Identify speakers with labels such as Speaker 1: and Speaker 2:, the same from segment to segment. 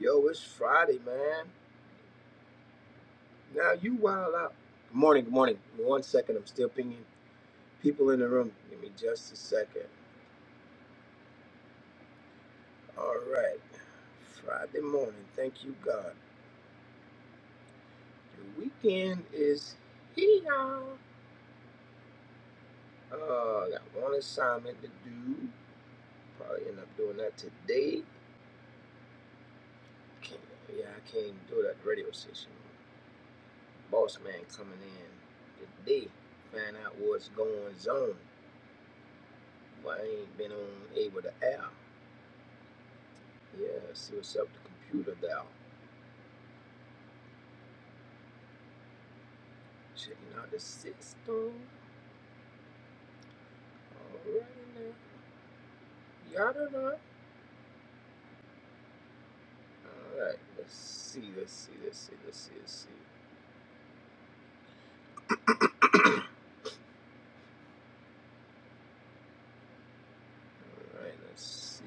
Speaker 1: Yo, it's Friday, man. Now you wild out. Good morning, good morning. One second, I'm still pinging people in the room. Give me just a second. All right. Friday morning. Thank you, God. The weekend is here. Uh, got one assignment to do. Probably end up doing that today. Can't, yeah, I can't do that radio station. Boss man coming in today. Find out what's going on. Why I ain't been on able to air. Yes, it was up the computer now. Checking out the system. All right now. Yada da. Alright, let's see, let's see, let's see, let's see, let's see. Alright, let's see.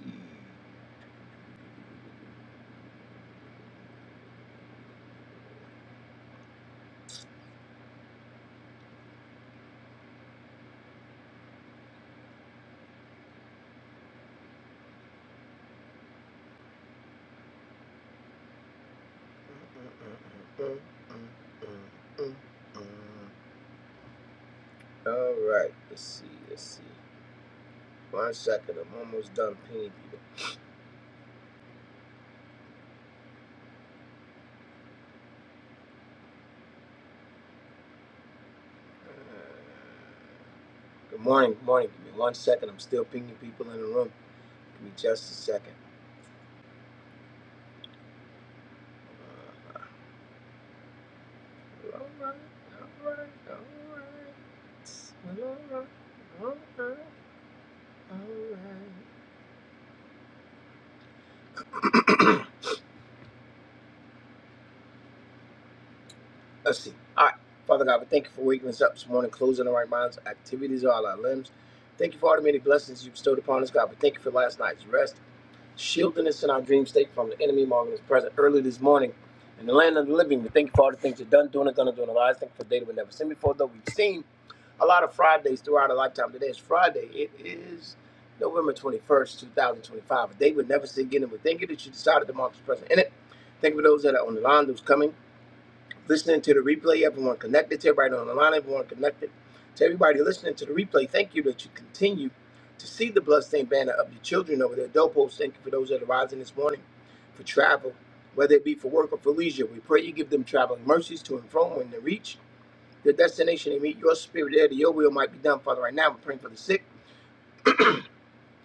Speaker 1: Uh, uh, uh, uh, uh, uh, uh. Alright, let's see, let's see. One second, I'm almost done pinging people. Uh, Good morning, good morning. Give me one second. I'm still pinging people in the room. Give me just a second. Uh, Alright, alright, alright. Alright, alright, alright. Let's see. All right. Father God, we thank you for waking us up this morning, closing our right minds, activities, all our limbs. Thank you for all the many blessings you bestowed upon us, God. We thank you for last night's rest, shielding us in our dream state from the enemy, marking us present early this morning in the land of the living. We thank you for all the things you've done, doing, and going to do in our lives. Thank you for the day that we never seen before, though we've seen. a lot of Fridays throughout our lifetime. Today is Friday. It is November 21st, 2025. A day we'll never see again. And we thank you that you decided to mark this present in it. Thank you for those that are on the line, those coming, listening to the replay. Everyone connected to everybody on the line, everyone connected to everybody listening to the replay. Thank you that you continue to see the bloodstained banner of your children over their doorposts. Thank you for those that are rising this morning for travel, whether it be for work or for leisure. We pray you give them traveling mercies to and from when they reach the destination and meet your spirit there, that your will might be done, Father. Right now, we're praying for the sick,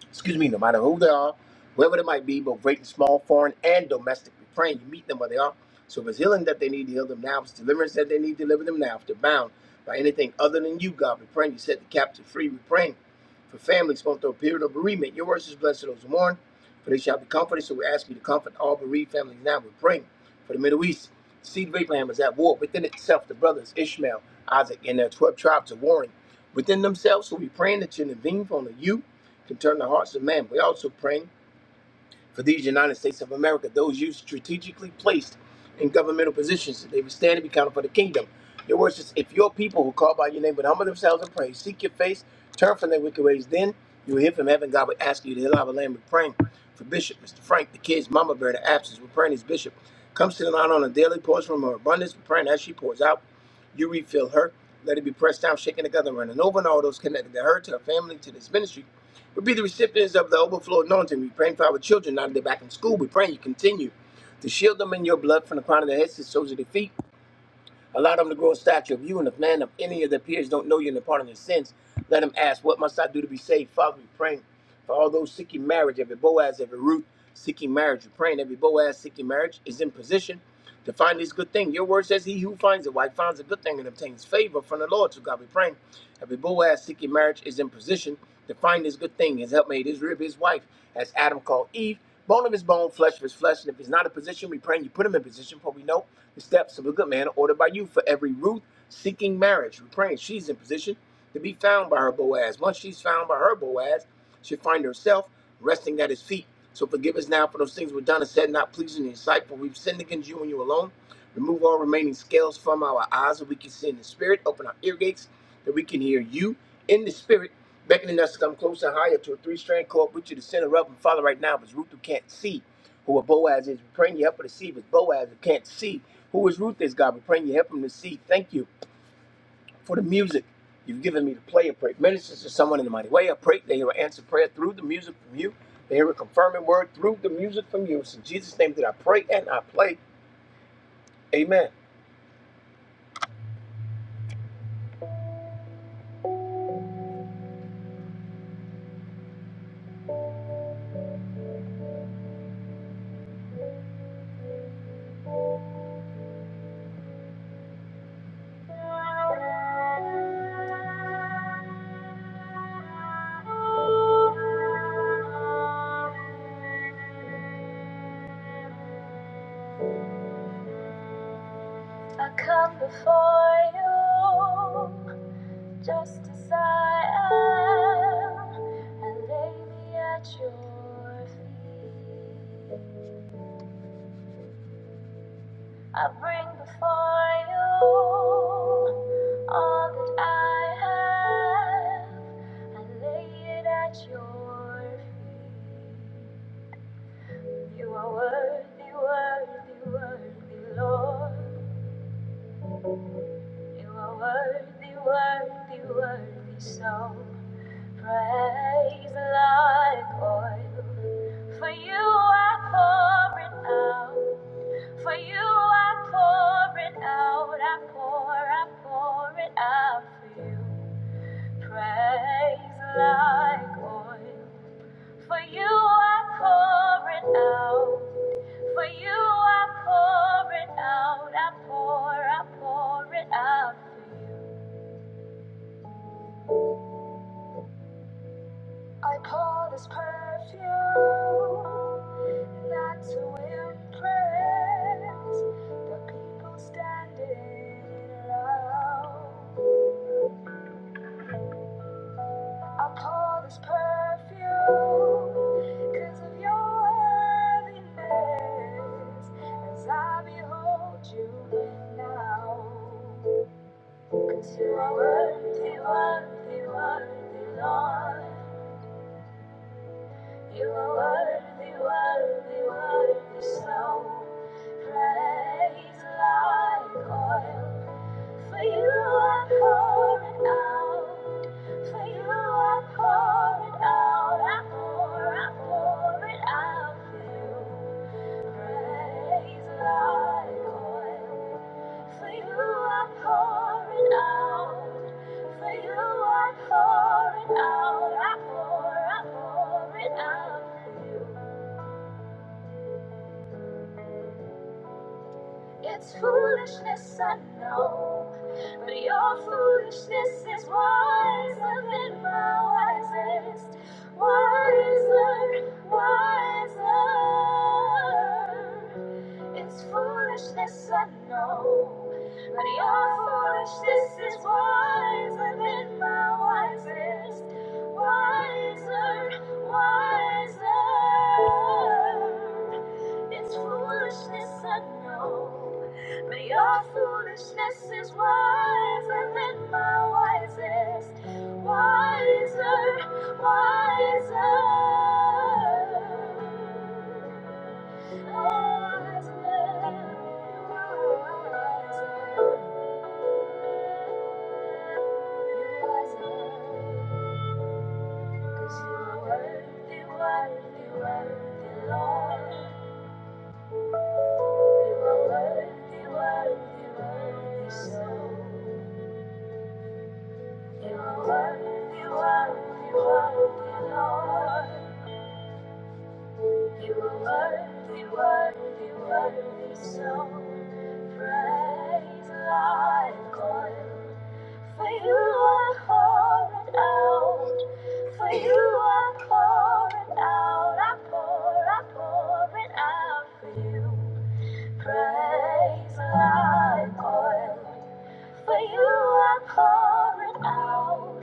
Speaker 1: excuse me, no matter who they are, wherever they might be, both great and small, foreign and domestic. We're praying you meet them where they are. So if it's healing that they need, heal them now. If it's deliverance that they need, deliver them now. If they're bound by anything other than you, God, we're praying you set the captive free. We're praying for families going through a period of bereavement. Your words is blessed to those who mourn for they shall be comforted. So we ask you to comfort all bereaved families now. We're praying for the Middle East. The Seed of Abraham is at war within itself. The brothers Ishmael, Isaac, and their 12 tribes are warring within themselves. So we are praying that you intervene from the you can turn the hearts of man. We also praying for these United States of America, those you strategically placed in governmental positions, they will stand and be counted for the kingdom. Your word says, if your people who call by your name would humble themselves and pray, seek your face, turn from their wicked ways, then you will hear from heaven. God will ask you to allow a land with praying for Bishop, Mr. Frank, the kids, Mama Bear, the absence. We're praying as Bishop comes to the line on a daily pours from her abundance. We're praying as she pours out, you refill her. Let it be pressed down, shaken together, and running over, and all those connected to her, to her family, to this ministry. We be the recipients of the overflow anointing. We praying for our children now that they're back in school. We praying you continue to shield them in your blood from the crown of their heads to the soles of their feet. Allow them to grow a stature of you and if none of any of their peers don't know you and depart in their sins, let them ask, What must I do to be saved? Father, we praying for all those seeking marriage, every Boaz, every Ruth seeking marriage. We're praying every Boaz seeking marriage is in position to find this good thing. Your word says, He who finds a wife finds a good thing and obtains favor from the Lord. So, God, we praying every Boaz seeking marriage is in position to find this good thing, his helpmate, his rib, his wife, as Adam called Eve. Bone of his bone, flesh of his flesh. And if he's not in position, we pray and you put him in position, for we know the steps of a good man are ordered by you. For every Ruth seeking marriage, we pray and she's in position to be found by her Boaz. Once she's found by her Boaz, she'll find herself resting at his feet. So forgive us now for those things we've done and said, not pleasing in your sight, for we've sinned against you and you alone. Remove all remaining scales from our eyes that we can see in the spirit. Open our ear gates that we can hear you in the spirit beckoning us to come closer, and higher to a three-strand cord, put you to center up and follow right now. Because Ruth who can't see who a Boaz is, we're praying you help her to see. But Boaz who can't see who is Ruth is, God, we're praying you help him to see. Thank you for the music you've given me to play. I pray it ministers to someone in the mighty way. I pray they hear an answer prayer through the music from you. They hear a confirming word through the music from you. It's in Jesus' name that I pray and I play. Amen. I come before you. Just as I am, and lay me at your feet. I bring before you all that I have, and lay it at your feet. You are worthy, worthy, worthy, Lord. You are worthy, worthy, worthy, so. Praise like oil. For you I pour it out. For you I pour it out. I pour, I pour it out for you. Praise like oil. For you I pour it out. For you I pour it out. I pour, I pour it out for you. I pour this perfume not to impress the people standing around. I pour this perfume because of your worthiness as I behold you now. Because you are worthy, worthy, worthy, Lord. You are worthy, worthy, worthy, so praise like oil. For you are pouring out, for you are pouring out, I pour, I pour it out for you. Praise like oil. For you are pouring out. For you are pouring out. I pour, I pour it out for you. It's foolishness, I know, but your foolishness is wiser than my wisest, wiser, wiser. It's foolishness, I know, but your foolishness is wiser than my wisest, wiser, wiser. It's foolishness, I know. But your foolishness is wiser than my wisest. Wiser, wiser. Wiser, wiser. Cause you're worthy, worthy, worthy, Lord. So Praise I call, For you are pouring out, for you are pouring out, I pour, I pour it out for you. Praise like oil. For you I pour it out.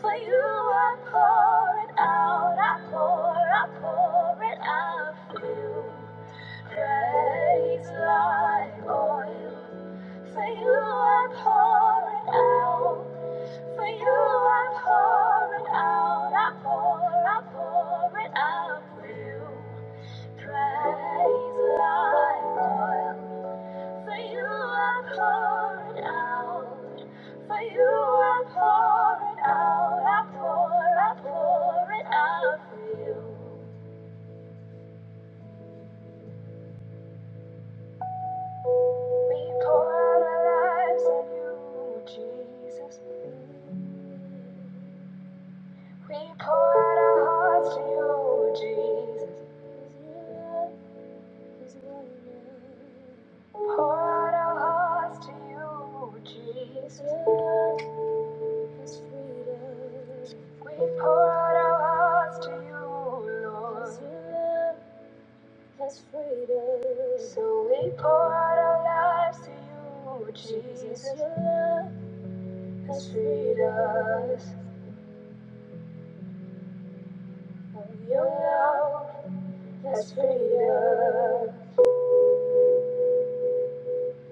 Speaker 1: For you I pour it out. I pour, I pour it out for you. Praise like oil. For you I pour it out. For you I pour it out. I pour, I pour it out for you. Praise like oil. For you I poured out. For you I pour it out. I pour, I pour it out for you. We pour out our lives on you, Jesus. We pour out our hearts to you, Jesus. Pour out our hearts to you, Jesus. is freedom. We pour out our hearts to you, Lord. 'Cause your love So we pour out our lives to you, Jesus. Your love has freed us. Oh, Your love has freed us.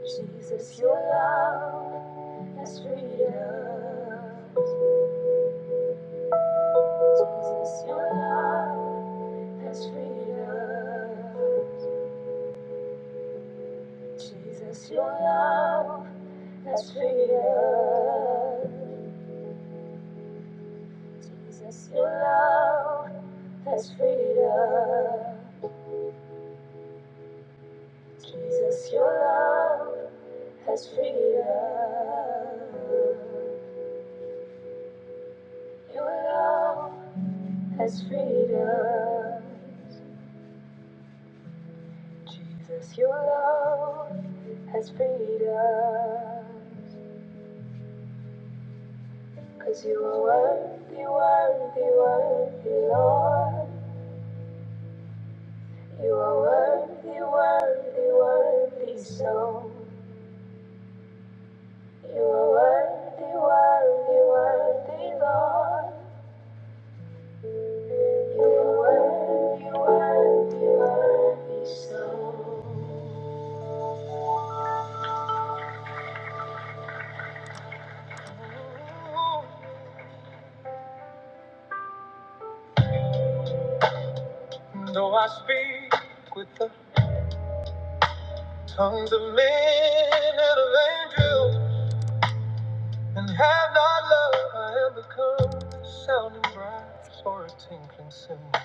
Speaker 1: Jesus, your love has freed us. Jesus, your love has freed us. Jesus, your love has freedom. Jesus, your love has freedom. Jesus, your love has freedom. Your love has freedom. Jesus, your love has freedom. 'Cause you are worthy, worthy, worthy, Lord. You are worthy, worthy, worthy, so you are worthy, worthy, worthy, Lord. You are worthy, worthy, worthy, so. Though I speak with the tongues of men and of angels, and have not love, I have become a sounding brass or a tinkling cymbal.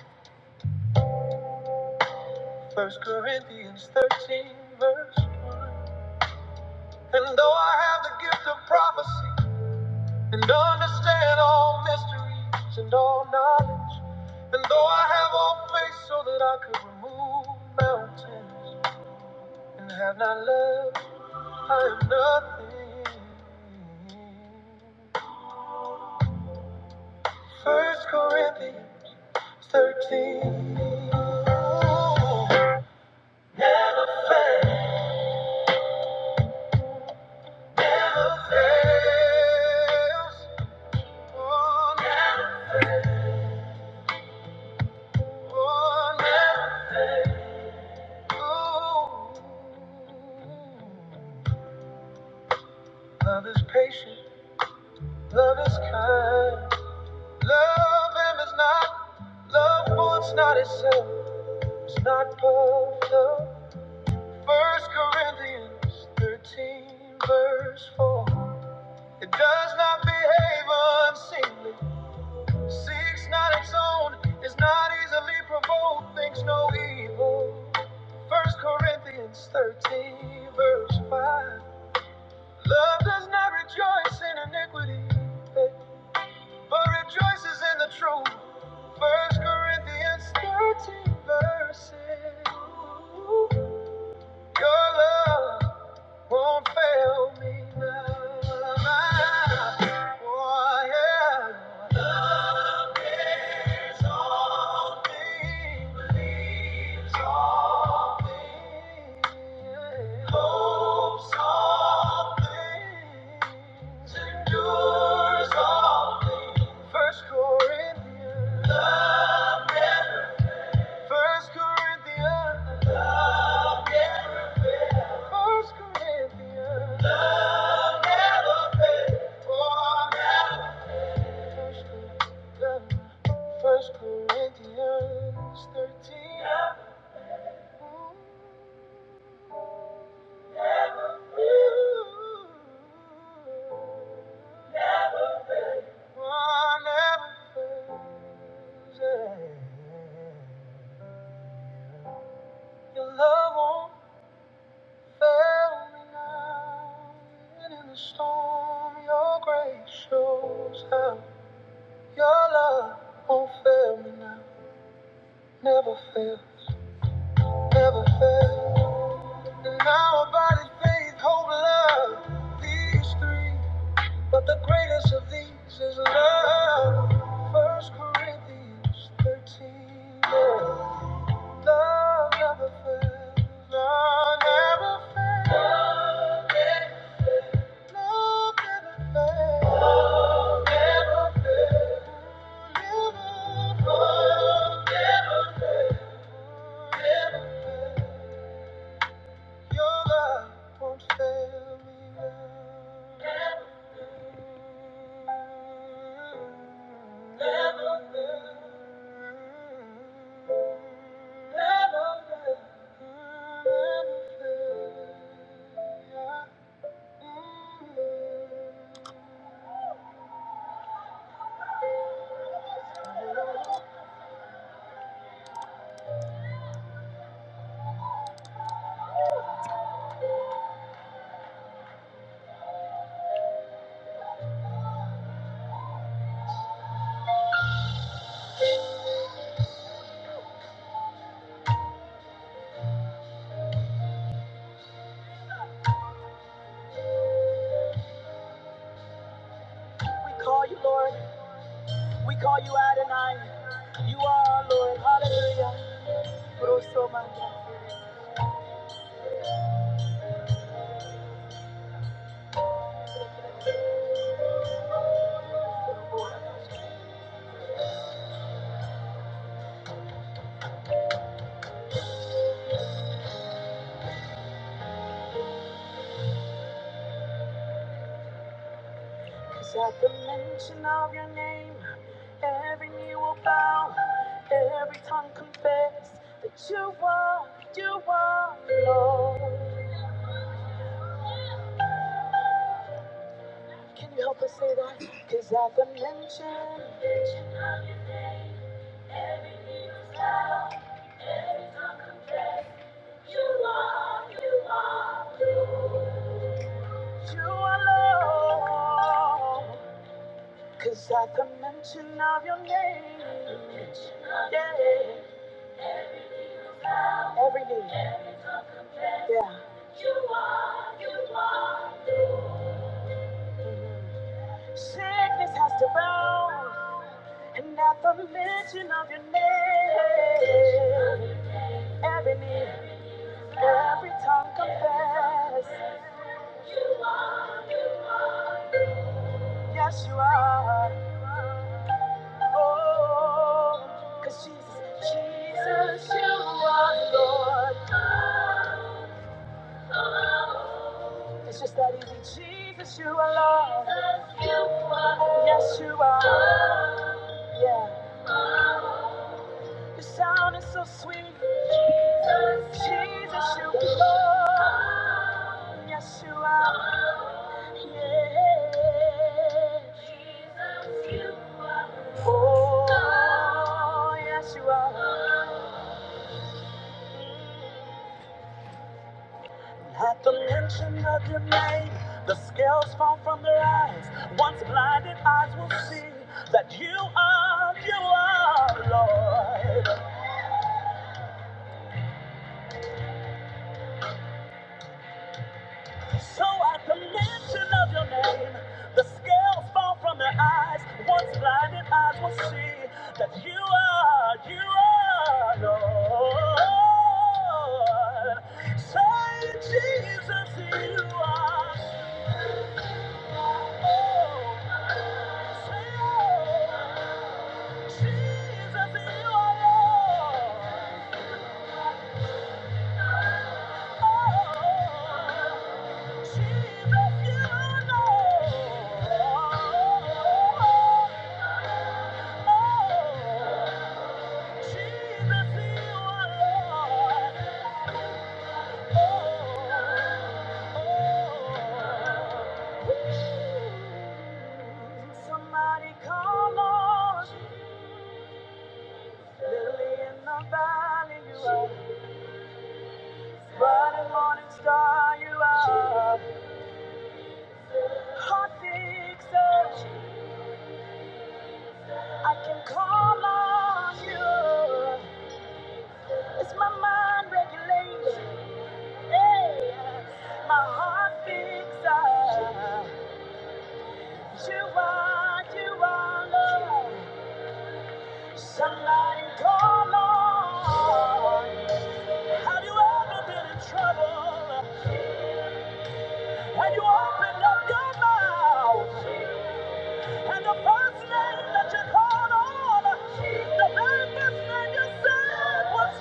Speaker 1: First Corinthians 13, verse 1. And though I have the gift of prophecy, and understand all mysteries and all knowledge, and though I have all faith so that I could remove mountains, and have not love, I am nothing. First Corinthians 13. Fails. Oh, never Love is patient, love is kind. Love him is not, love wants not itself, it's not puffed up. First Corinthians 13, verse 4. It does not behave unseemly. Seeks not its own, is not easily provoked, thinks no evil. First Corinthians 13, verse 5. Love does not rejoice in iniquity, but rejoices in the truth. First Corinthians 13, verse 6. Your love won't fail me now. Oh, yeah. Love is all things, believes all things, hopes all things, endures all things. First Corinthians. First Corinthians, First Corinthians, First Corinthians 13. Your love won't fail me now. And in the storm, your grace shows how. Your love won't fail me now. Never fails, never fails. And our body, faith, hope, love, these three. But the greatest of these is love. First Corinthians 13. Yeah. Love, never fails. love never fails. Love never fails. Love never fails. Love never fails. Never fails. Love never fails. Never fails. Your love won't fail me now. Never, never fail. Never will. Never fail. We call you Lord, we call you Adonai. You are our Lord, hallelujah. Brosomanga. Cause at the mention of your name, every knee will bow, every tongue confess that you are, you are Lord. Can you help us say that? Cause at the mention, you are Lord. Cause at the mention of your name, yeah, every knee, yeah. Mhm. Sickness has to bow, and at the mention of your name, every knee, every tongue confess, yes you are. Oh, 'cause Jesus, Jesus, you are Lord. It's just that easy. Jesus, you are Lord. Yes, you are. Yeah, your sound is so sweet. Jesus, Jesus, you are Lord. Yes, you are. Yeah. Oh, yes, you are. At the mention of your name, the scales fall from their eyes. Once blinded eyes will see that you are, you are, Lord. So at the mention of your name, the scales fall from their eyes. Once blinded eyes will see that you are, you are Lord. Say, Jesus, you are. Oh, say, oh, Jesus, you are Lord. Somebody call on Lily in the valley, you are. Bright and morning star, you are. heart fixer. I can call on you. It's my mind regulation. Hey, my heart fixer. You are, you are love. Somebody call on. Have you ever been in trouble? And you opened up your mouth. And the first name that you called on, the very first name you said was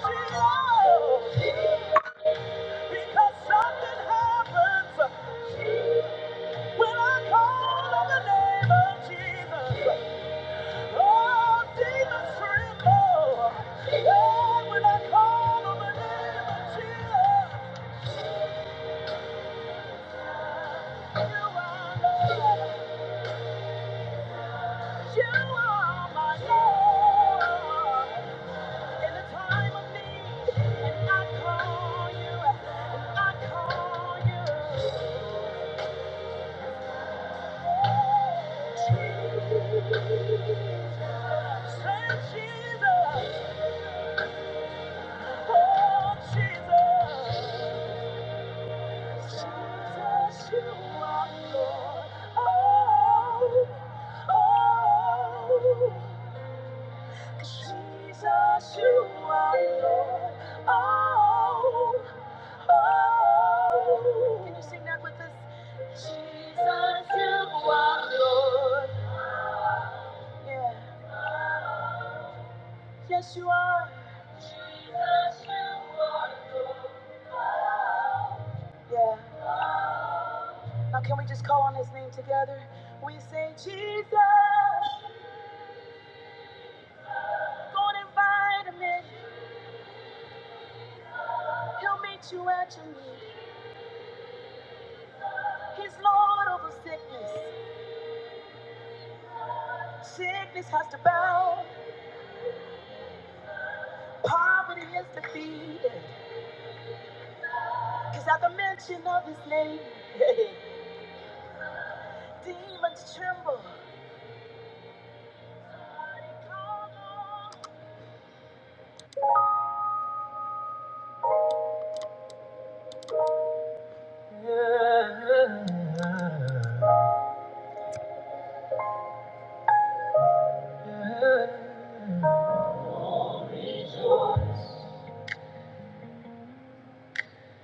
Speaker 1: Jesus. Because something happens when I call on the name of Jesus. Oh, demons tremble. Oh, when I call on the name of Jesus, you are Lord. You are my Lord. In the time of need, and I call you, and I call you. Say Jesus, oh Jesus. Jesus, you are Lord. Oh, oh. Jesus, you are Lord. Oh, oh. Can you sing that with us? Jesus, you are Lord. Yeah. Yes, you are. Jesus, you are Lord. Yeah. Now, can we just call on his name together? We say, Jesus, go and invite him in. He'll meet you at your need. He's Lord over sickness. Sickness has to bow. Poverty is defeated. Cause at the mention of his name, demons tremble.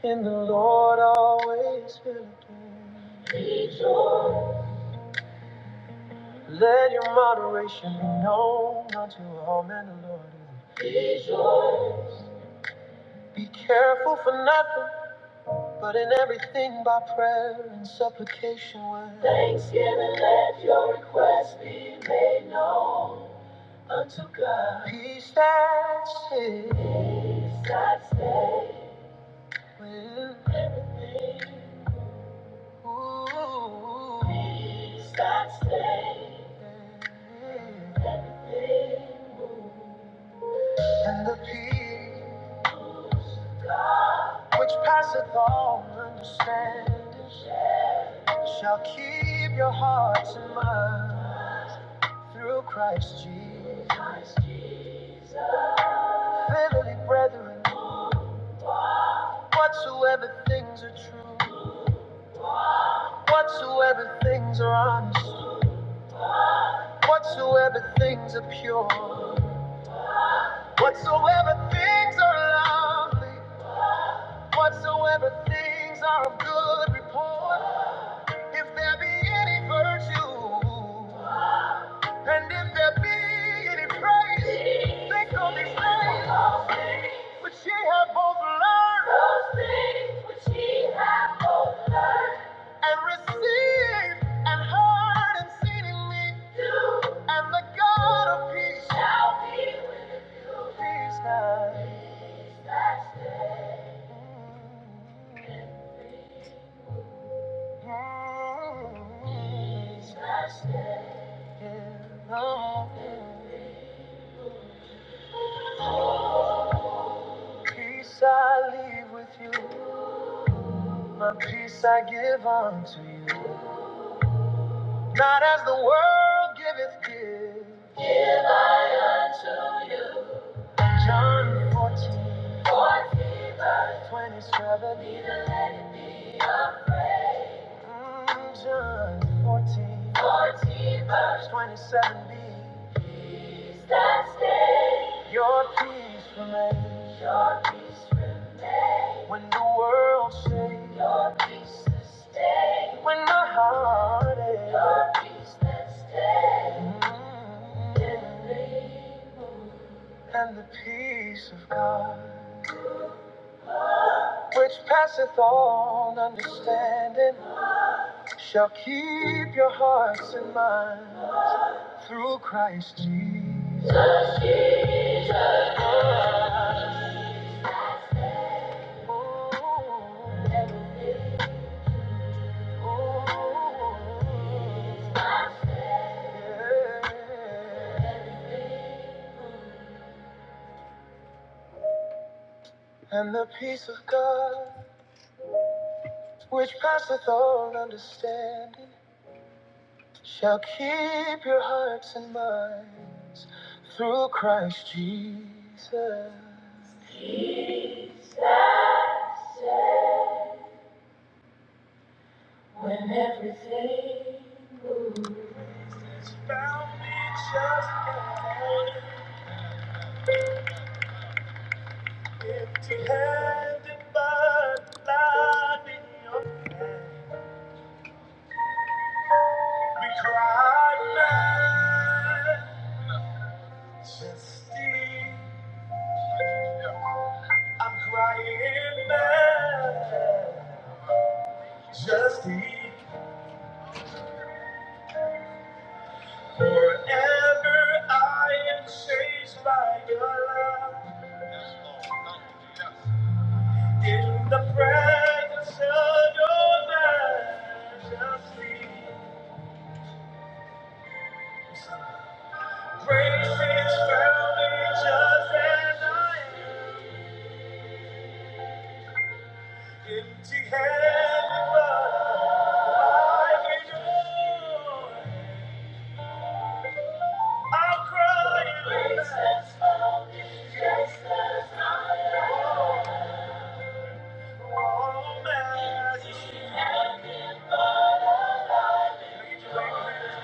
Speaker 1: In the Lord always will be. Let your moderation be known unto all men, the Lord. is- Be careful for nothing, but in everything by prayer and supplication with thanksgiving your requests be made known. unto God. Peace that stays with ooh. Peace that stays. And the peace which passeth all understanding shall keep your hearts and minds through Christ Jesus. Verily, brethren, whatsoever things are true, whatsoever things are honest. Whatsoever things are pure, whatsoever things are lovely, whatsoever things are of good report, if there be any virtue, and if there be any praise, think on these things which ye have both learned and received and heard and seen in me, and the God of peace, peace now. Peace I leave with you, my peace I give unto you. Not as the world giveth gives. John 14, verse 27. Mm, John 14, verse 27b. Your peace remains when the world shakes. When my heart is mm, and the peace of God, which passeth all understanding, shall keep your hearts and minds through Christ Jesus. Ooh, ooh, yeah. And the peace of God. which passeth all understanding, shall keep your hearts and minds through Christ Jesus. Peace that said, When everything is found me just now, empty-handed, but not in your hand. We cry, man. Justine, I'm crying now. Justine is in the presence of Justine. Grace is found in just as I am. Empty-handed, but I in joy. I'm crying Grace now. is found in just as I am. Oh, man. Empty-handed.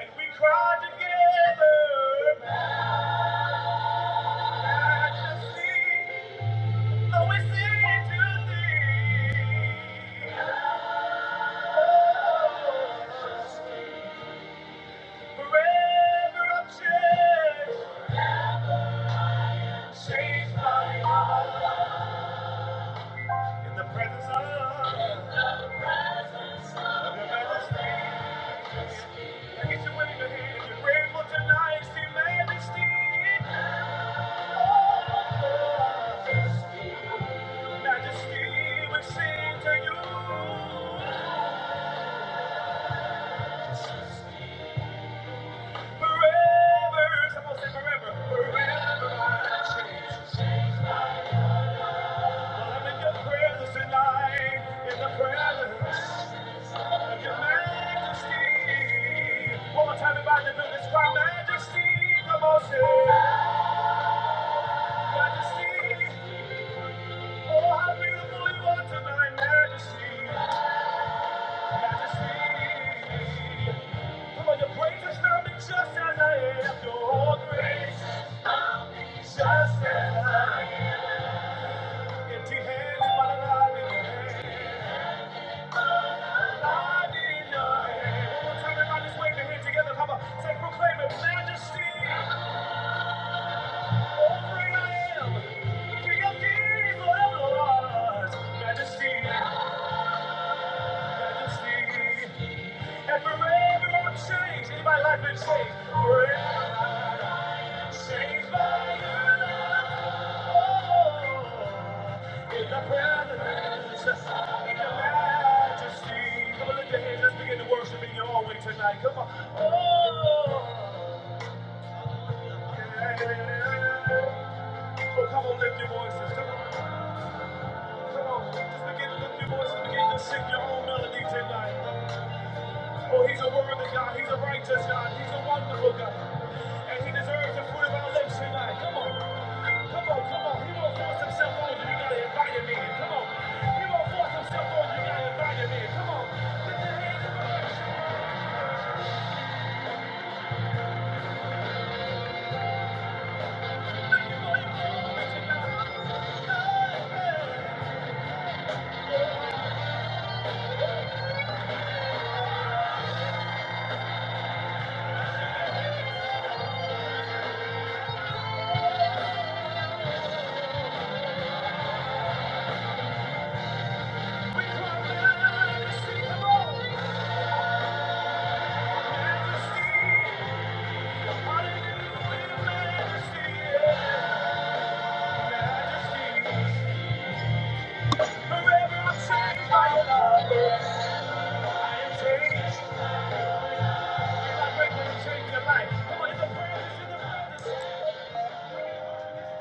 Speaker 1: And we cried together, Majesty, Though we sing to thee. Oh, Forever I'm changed, changed by love. In the presence of, of your majesty. Look at you waving your hand, you're grateful tonight, see majesty. Oh, Majesty, we sing to you. Forever, someone say forever. Forever I change. Well, I'm in your presence tonight, in the presence of your majesty. One more time, everybody, to do this. Cry, majesty, come on, say. Majesty, oh, how beautiful you are tonight, majesty. Come on, your praise is not me just as I am. Your grace just as I am. Empty hands, but alive in your hand. Alive in your hand. One more time, everybody, just wave your hand together. Come say, proclaim it. Majesty, over I am. King of kings, forever was. Majesty, majesty. And forever changed. Anybody life been changed? Forever changed by your love. In the presence, in your majesty. Come on, lift your hands. Let's begin to worship in your own way tonight. Come on. Oh. Yeah. oh, come on, lift your voices. Come on. Come on. Just begin to lift your voices. Begin to sing your own melody tonight. Oh, he's a worthy God. He's a righteous God. He's a wonderful God. And he deserves the fruit of our lips tonight. Come on. Come on, come on. He won't force himself on you. You gotta invite him in. Come on. He won't force himself on you. You gotta invite him in. Come on. Lift your hands and worship. Thank you for your glory tonight. Hey, we cry majesty. Come on. Majesty. Hallelujah, majesty. Yeah. Majesty. Forever I'm changed by your love. I am changed. I pray that you change your life. Come on, if the presence in the presence.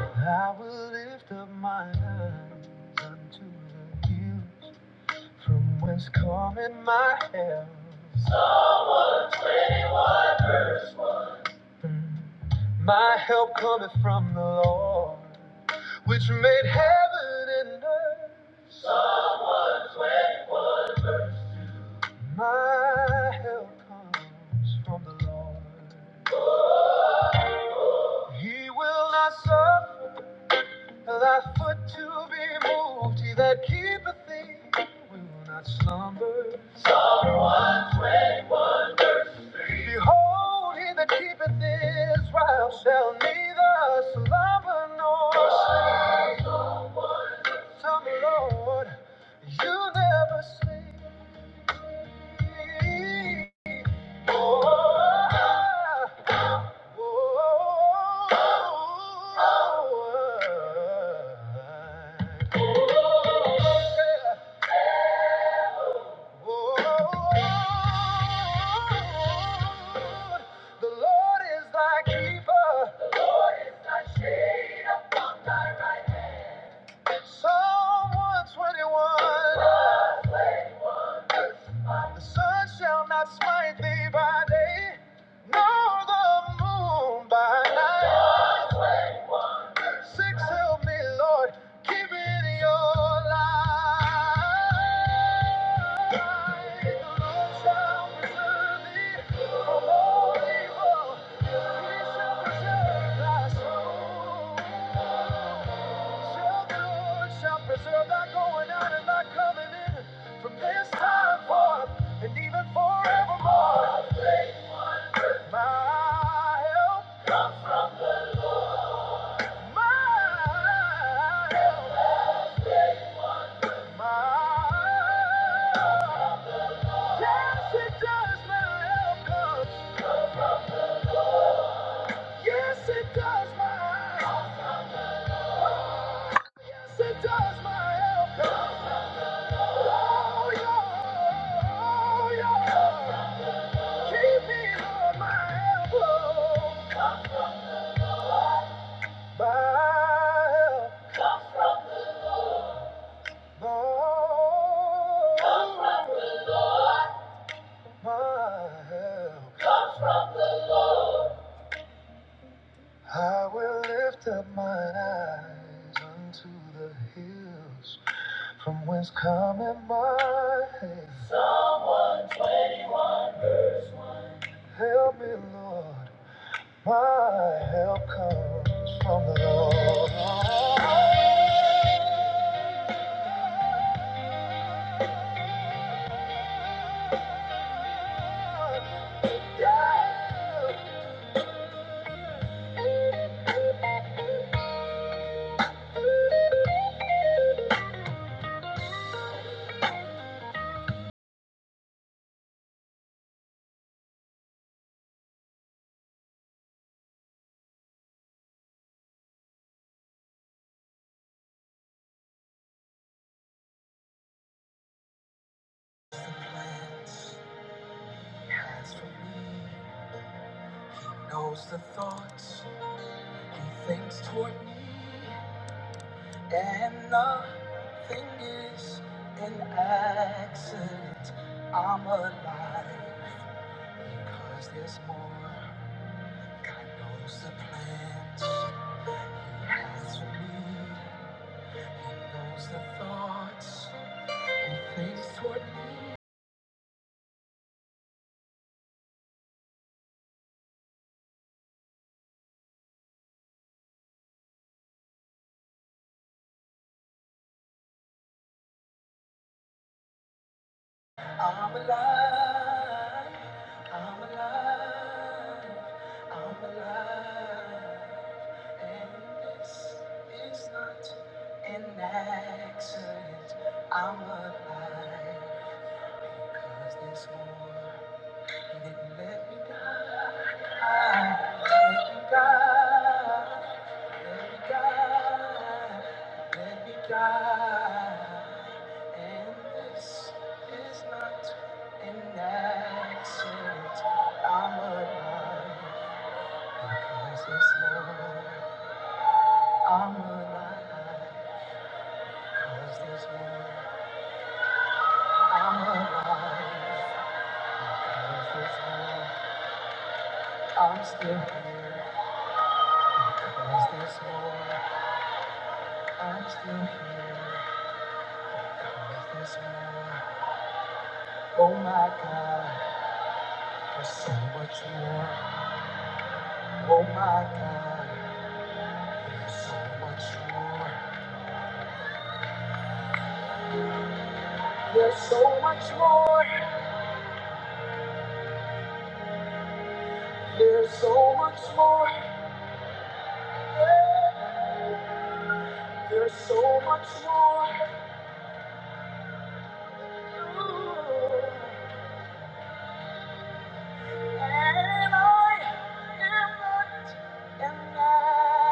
Speaker 1: I will lift up my eyes unto the hills from whence cometh my help. My help cometh from the Lord, which made heaven and earth. My help comes from the Lord. He will not suffer. Thy foot to be moved, he that keepeth thee will not slumber. Behold, he that keepeth Israel shall neither slumber nor sleep. Some Lord, you never sleep. Oh, oh, oh, oh. oh. Lord, The Lord is thy keeper. Psalm 121. The sun shall not smite thee by day, nor the moon by night. Six help me, Lord. Keep me in your light. The Lord shall preserve thee from all evil. He shall preserve thy soul. Shall the Lord shall preserve thy going out and thy coming in from this time forth and even forevermore. My help, my help. Yes, it does, my help comes. Yes, it does, my help. Yes, it does, my help comes. Oh, yeah, oh, yeah. Keep me on my help. oh. My help, my, my help. I will lift up my eyes unto the hills from whence cometh my help. Help me, Lord. My help comes from the Lord. Knows the Plans he has for me, knows the thoughts. Things toward me and nothing is an accident. I'm alive because there's more. God knows the plans He has for me. He knows the thoughts He thinks toward me. I'm alive. I'm alive. I'm alive. And this is not an accident. I'm alive because there's more. I'm alive, cause there's more. I'm alive, cause there's more. I'm still cause there's more. I'm still here 'cause there's more. Oh my God, there's so much more. Oh my God, there's so much more. There's so much more. There's so much more. Yeah. There's so much more. Ooh. And I am not an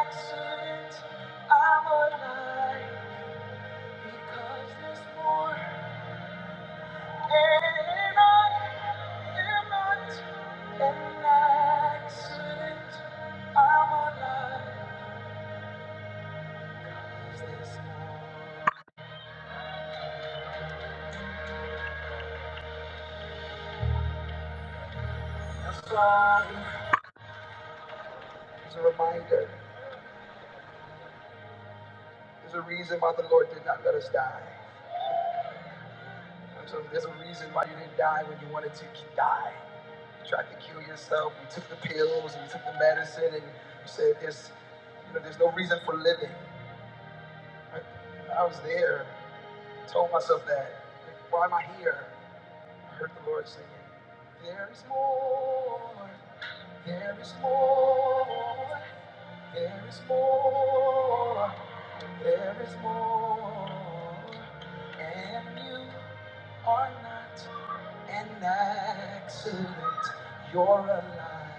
Speaker 1: accident. I'm alive because there's more. And I am not an accident. I'm alive. Is this a song? It's a reminder. There's a reason why the Lord did not let us die. There's a, there's a reason why you didn't die when you wanted to die. You tried to kill yourself. You took the pills and you took the medicine and you said there's, you know, there's no reason for living. I, I was there. I told myself that. Like, why am I here? I heard the Lord singing, There is more, there is more, there is more, there is more. And you are not an accident, you're alive.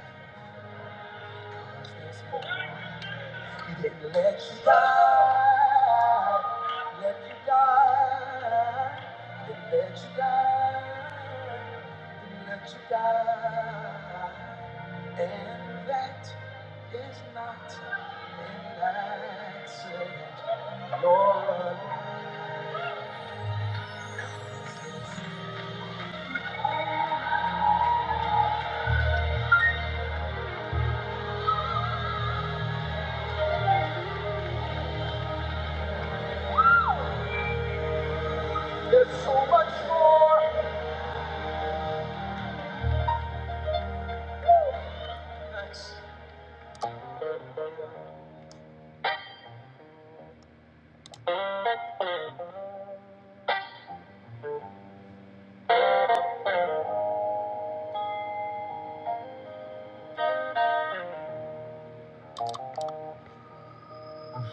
Speaker 1: 'Cause there's more. He Didn't let you die, let you die, didn't let you die, didn't let you die. And that is not an accident, nor a There's so much more.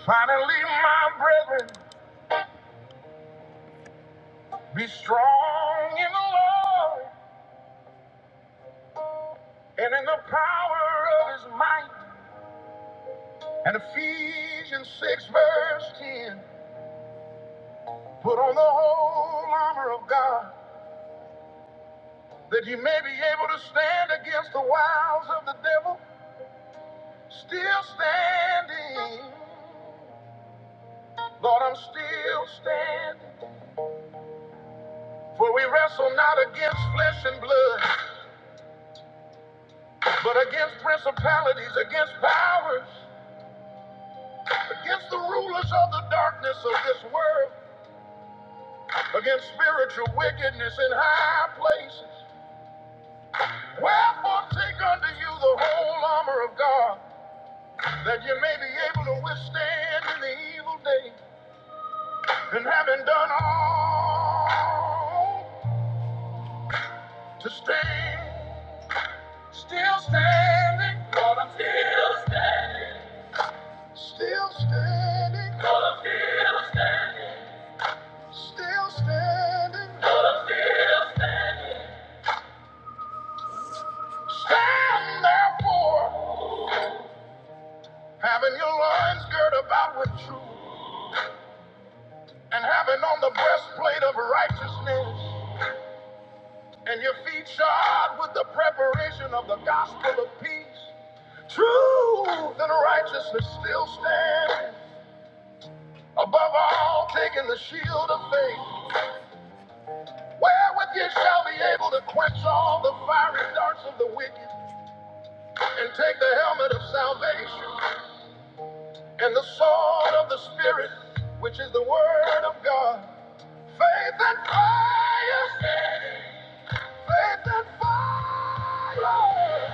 Speaker 1: Finally, my brethren, be strong in the Lord and in the power of his might. And Ephesians 6, verse 10 Put on the whole armor of God, that ye may be able to stand against the wiles of the devil. Still standing. Lord, I'm still standing. For we wrestle not against flesh and blood, but against principalities, against powers, against the rulers of the darkness of this world, against spiritual wickedness in high places. Wherefore take unto you the whole armor of God, that you may be able to withstand in the evil day, and having done all to stand, still standing, still standing, still standing. Stand therefore, having your loins girt about with truth, and having on the breastplate of righteousness and your feet shod with the preparation of the gospel of peace. Truth and righteousness still stand. Above all, taking the shield of faith, wherewith ye shall be able to quench all the fiery darts of the wicked, and take the helmet of salvation and the sword of the Spirit, which is the word of God. Faith and fire! Faith and fire!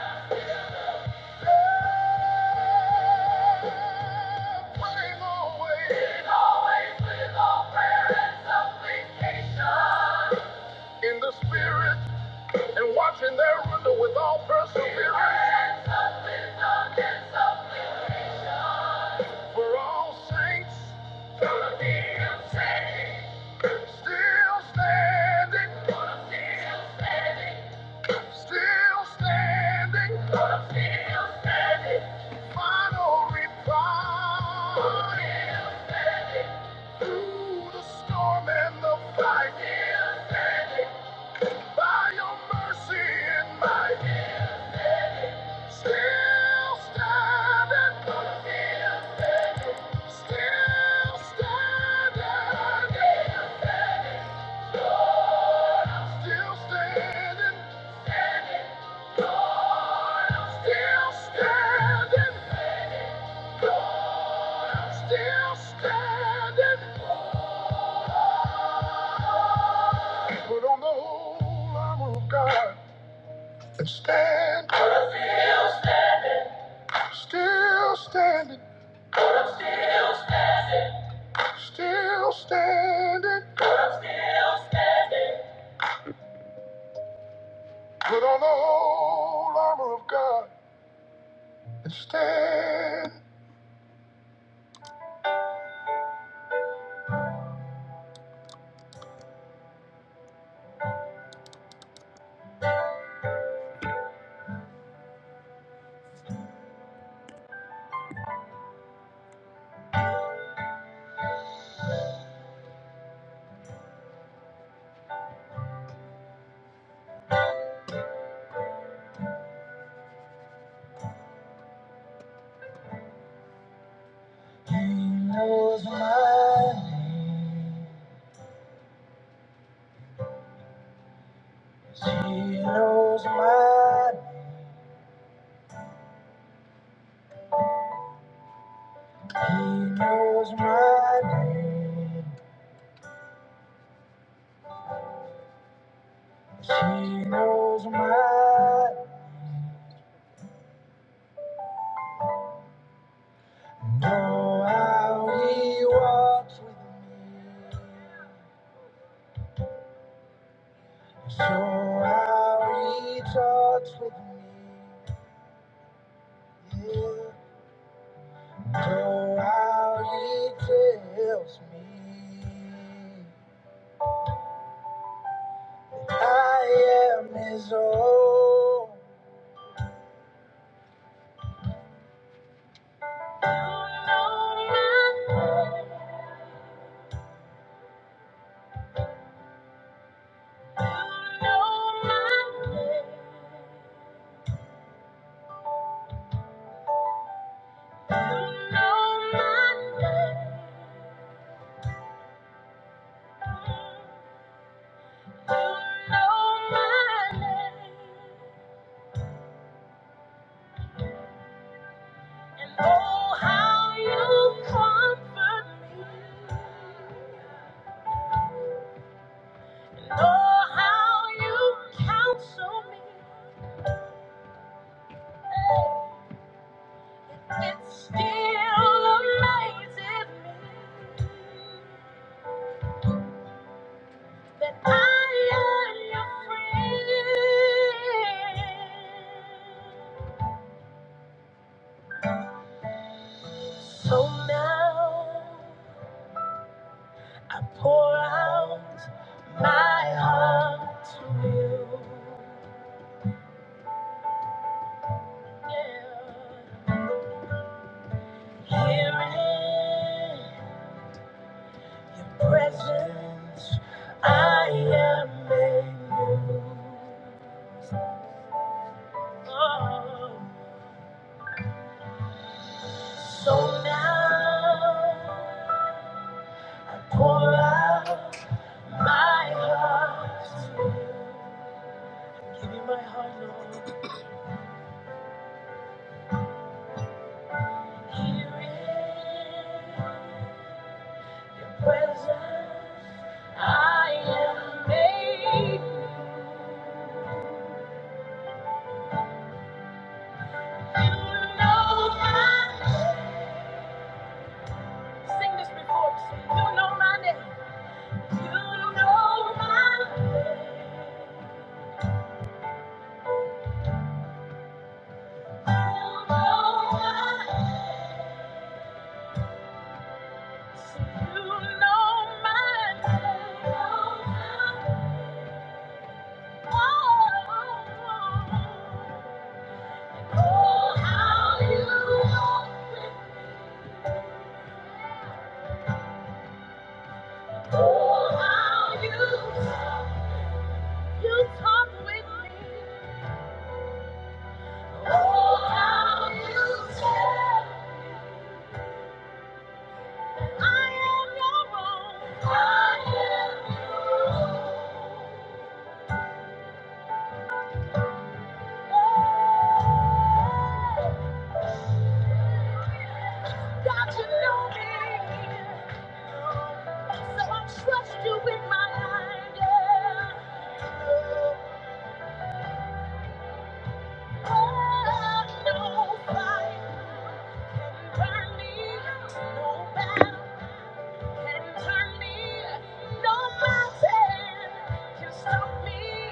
Speaker 1: in the spirit and watching their render with all perseverance for all saints. Gonna see 'em standing. Still standing. Gonna see 'em standing. Still standing. Still standing. Final reply. Still standing. Through the storm and the fight. Still standing. By your mercy and might. Still standing. Still standing. Still standing. still standing. Still standing. Still standing. Still standing. Put on the whole armor of God and stand. Still standing. Still standing. Put on the whole armor of God and stand. He knows my name. He knows my, he knows my name. She knows my, know how he walks with me. So how he talks with me. Yeah. Know how he tells me. I am his own. You know my name. You know my name, and oh how you comfort me, and oh how you counsel me. Hey, still amazes me that I am your friend. So now. I pour out my heart to you. Yeah. Here in your presence, I am made new. Oh. So now I pour out my heart to you. Give me my heart, Lord. Here in Oh, how you, you talk with me. Burn me, no matter. Can't turn me, no mountain can stop me.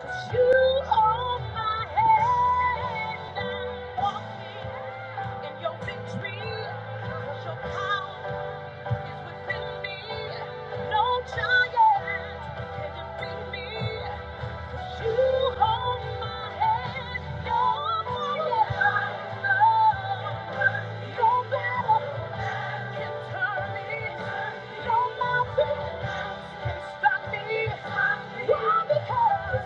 Speaker 1: 'Cause you hold my hand. I'm walking in your victory. 'Cause your power is within me. No giant can defeat me. Stop me! Why? Because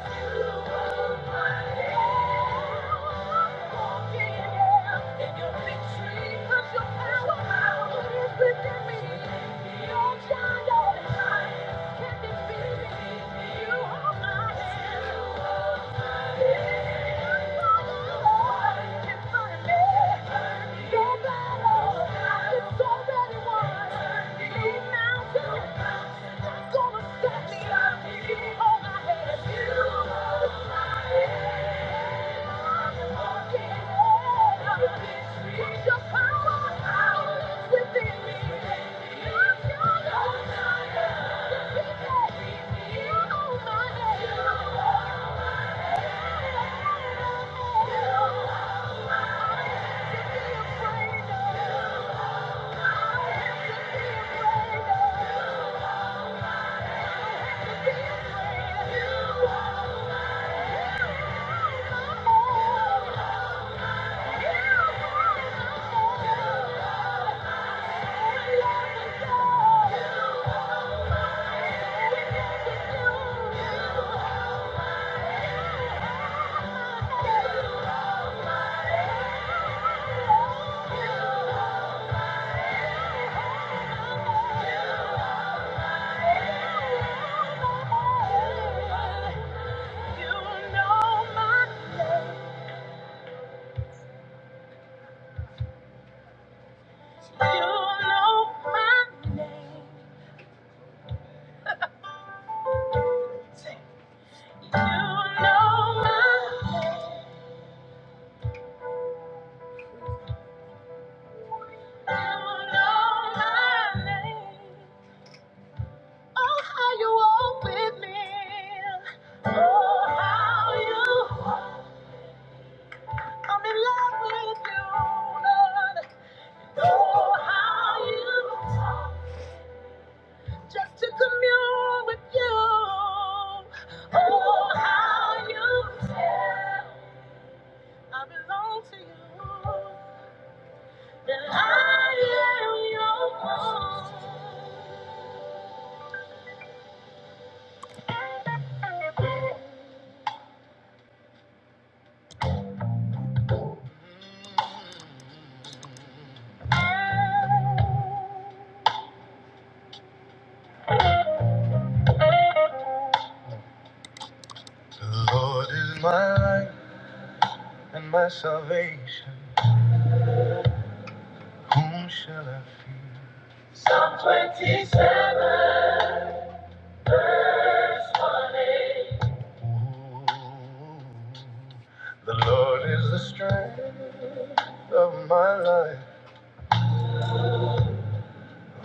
Speaker 1: you Thank you. Thank you. Yeah. You know my name. You know my name. You know my name. You know my name. Oh, how you walk with me. Oh, how you I'm in love with you, Lord. Oh, how you Just to commune with you. Oh, how you tell. I belong to you. That I am your own. The Lord is my light and my salvation. Whom shall I fear? Psalm 27, verse 1 eight. Ooh, The Lord is the strength of my life.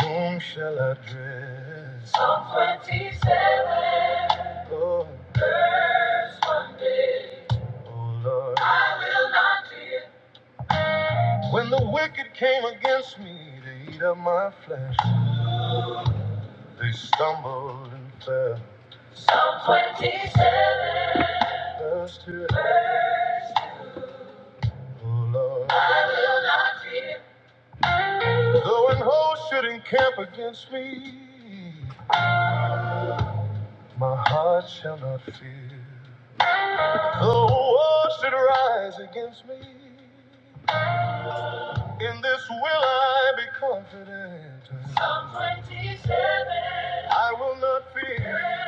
Speaker 1: Whom shall I dread? Psalm 27. Lord. Oh, Lord. I will not fear. When the wicked came against me to eat up my flesh, they stumbled and fell. Psalm 27. Verse 2. Oh Lord, I will not fear. Though an host should encamp against me, my heart shall not fear. Though war should rise against me, In this will I be confident. I will not fear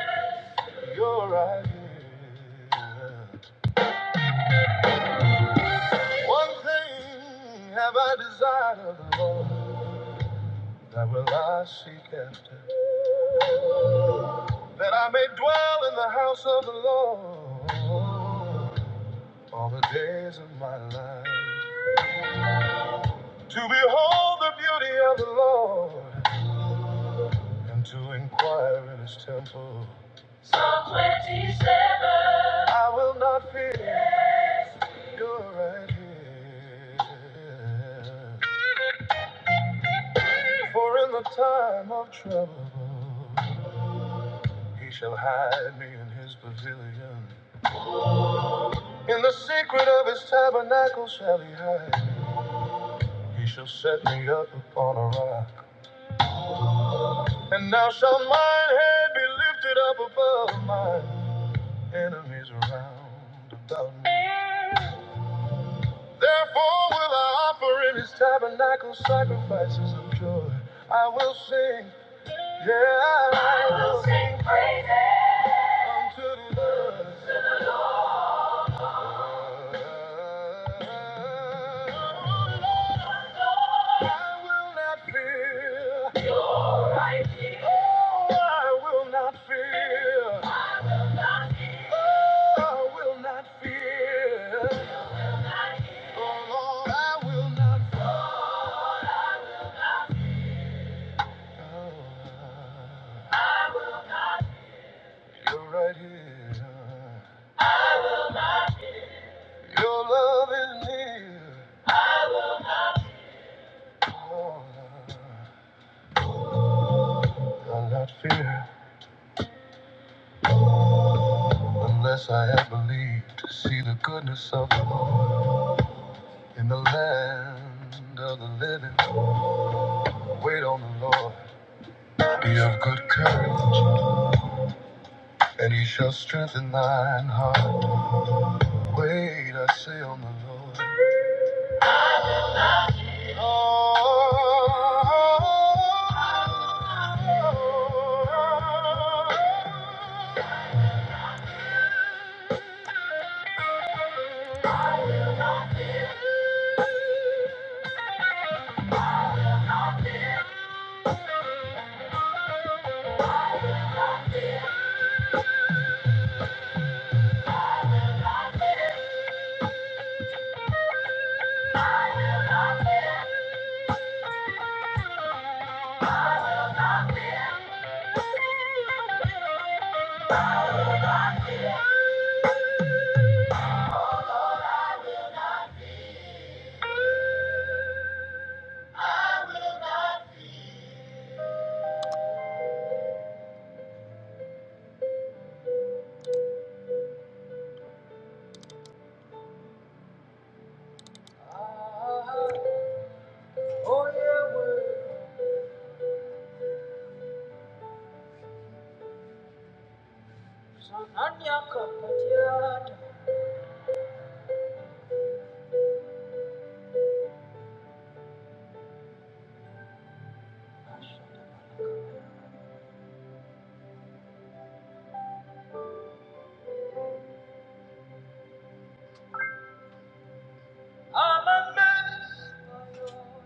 Speaker 1: your ideas. One thing have I desired of the Lord, that will I seek after, that I may dwell in the house of the Lord all the days of my life. To behold the beauty of the Lord and to inquire in his temple. I will not fear. You're right here. For in the time of trouble, he shall hide me in his pavilion. In the secret of his tabernacle shall he hide me. He shall set me up upon a rock. And now shall mine head be lifted up above my enemies around about me. Therefore will I offer in his tabernacle sacrifices of joy. I will sing. Yeah, I will sing unto the Lord. I will not fear. Oh, I will not fear. Oh, I will not fear. Oh, Lord, I will not fear. You're right here. Your love is near. Oh, I'll not fear. Unless I had believed to see the goodness of the Lord in the land of the living, wait on the Lord. Be of good courage, and he shall strengthen thine heart. Wait, I say on the Lord. Oh, oh, oh, oh, I'm your cup of tea. I'm a mess, my Lord.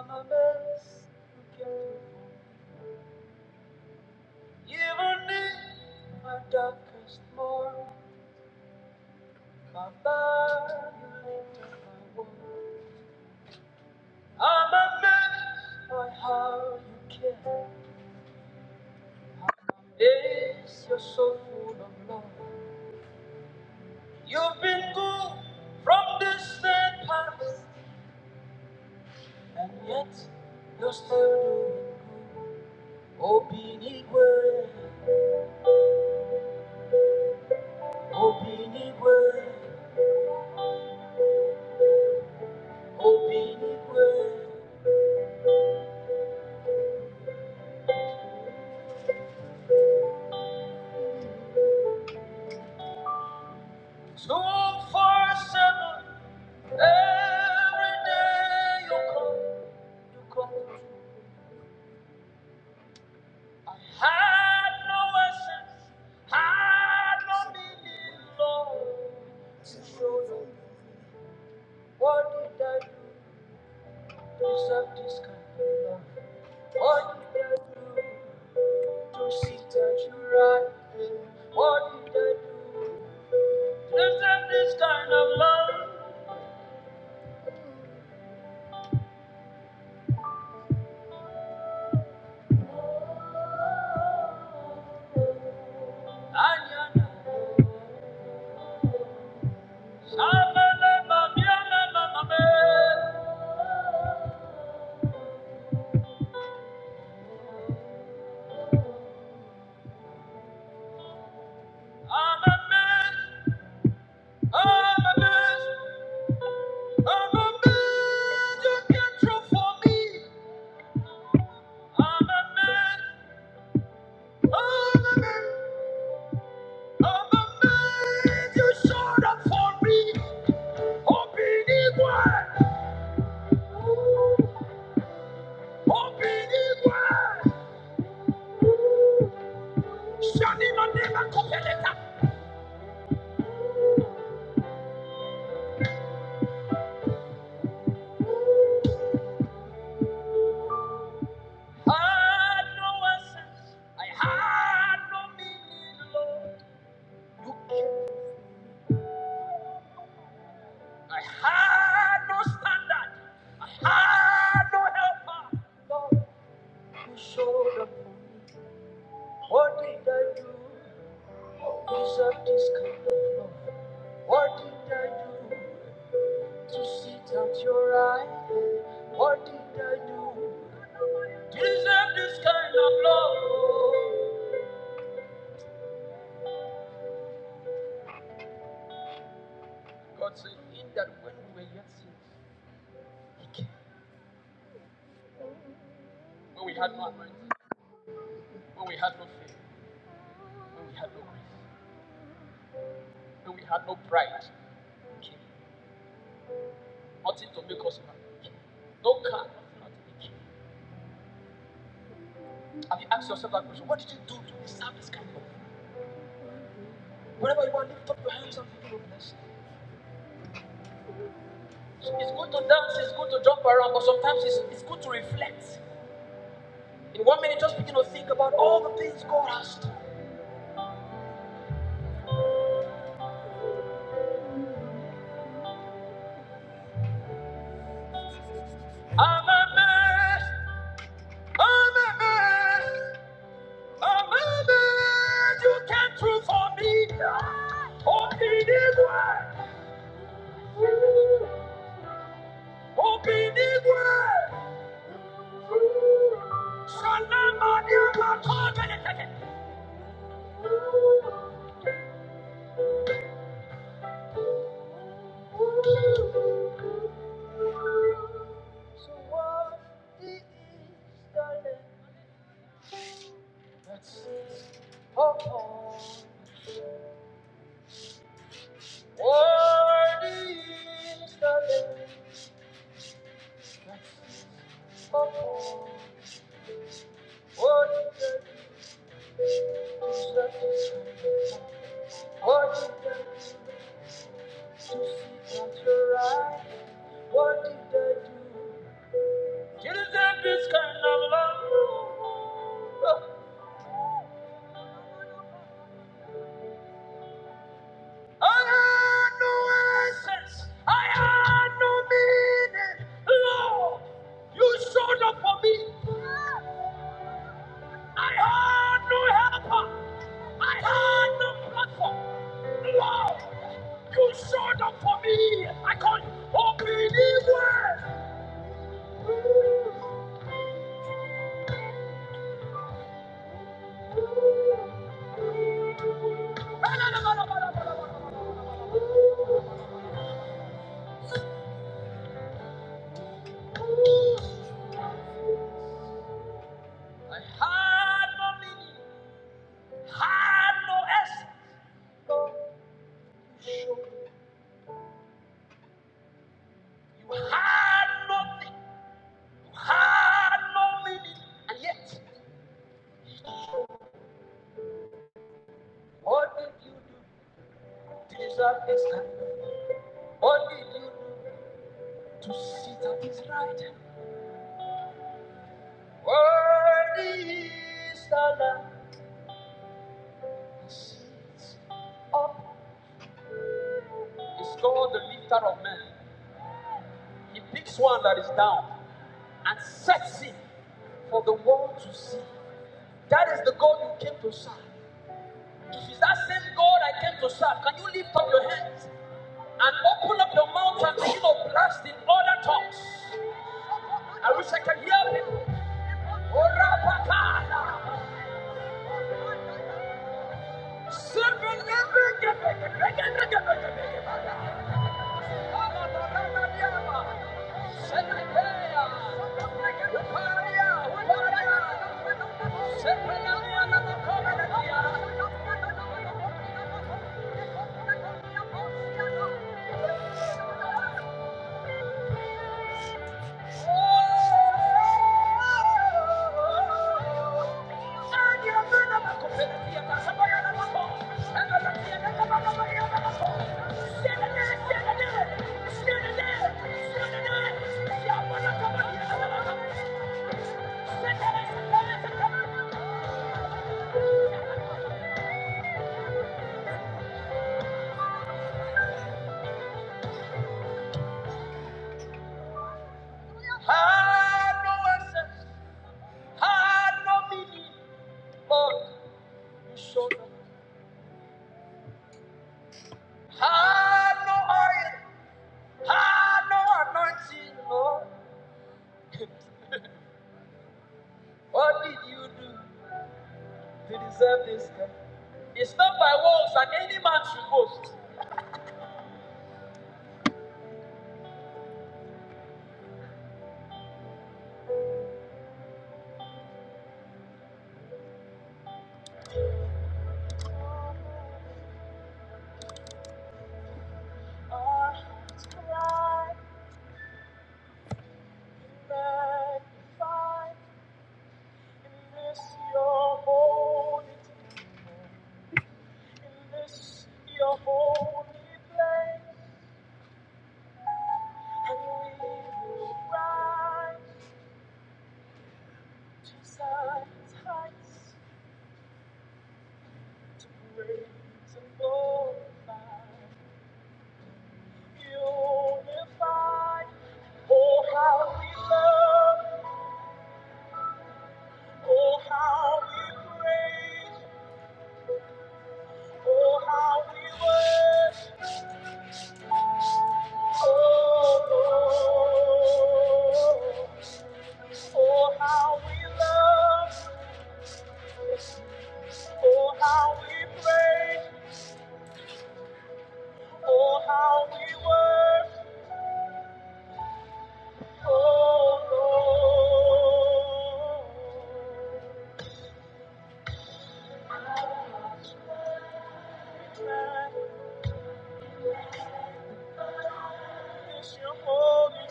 Speaker 1: I'm a mess. You can do. You will need my darkest morn. My body lit up my world. I'm a mess, my how you care. Days you're so full of love. You've been good from this day past, and yet you're still doing. Open it way, open it way. So seven, every day you come, but had no essence, had no meaning, Lord. So, Lord, what did I do to deserve this kind of love? What did I do to sit at your right hand? What did I do to deserve this kind of love? Ayana, Shabana, Mamiana, Mamiana. I'm a man. I'm a man, I'm a man, you can't true for me. I'm a man, I'm a man, I'm a man, you showed up for me. Open igual, open igual. Shani manema kopeleta. I had no essence, I had no meaning, Lord. I had no standard, I had no helper. Lord. You showed up for me. What did I do? to Deserve this kind of love. What did I do to sit at your right? What did I do? to Deserve this kind of love. God said, In that when we were yet sinners, He came. When we had no anointing, when we had no faith, when we had no grace, when we had no pride, He came. Nothing to make us happy. No car, nothing. He came. Have you asked yourself that question? What did you do to deserve this kind of love? Whenever you are, lift up your hands and give him It's good to dance, it's good to jump around, but sometimes it's, it's good to reflect. In one minute, just begin to think about all the things God has done. I'm amazed, I'm amazed, I'm amazed. You came through for me. Open this way, open this way. Shalom, my dear, my covenant. So what is the name that's upon I had no meaning. Hano S. Hano T. Hano Mini. What did you deserve this time? What did you do to sit at his right? hand? Worthy is the Lamb. He sits up. He's called the lifter of men. He picks one that is down and sets him for the world to see. That is the God you came to serve. If it's that same God I came to serve, can you lift up your hands and open up your mouth and begin to blast in other tongues. I wish I can hear him. Orapakala. Thank you. What did you do? We deserve this. It's not by works that any man should boast. Our hearts cry, magnify in this your holy temple, in this your holy place, and we will rise to Zion's heights to praise and glorify, unified. Oh, how we love. Oh, how we praise. Oh, how we worship. Oh, Lord! oh, how we love. Oh, how we praise. Oh, how we worship. Oh, Lord. it's your holy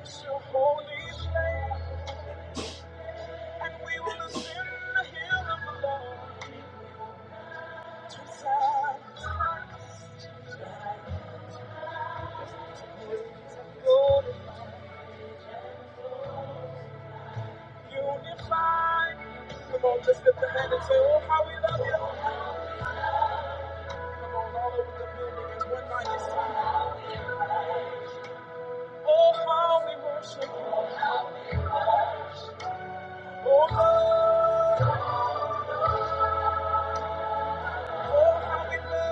Speaker 1: It's your holy name. And we will ascend the hill of the Lord. Just lift the hand and say, Oh, how we love you. Come on, all over the building. It's one mighty sound. Oh, how we worship you. Oh, how, oh, how we love.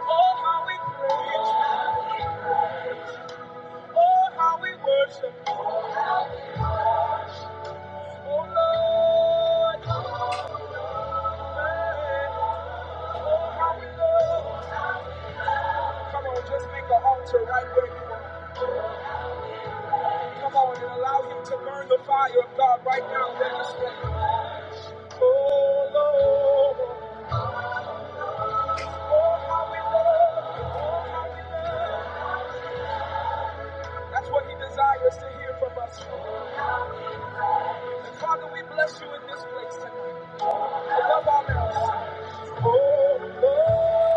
Speaker 1: Oh, how we praise you. Oh, how we worship you. Oh, Lord. Oh, how we love. Come on, just make an altar right where you are. Come on and allow him to burn the fire of God right now in this room. Oh Lord, oh how we love you, oh how we love you. That's what he desires to hear from us. Father, we bless you in this place tonight. Above all else. Oh Lord,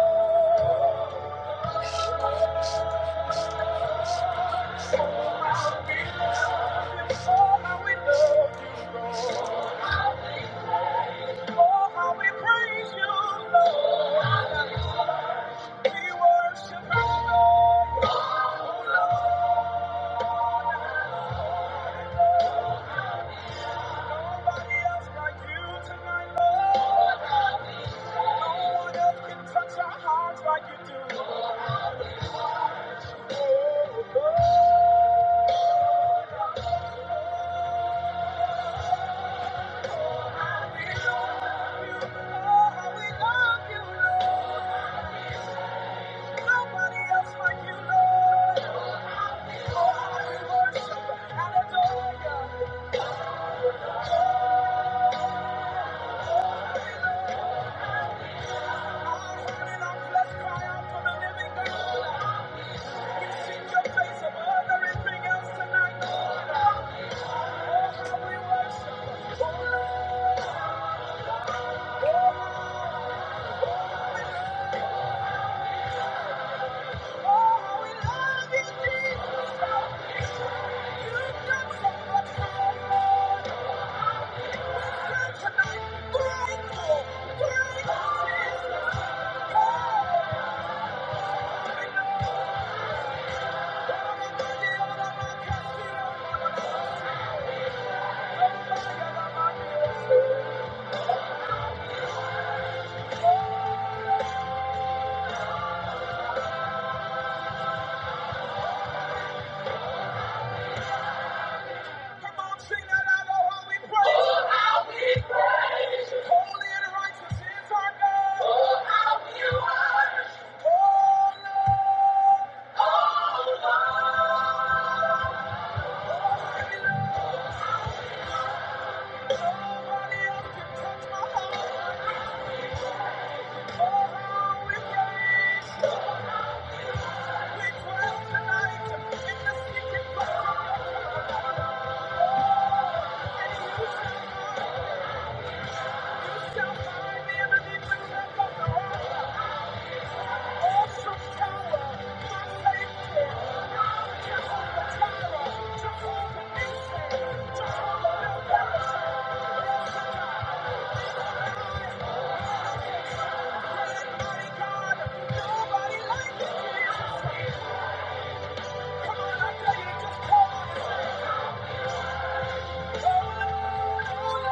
Speaker 1: how we love you, oh how we love you, oh how we praise you, Lord. We worship you, Lord. Oh how we love you, Lord. Nobody else like you, Lord. Oh, I worship and let's cry out to the living God. You seek your face above everything else tonight, Oh, how we worship. Oh, Lord, oh, how we love you, Jesus. You've done so much Lord. We're tonight grateful, grateful, Jesus. Oh, because you are my Nobody like you. Come on, I tell you, just call on His name.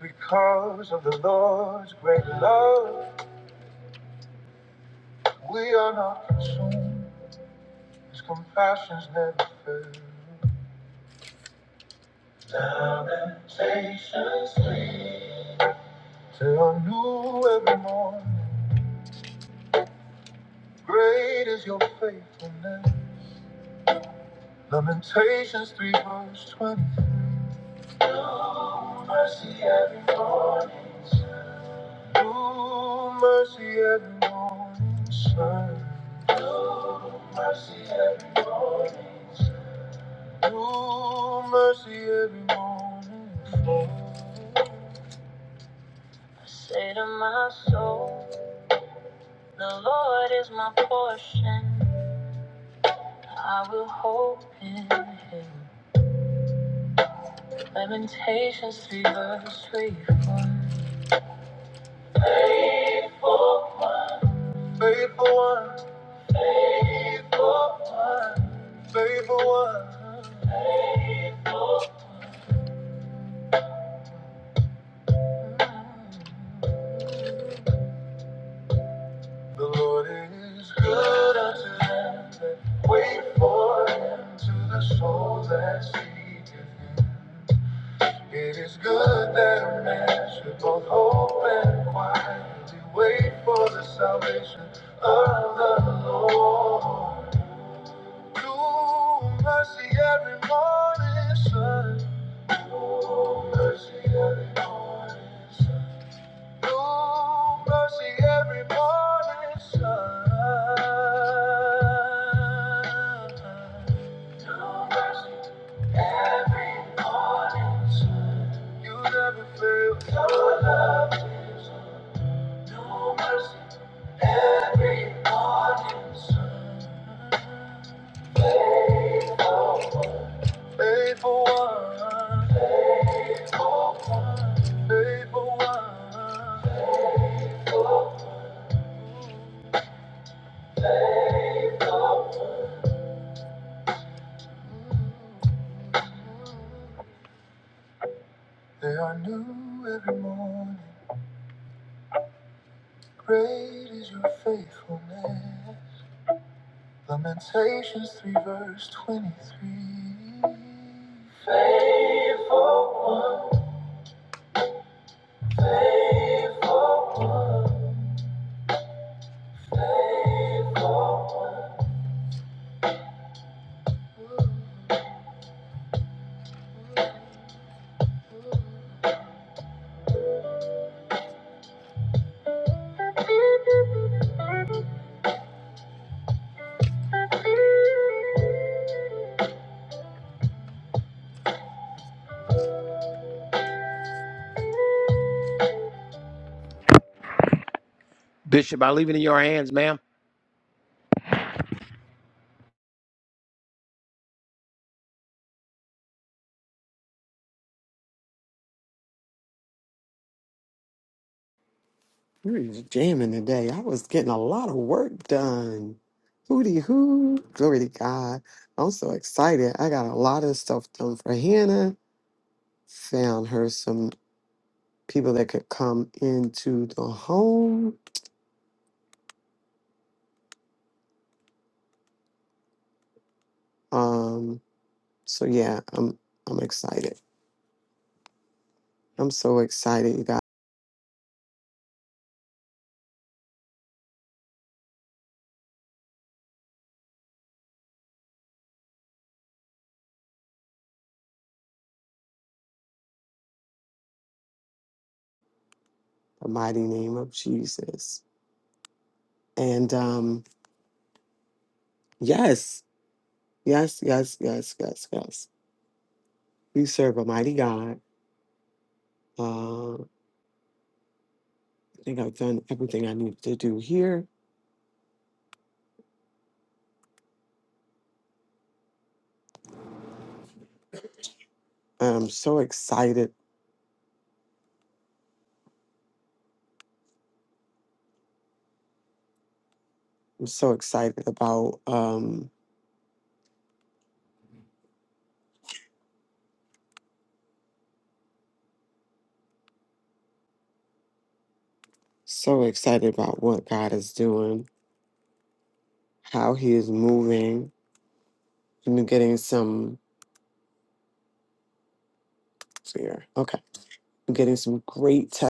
Speaker 1: Because of the Lord's great love, we are not consumed. His compassions never fail. Lamentations 3. They are new every morning. Great is your faithfulness. Lamentations 3 verse 23. New mercy every morning. New mercy every morning. Sir. New Mercy every morning. mercy every day. Satan's sword is my portion. Faithful one, faithful one, faithful one. The Lord is good unto them that wait for him to the souls that seek him. It is good that a man should both hope and quietly wait for the salvation of the Lord. New mercy every morning, sun. New mercy Faithful one, faithful one, The only great is your faithfulness. Lamentations 3 verse 23.
Speaker 2: We were just jamming today. I was getting a lot of work done. Hooty hoo. Glory to God. I'm so excited. I got a lot of stuff done for Hannah. Found her some people that could come into the home. Um, so yeah, I'm I'm excited. I'm so excited, you guys. The mighty name of Jesus. And um, yes, yes, yes, yes, yes, yes. We serve a mighty God. Uh, I think I've done everything I need to do here. I'm so excited. I'm so excited about um so excited about what God is doing, how he is moving. I'm getting some here. Okay. I'm getting some great tech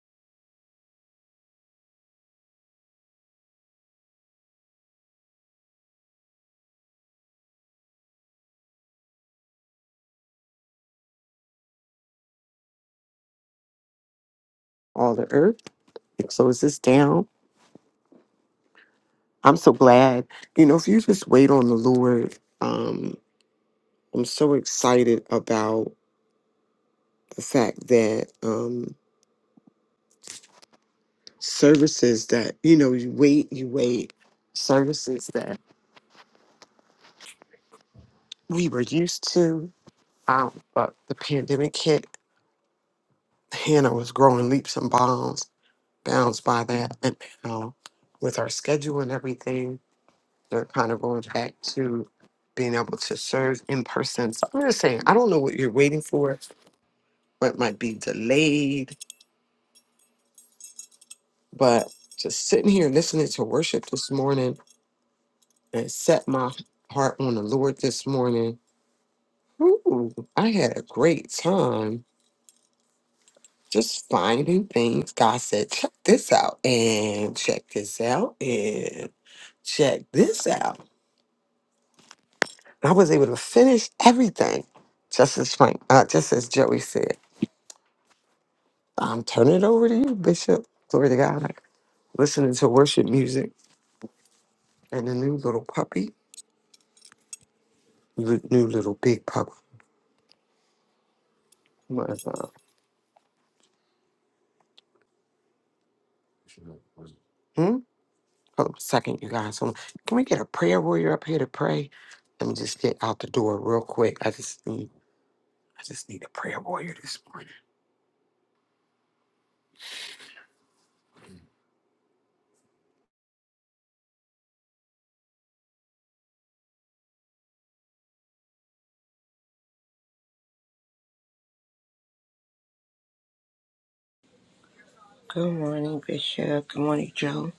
Speaker 2: all the earth. It slows this down. I'm so glad. You know, if you just wait on the Lord, um, I'm so excited about the fact that um services that, you know, you wait, you wait, services that we were used to. Um, but the pandemic hit. Hannah was growing leaps and bounds, bounds by that. And now, with our schedule and everything, they're kind of going back to being able to serve in person. So I'm just saying, I don't know what you're waiting for, what might be delayed, but just sitting here listening to worship this morning and set my heart on the Lord this morning. Ooh, I had a great time just finding things. God said, check this out and check this out and check this out. And I was able to finish everything, just as Frank, uh, just as Joey said. I'm turning it over to you, Bishop. Glory to God. Listening to worship music and the new little puppy, the new little big puppy. What is that? Hmm? Hold on a second, you guys. Hold on. Can we get a prayer warrior up here to pray? Let me just get out the door real quick. I just need, I just need a prayer warrior this morning.
Speaker 3: Good morning, Bishop. Good morning, Joe.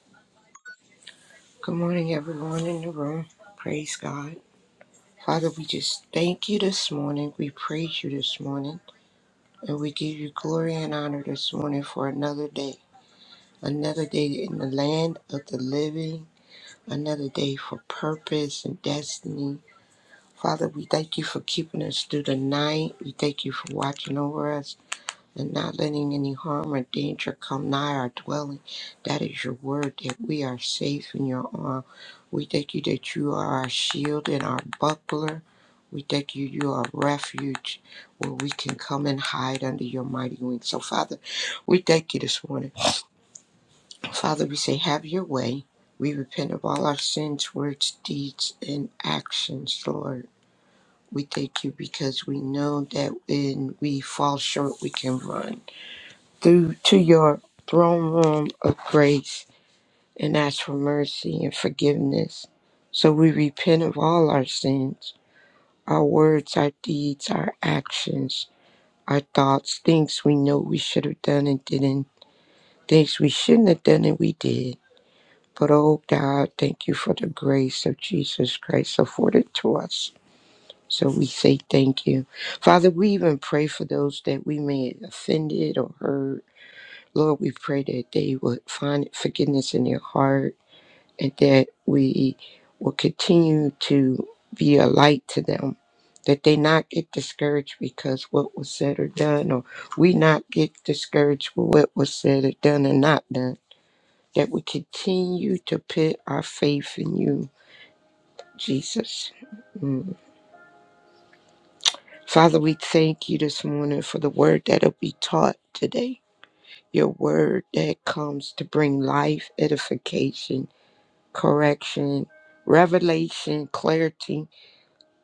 Speaker 3: Good morning, everyone in the room. Praise God. Father, we just thank you this morning. We praise you this morning. And we give you glory and honor this morning for another day. Another day in the land of the living. Another day for purpose and destiny. Father, we thank you for keeping us through the night. We thank you for watching over us. and not letting any harm or danger come nigh our dwelling. That is your word that we are safe in your arm. We thank you that you are our shield and our buckler. We thank you, you are refuge where we can come and hide under your mighty wings. So, Father, we thank you this morning. Father, we say, have your way. We repent of all our sins, words, deeds, and actions, Lord. We thank you because we know that when we fall short, we can run through to your throne room of grace and ask for mercy and forgiveness. So we repent of all our sins, our words, our deeds, our actions, our thoughts, things we know we should have done and didn't, things we shouldn't have done and we did. But oh God, thank you for the grace of Jesus Christ afforded to us. So we say thank you. Father, we even pray for those that we may have offended or hurt Lord, we pray that they would find forgiveness in their heart and that we will continue to be a light to them, that they not get discouraged because what was said or done, or we not get discouraged with what was said or done and not done, that we continue to put our faith in you, Jesus. Mm. Father, we thank you this morning for the word that'll be taught today. Your word that comes to bring life, edification, correction, revelation, clarity.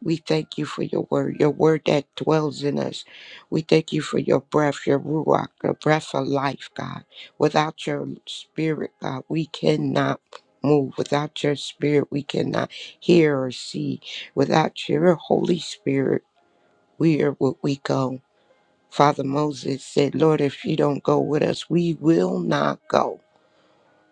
Speaker 3: We thank you for your word, your word that dwells in us. We thank you for your breath, your ruach, the breath of life, God. Without your spirit, God, we cannot move. Without your spirit, we cannot hear or see. Without your Holy Spirit, where would we go? Father Moses said, Lord, if you don't go with us, we will not go.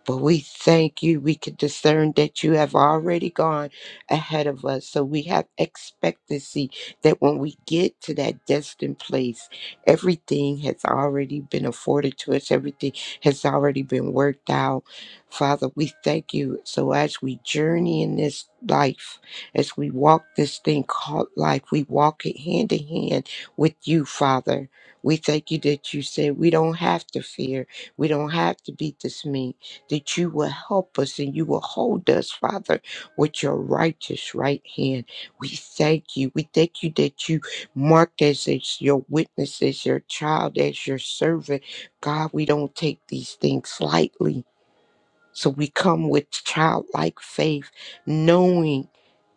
Speaker 3: But we thank you. We can discern that you have already gone ahead of us. So we have expectancy that when we get to that destined place, everything has already been afforded to us, everything has already been worked out. Father, we thank you. So as we journey in this life, as we walk this thing called life, we walk it hand in hand with you, Father. We thank you that you said we don't have to fear, we don't have to be dismayed that you will help us and you will hold us, Father, with your righteous right hand. We thank you. We thank you that you marked us as your witness, as your child, as your servant. God, we don't take these things lightly. So we come with childlike faith, knowing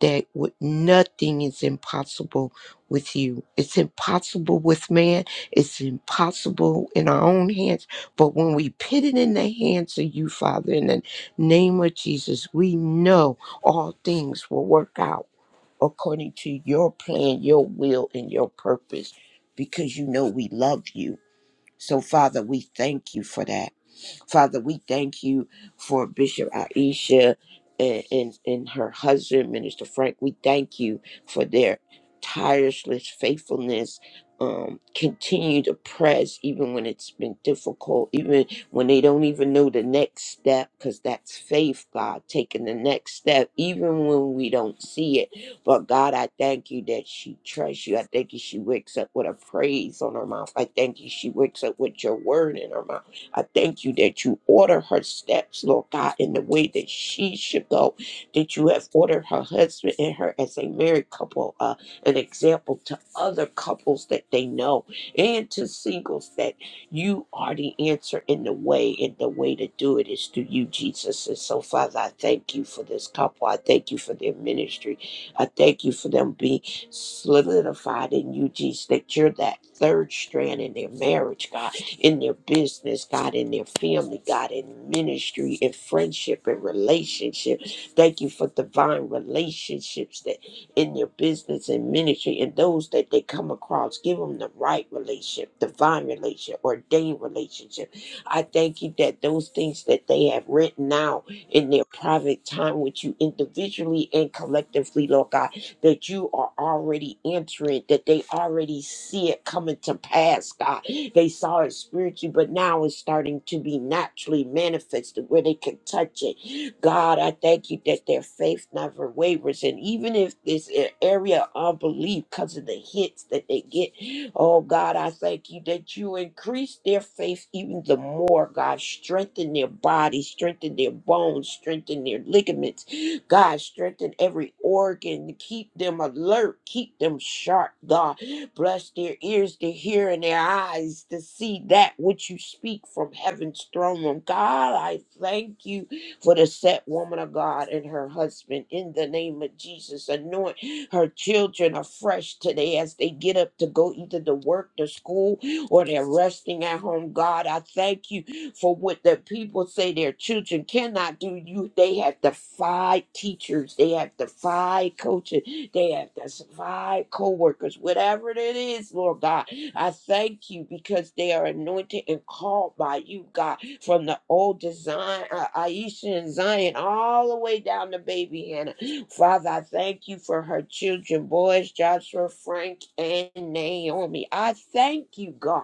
Speaker 3: that with nothing is impossible with you. It's impossible with man. It's impossible in our own hands. But when we put it in the hands of you, Father, in the name of Jesus, we know all things will work out according to your plan, your will, and your purpose, because you know we love you. So, Father, we thank you for that. Father, we thank you for Bishop Aisha and, and, and her husband, Minister Frank. We thank you for their tireless faithfulness. Um, continue to press even when it's been difficult, even when they don't even know the next step, because that's faith, God, taking the next step, even when we don't see it. But God, I thank you that she trusts you. I thank you she wakes up with a praise on her mouth. I thank you she wakes up with your word in her mouth. I thank you that you order her steps, Lord God, in the way that she should go, that you have ordered her husband and her as a married couple, uh, an example to other couples that they know and to singles that you are the answer in the way, and the way to do it is through you, Jesus. And so, Father, I thank you for this couple. I thank you for their ministry. I thank you for them being solidified in you, Jesus, that you're that third strand in their marriage, God in their business, God, in their family, God, in ministry, in friendship, in relationship. Thank you for divine relationships that in their business and ministry and those that they come across. Give them the right relationship, divine relationship, ordained relationship. I thank you that those things that they have written out in their private time with you individually and collectively, Lord God that you are already entering, that they already see it coming to pass, God. They saw it spiritually, but now it's starting to be naturally manifested where they can touch it. God, I thank you that their faith never wavers. And even if it's an area of unbelief because of the hits that they get, oh God, I thank you that you increase their faith even the more, God. Strengthen their body, strengthen their bones, strengthen their ligaments God, strengthen every organ. Keep them alert. Keep them sharp, God. Bless their ears to hear and their eyes to see that which you speak from heaven's throne room. God, I thank you for the set woman of God and her husband. In the name of Jesus, anoint her children afresh today as they get up to go either to work, to school, or they're resting at home. God, I thank you for what the people say their children cannot do, you they have defied teachers, they have defied coaches, they have defied co-workers, whatever it is, Lord God. I thank you because they are anointed and called by you, God, from the old design, uh, Aisha and Zion, all the way down to baby Hannah. Father, I thank you for her children, boys, Joshua, Frank, and Naomi. I thank you, God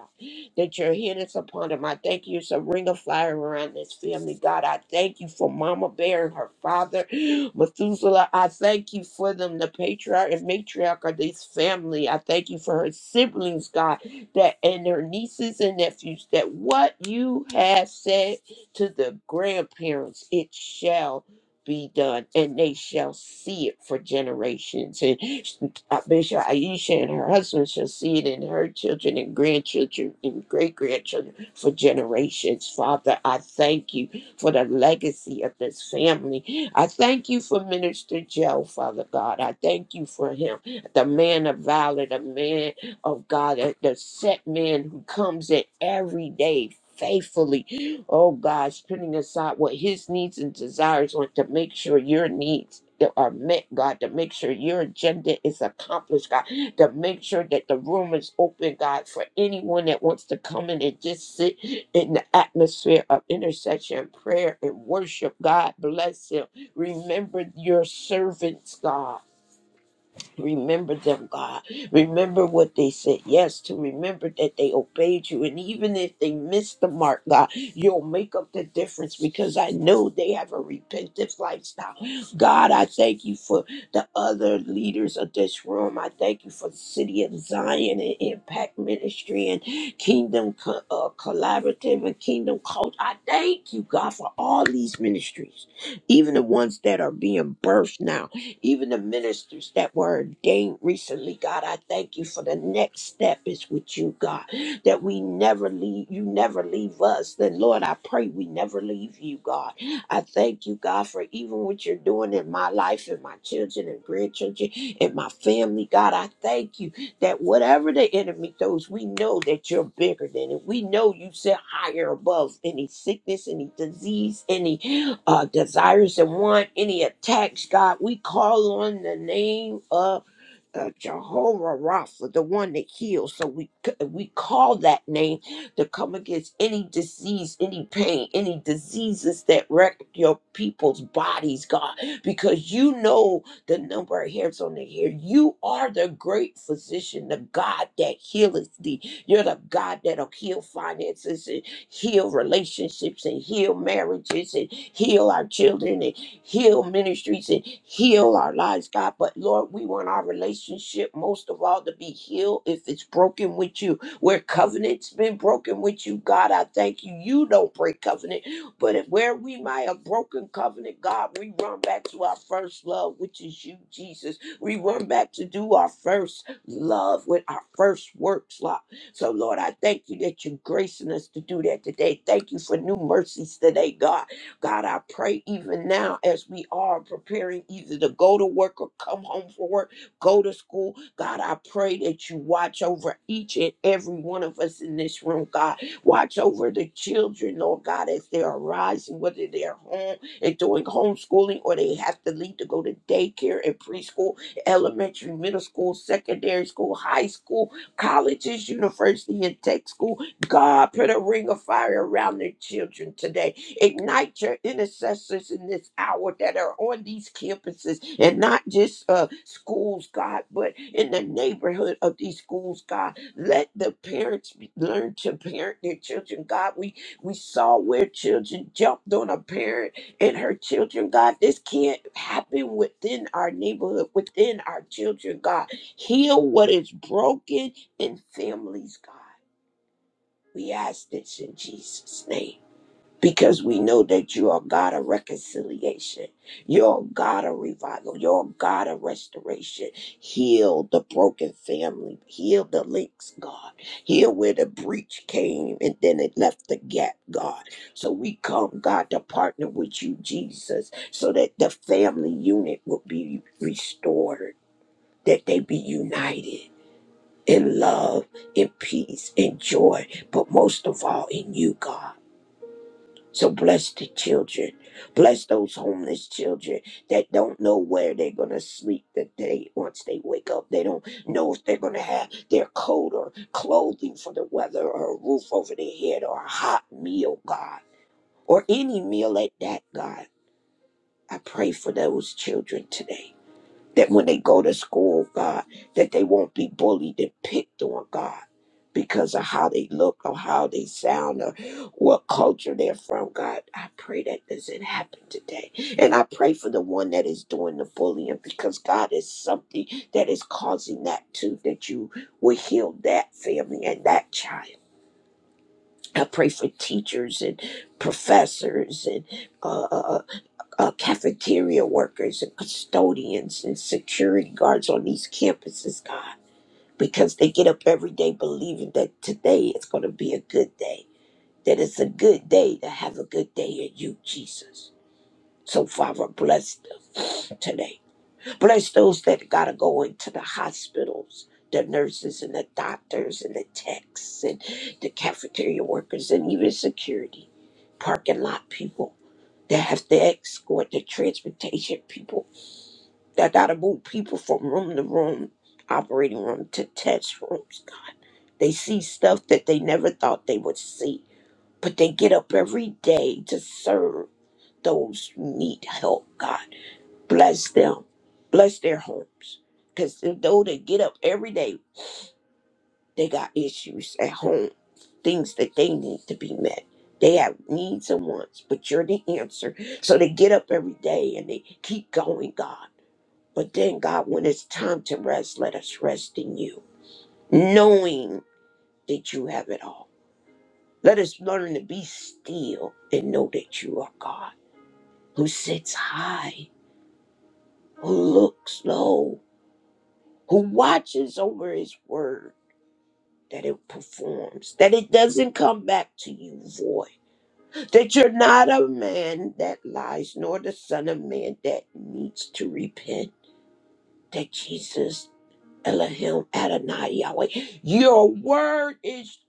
Speaker 3: that your hand is upon him. I thank you. It's a ring of fire around this family, God. I thank you for Mama Bear and her father, Methuselah. I thank you for them, the patriarch and matriarch of this family. I thank you for her siblings, God, that and her nieces and nephews, that what you have said to the grandparents, it shall be done and they shall see it for generations. And uh, Bishop Aisha and her husband shall see it in her children and grandchildren and great grandchildren for generations. Father, I thank you for the legacy of this family. I thank you for Minister Joe, Father God. I thank you for him, the man of valor, the man of God, the the set man who comes in every day faithfully oh God, putting aside what his needs and desires are to make sure your needs are met, God, to make sure your agenda is accomplished, God, to make sure that the room is open, God, for anyone that wants to come in and just sit in the atmosphere of intercession, prayer, and worship. God, bless him. Remember your servants, God. Remember them, God. Remember what they said yes to. Remember that they obeyed you. And even if they missed the mark, God, you'll make up the difference because I know they have a repentant lifestyle. God, I thank you for the other leaders of this room. I thank you for the city of Zion and Impact Ministry and Kingdom Co- uh, Collaborative and Kingdom Coach. I thank you, God, for all these ministries, even the ones that are being birthed now even the ministers that were ordained recently, God. I thank you for the next step is with you, God, that we never leave, you never leave us. Then, Lord, I pray we never leave you, God. I thank you, God, for even what you're doing in my life and my children and grandchildren and my family, God. I thank you that whatever the enemy throws, we know that you're bigger than it. We know you sit higher above any sickness, any disease, any uh, desires and want, any attacks, God, we call on the name of uh, Jehovah Rapha, the one that heals. So we c- we call that name to come against any disease, any pain, any diseases that wreck your people's bodies, God, because you know the number of hairs on their hair. You are the great physician, the God that healeth thee. You're the God that'll heal finances and heal relationships and heal marriages and heal our children heal ministries and heal our lives, God. But Lord, we want our relationship most of all to be healed if it's broken with you. Where covenant's been broken with you, God, I thank you. You don't break covenant. But if where we might have broken covenant, God, we run back to our first love, which is you, Jesus. We run back to do our first love with our first works, Lord. So, Lord, I thank you that you're gracing us to do that today. Thank you for new mercies today, God. God, I pray even now as we are preparing either to go to work or come home from work, go to school. God, I pray that you watch over each and every one of us in this room, God. Watch over the children, Lord God, as they are rising, whether they're home and doing homeschooling or they have to leave to go to daycare and preschool, elementary, middle school, secondary school, high school, colleges, university, and tech school. God, put a ring of fire around their children today. Ignite your intercessors in this hour that are on these campuses and not just uh, schools, God, but in the neighborhood of these schools, God. Let the parents be- learn to parent their children, God. We we saw where children jumped on a parent and her children, God. This can't happen within our neighborhood, within our children, God. Heal what is broken in families, God. We ask this in Jesus' name because we know that you are God of reconciliation. You're a God of revival. You're a God of restoration. Heal the broken family. Heal the links, God. Heal where the breach came and then it left the gap, God. So we come, God, to partner with you, Jesus, so that the family unit will be restored, that they be united in love, in peace, in joy, but most of all in you, God. So bless the children. Bless those homeless children that don't know where they're going to sleep the day once they wake up. They don't know if they're going to have their coat or clothing for the weather or a roof over their head or a hot meal, God, or any meal at that, God. I pray for those children today that when they go to school, God, that they won't be bullied and picked on, God, because of how they look or how they sound or what culture they're from, God. I pray that doesn't happen today. And I pray for the one that is doing the bullying because God is something that is causing that too, that you will heal that family and that child. I pray for teachers and professors and uh, uh, uh, cafeteria workers and custodians and security guards on these campuses, God, because they get up every day believing that today is going to be a good day, that it's a good day to have a good day in you, Jesus. So, Father, bless them today. Bless those that got to go into the hospitals. The nurses and the doctors and the techs and the cafeteria workers and even security, parking lot people. They have to escort the transportation people. They gotta move people from room to room, operating room to test rooms. God, they see stuff that they never thought they would see, but they get up every day to serve those who need help. God, bless them, bless their homes, because though they get up every day. They got issues at home, things that they need to be met. They have needs and wants, but you're the answer. So they get up every day and they keep going, God. But then, God, when it's time to rest, let us rest in you, knowing that you have it all. Let us learn to be still and know that you are God, who sits high, who looks low, who watches over his word that it performs, that it doesn't come back to you void that you're not a man that lies, nor the son of man that needs to repent. That Jesus, Elohim, Adonai, Yahweh, your word is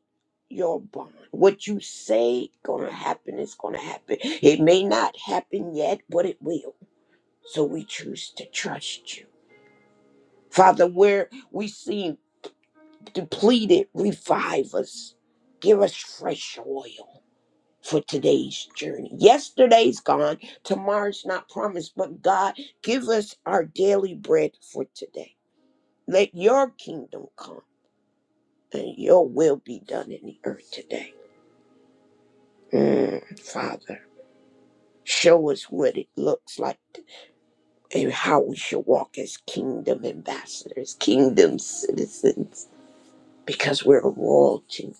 Speaker 3: your bond. What you say gonna happen is gonna happen. It may not happen yet, but it will. So we choose to trust you. Father, where we seem depleted, revive us. Give us fresh oil for today's journey. Yesterday's gone, tomorrow's not promised, but God, give us our daily bread for today. Let your kingdom come and your will be done in the earth today. Mm, Father, show us what it looks like and how we should walk as kingdom ambassadors, kingdom citizens, because we're royalty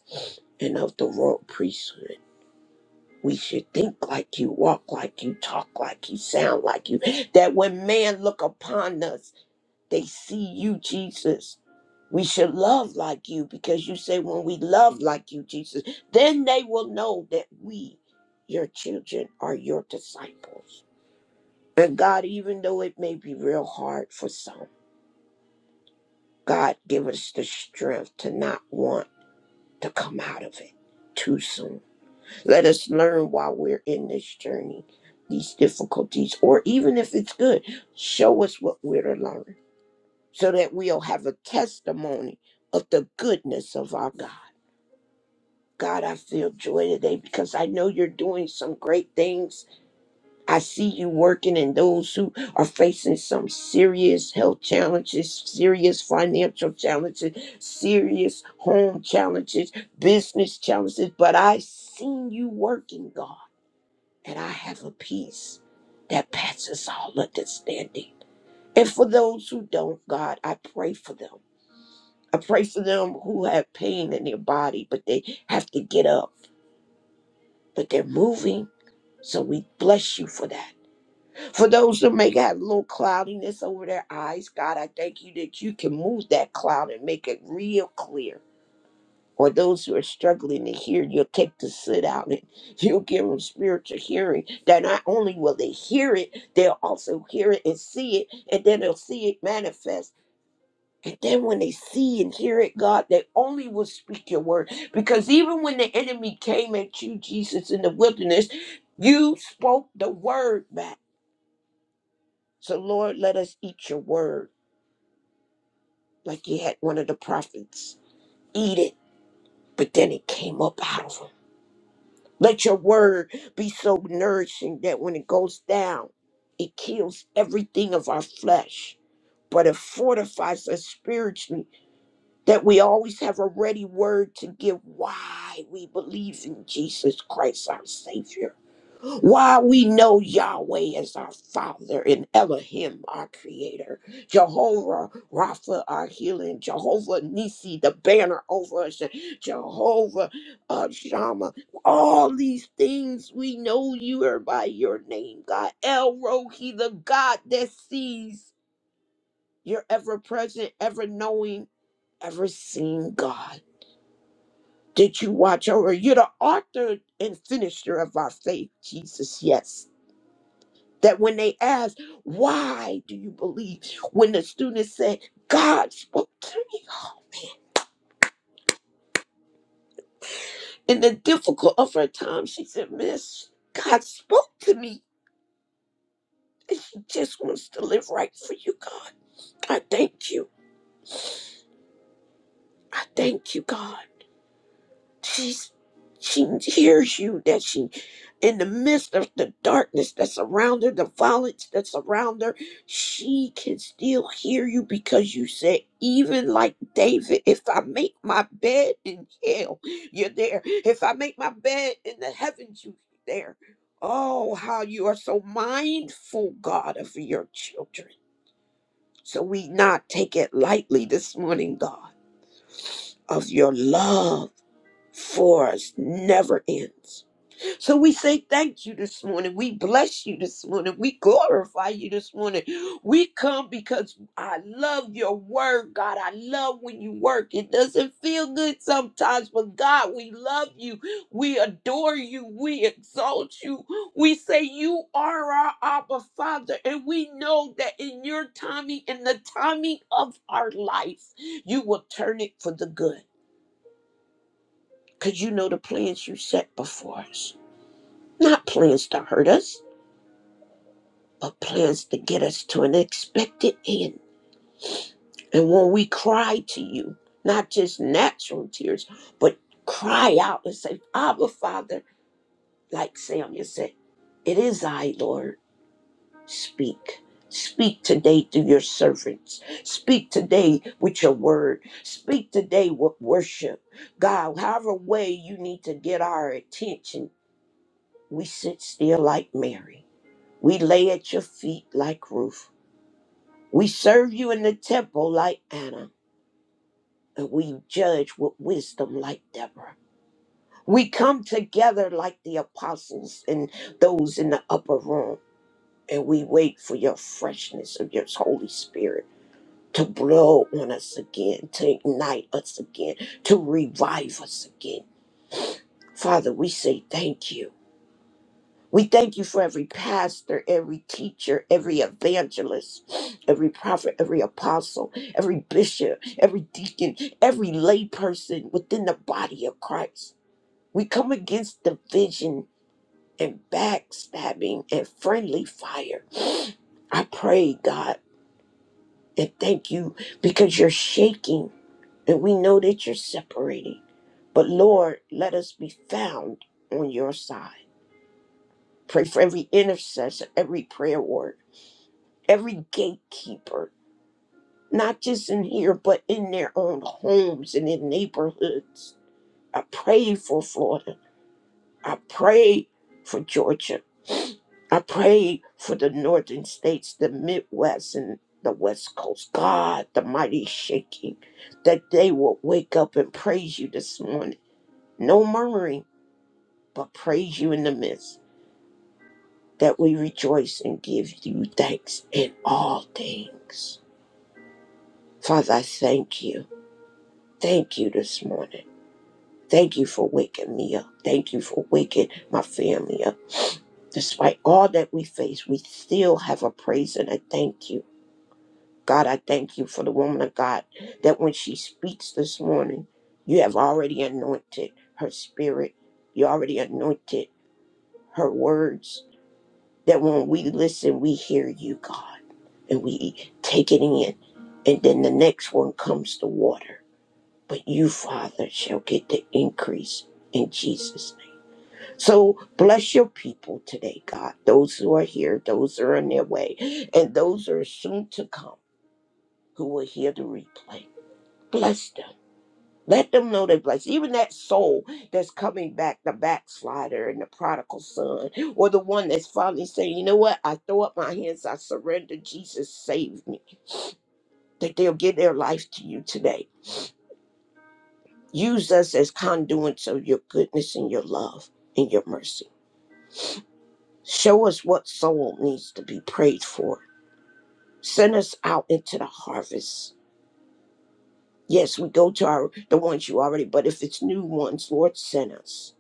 Speaker 3: and of the royal priesthood. We should think like you, walk like you, talk like you, sound like you. That when man look upon us, they see you, Jesus. We should love like you because you say when we love like you, Jesus, then they will know that we, your children, are your disciples. And God, even though it may be real hard for some, God, give us the strength to not want to come out of it too soon Let us learn while we're in this journey, these difficulties, or even if it's good, show us what we're to learn so that we'll have a testimony of the goodness of our God. God, I feel joy today because I know you're doing some great things. I see you working in those who are facing some serious health challenges, serious financial challenges, serious home challenges, business challenges, but I seen you working, God and I have a peace that passes all understanding. And for those who don't, God, I pray for them. I pray for them who have pain in their body, but they have to get up, but they're moving. So we bless you for that. For those who may have a little cloudiness over their eyes, God, I thank you that you can move that cloud and make it real clear or those who are struggling to hear, you'll take the sit out and you'll give them spiritual hearing. That not only will they hear it, they'll also hear it and see it, and then they'll see it manifest. And then when they see and hear it, God, they only will speak your word. Because even when the enemy came at you, Jesus, in the wilderness, you spoke the word back. So, Lord, let us eat your word like you had one of the prophets eat it. But then it came up out of him. Let your word be so nourishing that when it goes down, it kills everything of our flesh, but it fortifies us spiritually that we always have a ready word to give why we believe in Jesus Christ, our Savior. Why we know Yahweh is our Father and Elohim, our Creator, Jehovah Rapha, our healing, Jehovah Nisi, the banner over us, Jehovah uh, Shammah. All these things we know you are by your name, God. El Rohi, the God that sees. You're ever present, ever knowing, ever seeing God. Did you watch over? You're the author and finisher of our faith, Jesus. Yes. That when they asked, why do you believe? When the student said, God spoke to me in the difficult of her time, she said, Miss, God spoke to me. And she just wants to live right for you, God. I thank you. I thank you, God. she's she hears you that she in the midst of the darkness that's around her the violence that's around her she can still hear you because you said even like david if i make my bed in hell you're there if i make my bed in the heavens you're there oh how you are so mindful god of your children so we not take it lightly this morning god of your love for us never ends. So we say thank you this morning. We bless you this morning. We glorify you this morning. We come because I love your word, God. I love when you work. It doesn't feel good sometimes, but God, we love you. We adore you. We exalt you. We say you are our Abba Father, and we know that in your timing, in the timing of our life, you will turn it for the good. Because you know the plans you set before us. Not plans to hurt us, but plans to get us to an expected end. And when we cry to you, not just natural tears, but cry out and say, Abba, Father, like Samuel said, it is I, Lord. Speak. Speak today to your servants. Speak today with your word. Speak today with worship. God, however way you need to get our attention We sit still like Mary. We lay at your feet like Ruth. We serve you in the temple like Anna. And we judge with wisdom like Deborah. We come together like the apostles and those in the upper room. And we wait for your freshness of your Holy Spirit to blow on us again, to ignite us again, to revive us again. Father, we say thank you. We thank you for every pastor, every teacher, every evangelist, every prophet, every apostle, every bishop, every deacon, every layperson within the body of Christ. We come against division and backstabbing and friendly fire. I pray, God, and thank you because you're shaking and we know that you're separating. But Lord, let us be found on your side. Pray for every intercessor, every prayer word. every gatekeeper, not just in here, but in their own homes and in neighborhoods. I pray for Florida. I pray for Georgia. I pray for the northern states, the Midwest, and the West Coast. God, the mighty shaking, that they will wake up and praise you this morning. No murmuring, but praise you in the midst, that we rejoice and give you thanks in all things. Father, I thank you. Thank you this morning. Thank you for waking me up. Thank you for waking my family up. Despite all that we face, we still have a praise and a thank you. God, I thank you for the woman of God that when she speaks this morning, you have already anointed her spirit. You already anointed her words. That when we listen, we hear you, God, and we take it in. And then the next one comes the water but you, Father, shall get the increase in Jesus' name. So bless your people today, God. Those who are here, those who are on their way, and those who are soon to come who will hear the replay. Bless them. Let them know they're blessed. Even that soul that's coming back, the backslider and the prodigal son, or the one that's finally saying, you know what, I throw up my hands, I surrender, Jesus, save me. That they'll give their life to you today Use us as conduits of your goodness and your love and your mercy. Show us what soul needs to be prayed for. Send us out into the harvest. Yes, we go to our the ones you already, but if it's new ones, Lord, send us.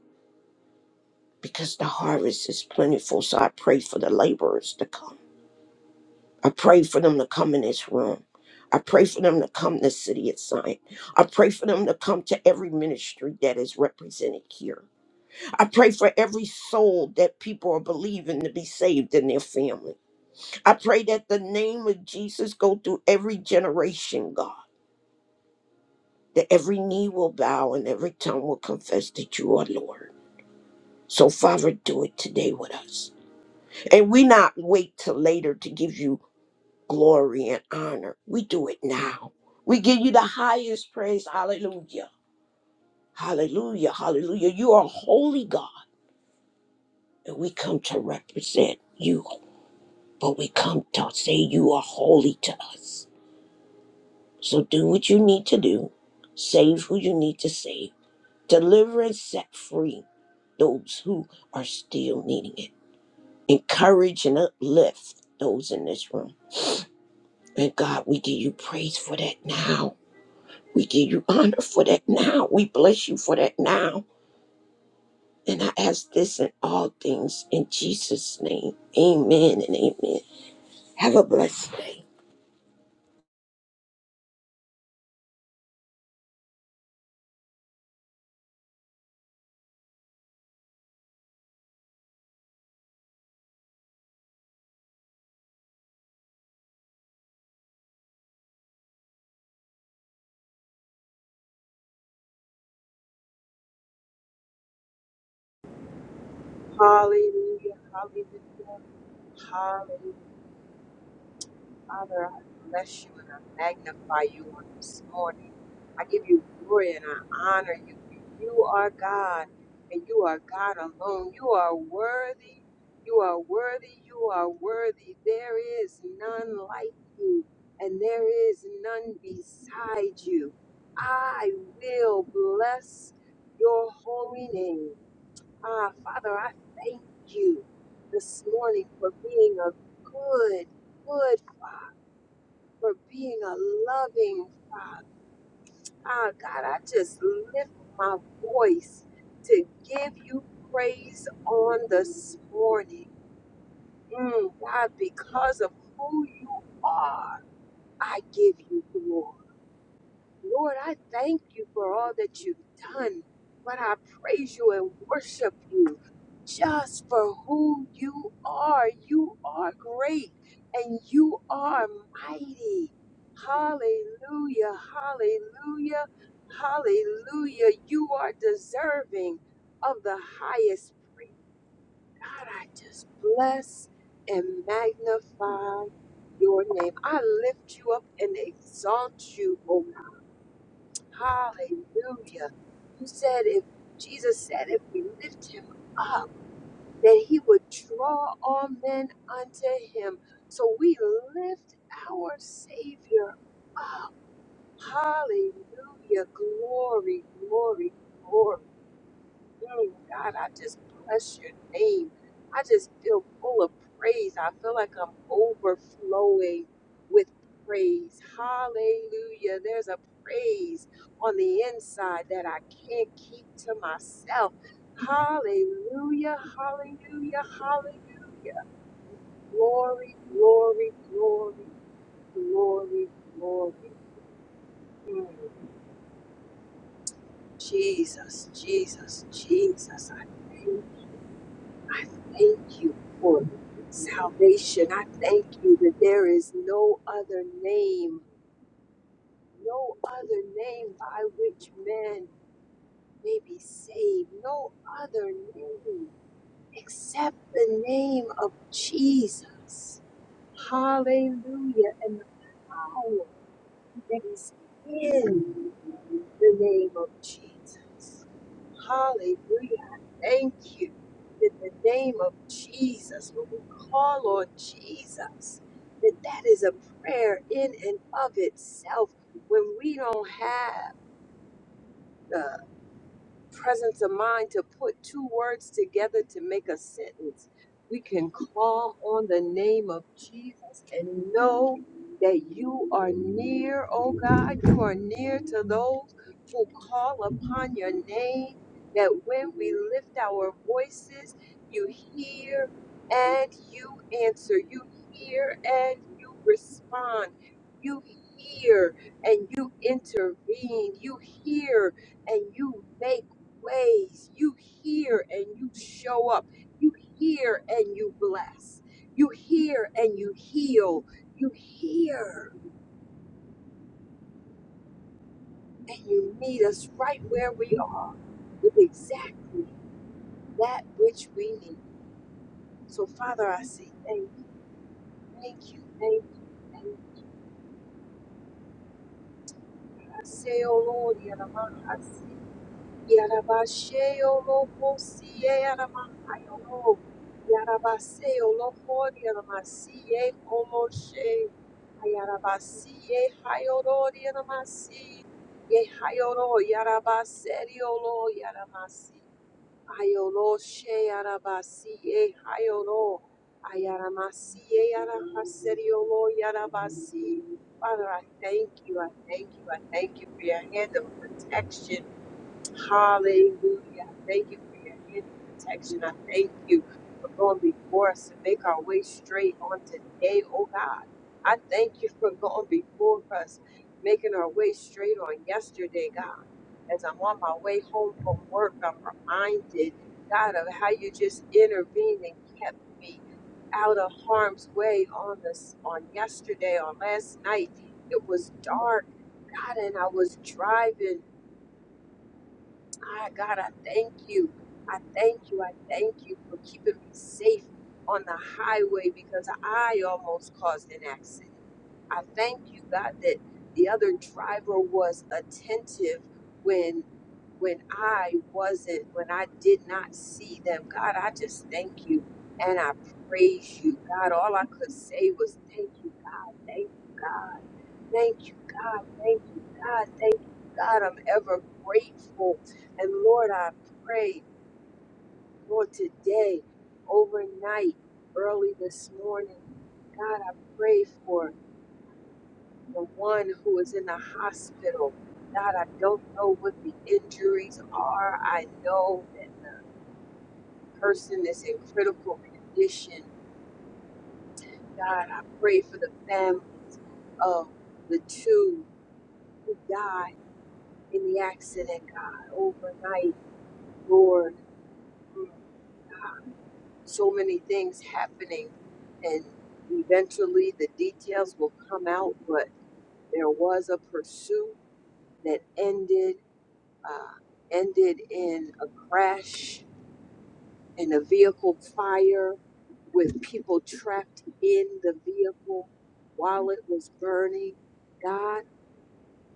Speaker 3: Because the harvest is plentiful. So I pray for the laborers to come. I pray for them to come in this room. I pray for them to come to City of Zion. I pray for them to come to every ministry that is represented here. I pray for every soul that people are believing to be saved in their family. I pray that the name of Jesus go through every generation, God, that every knee will bow and every tongue will confess that you are Lord. So, Father, do it today with us. And we not wait till later to give you glory and honor. We do it now. We give you the highest praise. Hallelujah. Hallelujah. Hallelujah. You are holy God, and we come to represent you. But we come to say you are holy to us. So do what you need to do. Save who you need to save. Deliver and set free those who are still needing it. Encourage and uplift those in this room. And God, we give you praise for that now. We give you honor for that now. We bless you for that now. And I ask this in all things in Jesus' name. Amen and amen. Have a blessed day.
Speaker 4: Hallelujah, hallelujah, hallelujah. Father, I bless you and I magnify you on this morning. I give you glory and I honor you. You are God and you are God alone. You are worthy, you are worthy, you are worthy. There is none like you and there is none beside you. I will bless your holy name. Ah, Father, I thank you this morning for being a good, good Father, for being a loving Father. Ah, God, I just lift my voice to give you praise on this morning. Mm, God, because of who you are, I give you glory. Lord, I thank you for all that you've done, but I praise you and worship you just for who you are. You are great and you are mighty. Hallelujah, hallelujah, hallelujah. You are deserving of the highest praise. God, I just bless and magnify your name. I lift you up and exalt you, Almighty. Hallelujah. You said if Jesus said if we lift him up, that he would draw all men unto him. So we lift our Savior up. Hallelujah. Glory, glory, glory. Mm, God, I just bless your name. I just feel full of praise. I feel like I'm overflowing with praise. Hallelujah. There's a praise on the inside that I can't keep to myself. Hallelujah. Hallelujah. Hallelujah. Glory, glory, glory, glory, glory. Mm. Jesus, Jesus, Jesus. I thank you. I thank you for salvation. I thank you that there is no other name, no other name by which man may be saved, no other name except the name of Jesus. Hallelujah. And the power. It is in the name of Jesus. Hallelujah. Thank you. In the name of Jesus, when we call on Jesus, that that is a prayer in and of itself. When we don't have the presence of mind to put two words together to make a sentence. We can call on the name of Jesus and know that you are near, oh God. You are near to those who call upon your name, that when we lift our voices, you hear and you answer. You hear and you respond. You hear and you intervene. You hear and you make ways. You hear and you show up. You hear and you bless. You hear and you heal. You hear and you meet us right where we are with exactly that which we need. So, Father, I say thank you. Thank you. Thank you. Thank you. I say, oh Lord, you're the one I see. Yarabasheolohoshieyaramahayolo. Yarabaseolohoryaramasieomoshe. Ayarabasiehayororyaramasi. Yehayoro yarabaseriolo yaramasi. Ayoloshearabasiehayoro. Ayaramasiearahaseriolo yarabasi. Father, I thank you. I thank you. I thank you for your hand of protection Hallelujah. Thank you for your hand of protection. I thank you for going before us to make our way straight on today, oh God. I thank you for going before us, making our way straight on yesterday, God. As I'm on my way home from work, I'm reminded, God, of how you just intervened and kept me out of harm's way on this on yesterday, on last night. It was dark, God, and I was driving. My God, I thank you. I thank you. I thank you for keeping me safe on the highway because I almost caused an accident. I thank you, God, that the other driver was attentive when when I wasn't, when I did not see them. God, I just thank you and I praise you. God, all I could say was thank you. Thank you, God. Thank you, God. Thank you, God. God, I'm ever grateful. And Lord, I pray, Lord, today, overnight, early this morning, God, I pray for the one who is in the hospital. God, I don't know what the injuries are. I know that the person is in critical condition. God, I pray for the families of the two who died in the accident, God, overnight, Lord. Mm. so many things happening and eventually the details will come out but there was a pursuit that ended uh, ended in a crash and a vehicle fire with people trapped in the vehicle while it was burning god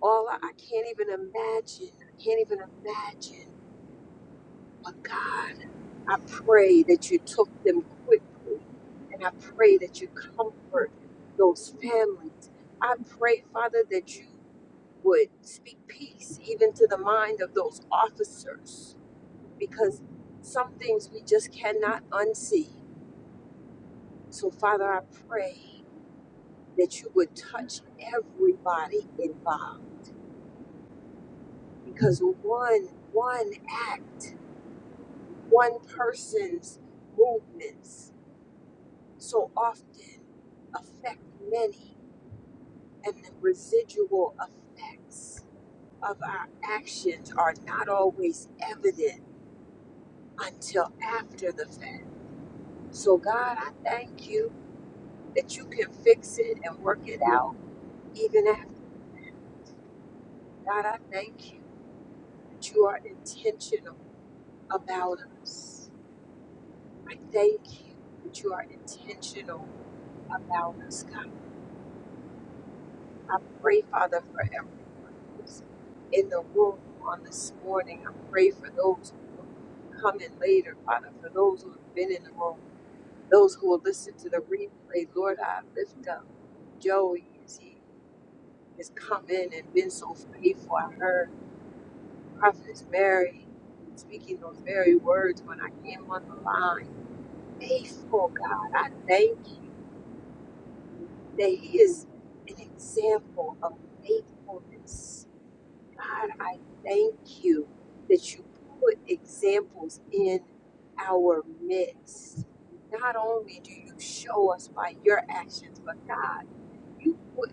Speaker 4: all i, I can't even imagine i can't even imagine but god I pray that you took them quickly. And I pray that you comfort those families. I pray, Father, that you would speak peace even to the mind of those officers because some things we just cannot unsee. So, Father, I pray that you would touch everybody involved because one one act, one person's movements so often affect many, and the residual effects of our actions are not always evident until after the fact. So, God, I thank you that you can fix it and work it out even after. God, I thank you that you are intentional about us. I thank you that you are intentional about us, God. I pray, Father, for everyone who's in the room on this morning. I pray for those who will come in later, Father, for those who have been in the room, those who will listen to the replay. Lord, I lift up Joey as he has come in and been so faithful. I heard Prophetess Mary speaking those very words when I came on the line. Faithful God, I thank you that he is an example of faithfulness God, I thank you that you put examples in our midst. Not only do you show us by your actions, but God, you put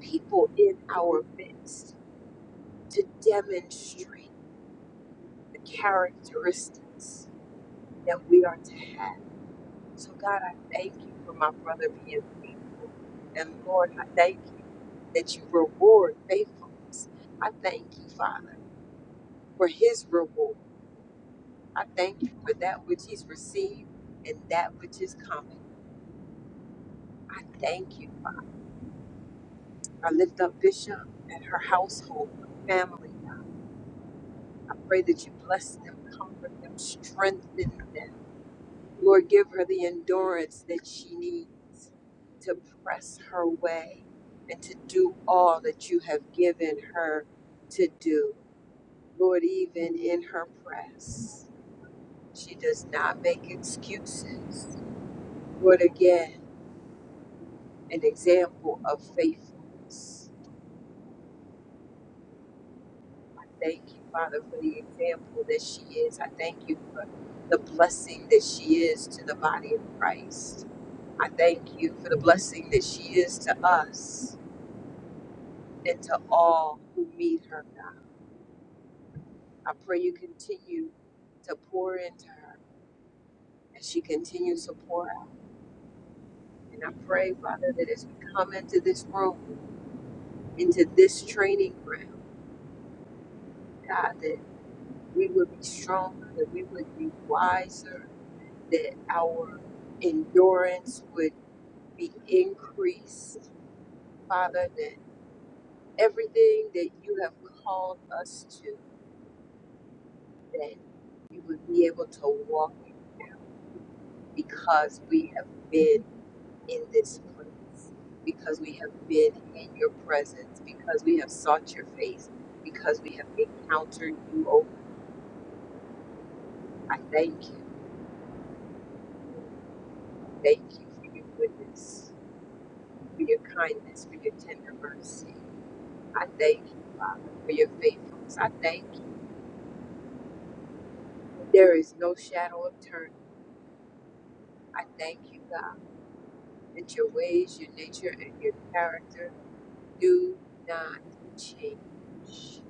Speaker 4: people in our midst to demonstrate the characteristics that we are to have. So, God, I thank you for my brother being faithful. And Lord, I thank you that you reward faithfulness. I thank you, Father, for his reward. I thank you for that which he's received and that which is coming. I thank you. I lift up Bishop and her household, her family. I pray that you bless them, comfort them, strengthen them. Lord, give her the endurance that she needs to press her way and to do all that you have given her to do. Lord, even in her press, she does not make excuses. Lord, again, an example of faithfulness. I thank you, Father, for the example that she is. I thank you for the blessing that she is to the body of Christ. I thank you for the blessing that she is to us and to all who meet her, God. I pray you continue to pour into her as she continues to pour out. And I pray, Father, that as we come into this room, into this training ground, God, that we would be stronger, that we would be wiser, that our endurance would be increased. Father, that everything that you have called us to, that we would be able to walk it out because we have been in this place, because we have been in your presence, because we have sought your face, because we have encountered you. Oh, I thank you. Thank you for your goodness. for your kindness, for your tender mercy. I thank you, Father, for your faithfulness. I thank you. There is no shadow of turning. I thank you, God, that your ways, your nature, and your character do not change.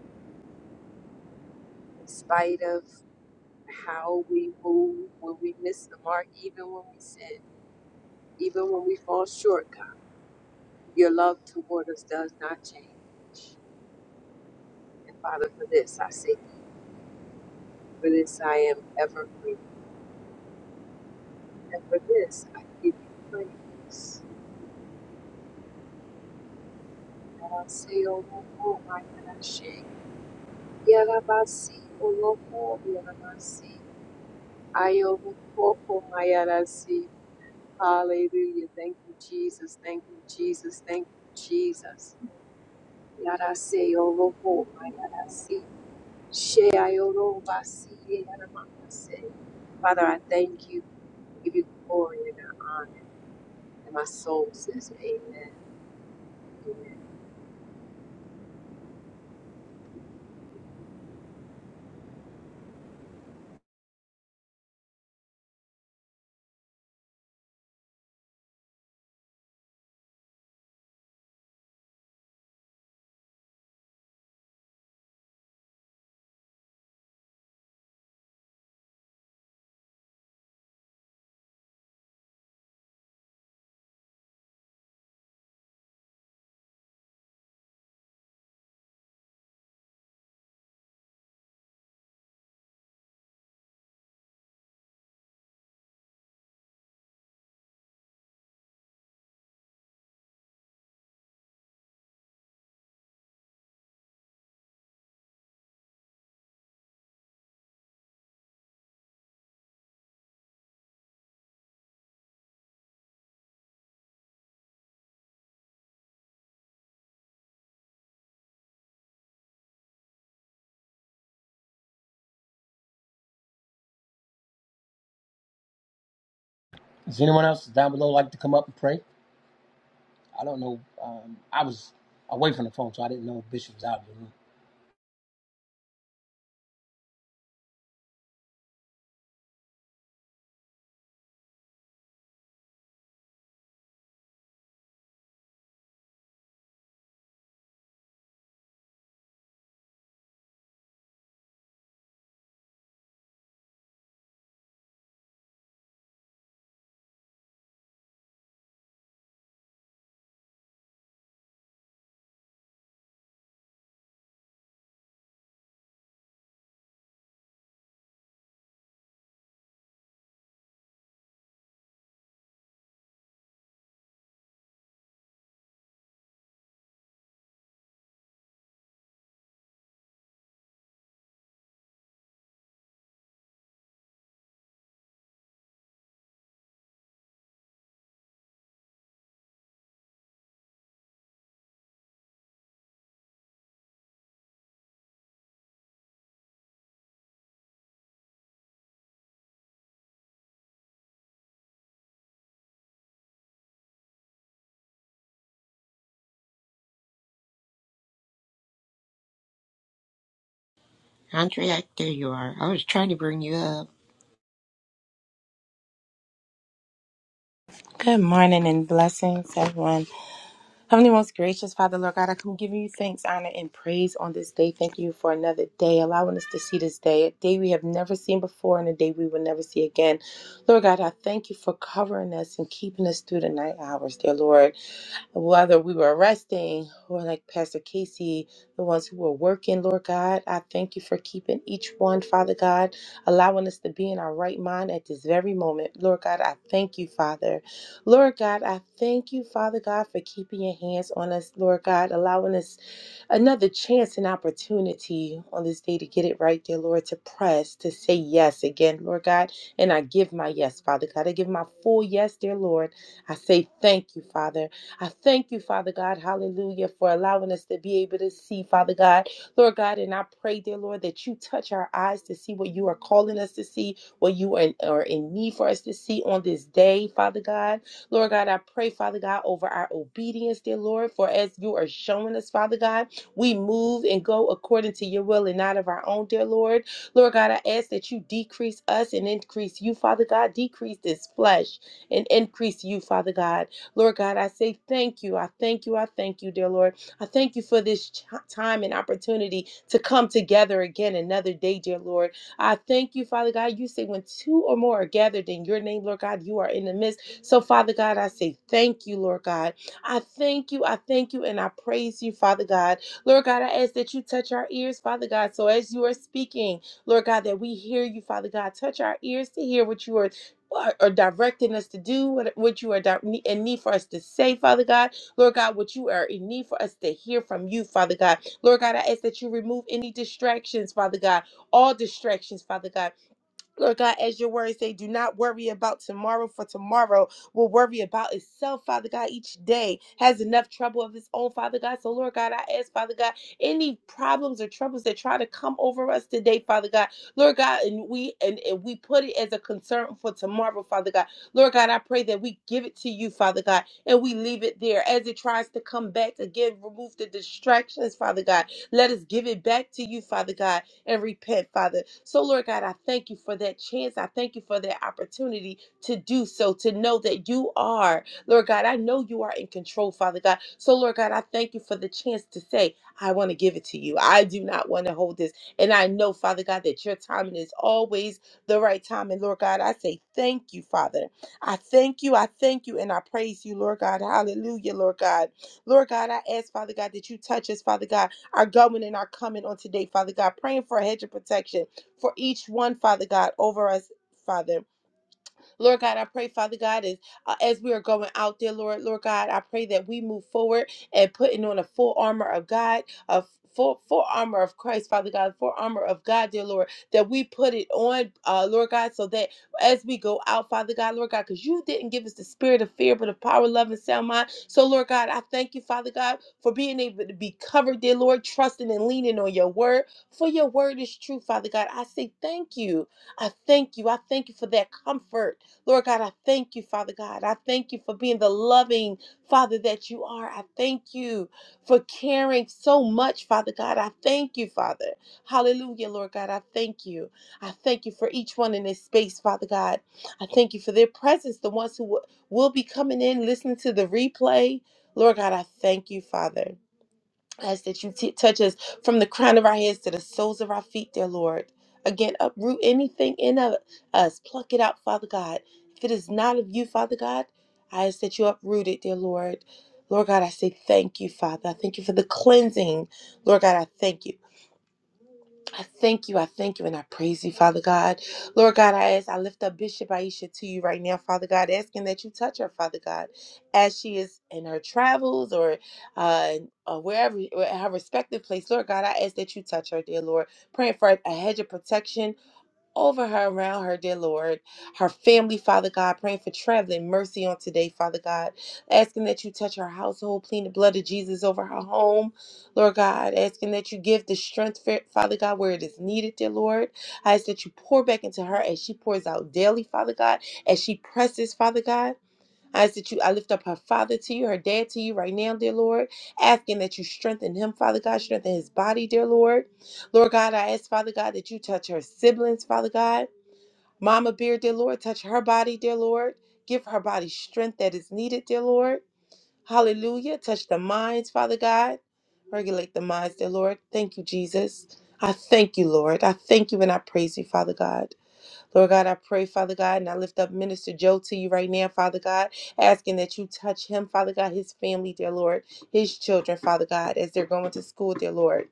Speaker 4: In spite of how we move, when we miss the mark, even when we sin, even when we fall short, God, your love toward us does not change. And Father, for this I say, for this I am ever grateful. And for this, I give you praise. Yarase oloko mayarashe. Yarabasi oloko yarabasi. Ayoloko mayarasi. Hallelujah. Thank you, Jesus. Thank you, Jesus. Thank you, Jesus. Yarase oloko mayarasi. She ayolobasi yarabasi. Father, I thank you. give you glory and honor. And my soul says, Amen. Amen.
Speaker 1: Does anyone else down below like to come up and pray? I don't know. Um, I was away from the phone, so I didn't know if Bishop was out. of the room.
Speaker 3: Andrea, there you are. I was trying to bring you up.
Speaker 5: Good morning and blessings, everyone. Heavenly most gracious Father, Lord God, I come giving you thanks, honor, and praise on this day. Thank you for another day, allowing us to see this day, a day we have never seen before and a day we will never see again. Lord God, I thank you for covering us and keeping us through the night hours, dear Lord whether we were resting or like Pastor Casey, the ones who were working, Lord God, I thank you for keeping each one, Father God, allowing us to be in our right mind at this very moment. Lord God, I thank you, Father. Lord God, I thank you, Father God, for keeping your hands on us, Lord God, allowing us another chance and opportunity on this day to get it right, dear Lord, to press, to say yes again, Lord God. And I give my yes, Father God. I give my full yes, dear Lord. I say thank you, Father. I thank you, Father God, hallelujah, for allowing us to be able to see, Father God, Lord God. And I pray, dear Lord, that you touch our eyes to see what you are calling us to see, what you are in, are in need for us to see on this day, Father God. Lord God, I pray, Father God, over our obedience, dear Lord, for as you are showing us, Father God. We move and go according to your will and not of our own, dear Lord. Lord God, I ask that you decrease us and increase you, Father God. Decrease this flesh and increase you, Father God. Lord God, I say thank you. I thank you. I thank you, dear Lord. I thank you for this ch- time and opportunity to come together again another day, dear Lord. I thank you, Father God. You say when two or more are gathered in your name, Lord God, you are in the midst. So, Father God, I say thank you, Lord God. I thank you. I thank you and I praise you, Father God. Lord God, I ask that you touch our ears, Father God. So as you are speaking, Lord God, that we hear you, Father God. Touch our ears to hear what you are. Are are directing us to do what, what you are di- in need for us to say, Father God. Lord God, what you are in need for us to hear from you, Father God. Lord God, I ask that you remove any distractions, Father God. All distractions, Father God Lord God, as your words say, do not worry about tomorrow, for tomorrow will worry about itself, Father God. Each day has enough trouble of its own, Father God. So, Lord God, I ask, Father God, any problems or troubles that try to come over us today, Father God, Lord God, and we and, and we put it as a concern for tomorrow, Father God. Lord God, I pray that we give it to you, Father God, and we leave it there as it tries to come back again. Remove the distractions, Father God. Let us give it back to you, Father God and repent, Father. So, Lord God, I thank you for that chance. I thank you for that opportunity to do so, to know that you are, Lord God, I know you are in control, Father God. So, Lord God, I thank you for the chance to say, I want to give it to you. I do not want to hold this. And I know, Father God, that your timing is always the right time. And Lord God, I say thank you, Father. I thank you. I thank you. And I praise you, Lord God. Hallelujah, Lord God. Lord God, I ask, Father God, that you touch us, Father God our going and our coming on today, Father God. Praying for a hedge of protection for each one, Father God, over us, Father. Lord God, I pray, Father God, as, uh, as we are going out there, Lord, Lord God, I pray that we move forward and putting on a full armor of God, a full, full armor of Christ, Father God, full armor of God, dear Lord, that we put it on, uh, Lord God, so that as we go out, Father God, Lord God, because you didn't give us the spirit of fear, but of power, love, and sound mind. So, Lord God, I thank you, Father God, for being able to be covered, dear Lord, trusting and leaning on your word. For your word is true, Father God. I say thank you. I thank you. I thank you for that comfort. Lord God, I thank you, Father God. I thank you for being the loving Father that you are. I thank you for caring so much, Father God. I thank you, Father. Hallelujah, Lord God. I thank you. I thank you for each one in this space, Father God. I thank you for their presence, the ones who w- will be coming in, listening to the replay. Lord God, I thank you, Father ask that you t- touch us from the crown of our heads to the soles of our feet, dear Lord. Again, uproot anything in of us, pluck it out, Father God. If it is not of you, Father God, I ask that you uproot it, dear Lord. Lord God, I say thank you, Father. I thank you for the cleansing. Lord God, I thank you. I thank you. I thank you and I praise you, Father God. Lord God, I ask, I lift up Bishop Aisha to you right now, Father God, asking that you touch her, Father God, as she is in her travels or uh, or wherever, or at her respective place. Lord God, I ask that you touch her, dear Lord. Praying for a hedge of protection over her, around her, dear Lord. Her family, Father God, praying for traveling mercy on today, Father God. Asking that you touch her household, clean the blood of Jesus over her home, Lord God. Asking that you give the strength, fa- Father God, where it is needed, dear Lord. I ask that you pour back into her as she pours out daily, Father God, as she presses, Father God. I ask that you, I lift up her father to you, her dad to you right now, dear Lord, asking that you strengthen him, Father God, strengthen his body, dear Lord. Lord God, I ask, Father God, that you touch her siblings, Father God. Mama Bear, dear Lord, touch her body, dear Lord. Give her body strength that is needed, dear Lord. Hallelujah. Touch the minds, Father God. Regulate the minds, dear Lord. Thank you, Jesus. I thank you, Lord. I thank you and I praise you, Father God. Lord God, I pray, Father God, and I lift up Minister Joe to you right now, Father God, asking that you touch him, Father God, his family, dear Lord, his children, Father God, as they're going to school, dear Lord.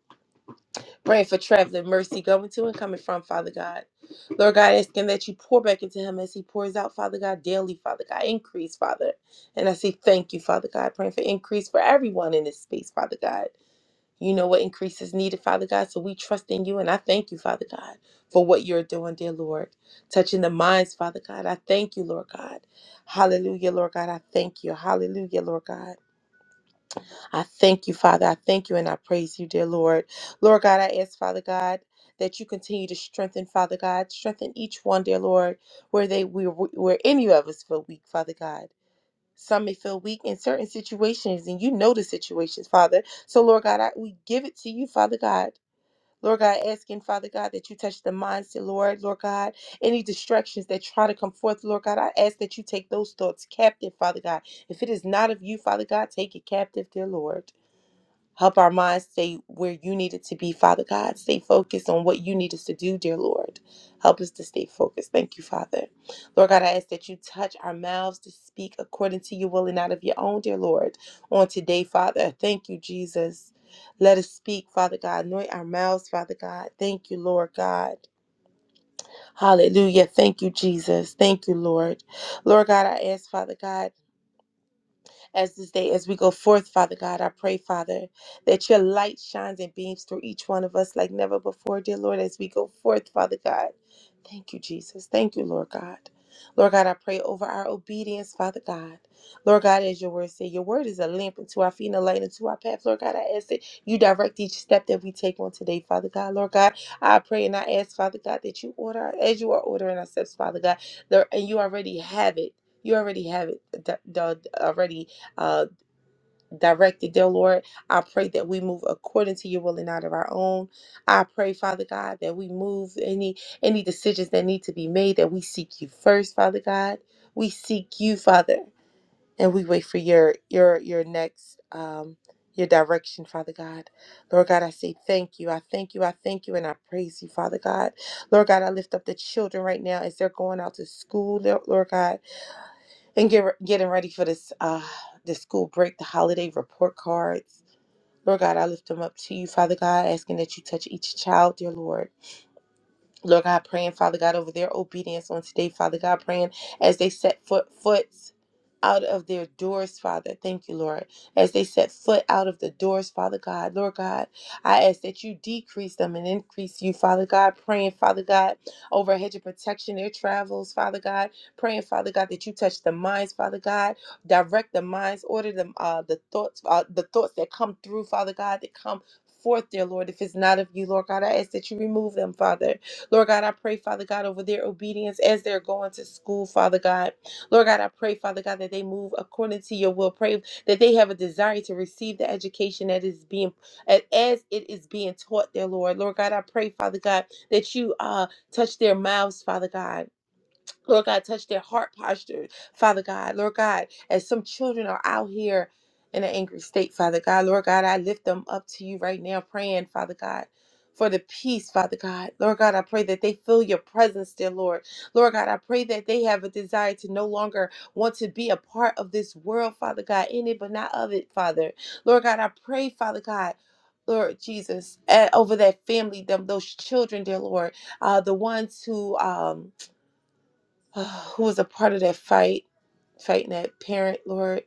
Speaker 5: Praying for traveling mercy going to and coming from, Father God. Lord God, asking that you pour back into him as he pours out, Father God, daily, Father God, increase, Father. And I say thank you, Father God, praying for increase for everyone in this space, Father God. You know what increase is needed, Father God. So we trust in you and I thank you, Father God, for what you're doing, dear Lord. Touching the minds, Father God. I thank you, Lord God. Hallelujah, Lord God. I thank you. Hallelujah, Lord God. I thank you, Father. I thank you and I praise you, dear Lord. Lord God, I ask, Father God, that you continue to strengthen, Father God. Strengthen each one, dear Lord, where they we where any of us feel weak, Father God. Some may feel weak in certain situations, and you know the situations, Father. So, Lord God, I, we give it to you, Father God. Lord God, asking, Father God, that you touch the mindset, Lord, Lord God. Any distractions that try to come forth, Lord God, I ask that you take those thoughts captive, Father God. If it is not of you, Father God, take it captive, dear Lord. Help our minds stay where you need it to be, Father God. Stay focused on what you need us to do, dear Lord. Help us to stay focused. Thank you, Father. Lord God, I ask that you touch our mouths to speak according to your will and out of your own, dear Lord, on today, Father. Thank you, Jesus. Let us speak, Father God. Anoint our mouths, Father God. Thank you, Lord God. Hallelujah. Thank you, Jesus. Thank you, Lord. Lord God, I ask, Father God as this day, as we go forth, Father God. I pray, Father, that your light shines and beams through each one of us like never before, dear Lord, as we go forth, Father God. Thank you, Jesus. Thank you, Lord God. Lord God, I pray over our obedience, Father God. Lord God, as your word say, your word is a lamp unto our feet and a light unto our path. Lord God, I ask that you direct each step that we take on today, Father God. Lord God, I pray and I ask, Father God, that you order as you are ordering our steps, Father God. There, and you already have it. You already have it d- d- already uh, directed, dear Lord. I pray that we move according to your will and not of our own. I pray, Father God, that we move any any decisions that need to be made, that we seek you first, Father God. We seek you, Father, and we wait for your your your next um your direction, Father God. Lord God, I say thank you. I thank you. I thank you. And I praise you, Father God. Lord God, I lift up the children right now as they're going out to school, Lord Lord God and get, getting ready for this uh this school break, the holiday report cards. Lord God, I lift them up to you, Father God, asking that you touch each child, dear Lord. Lord God, praying, Father God, over their obedience on today, Father God, praying as they set foot foot out of their doors, Father. Thank you, Lord. As they set foot out of the doors, Father God, Lord God, I ask that you decrease them and increase you, Father God. Praying, Father God, over a hedge of protection, their travels, Father God. Praying, Father God, that you touch the minds, Father God. Direct the minds, order them, uh, the thoughts, uh, the thoughts that come through, Father God, that come forth, dear Lord. If it's not of you, Lord God, I ask that you remove them, Father. Lord God, I pray, Father God, over their obedience as they're going to school, Father God. Lord God, I pray, Father God, that they move according to your will. Pray that they have a desire to receive the education that is being as it is being taught there, Lord. Lord God, I pray, Father God, that you uh touch their mouths, Father God. Lord God, touch their heart posture, Father God. Lord God, as some children are out here in an angry state, Father God, Lord God, I lift them up to you right now, praying, Father God. For the peace, Father God. Lord God, I pray that they feel your presence, dear Lord. Lord God, I pray that they have a desire to no longer want to be a part of this world, Father God, in it but not of it, Father. Lord God, I pray, Father God, Lord Jesus, eh, over that family, them those children, dear Lord, uh, the ones who um uh, who was a part of that fight, fighting that parent, Lord.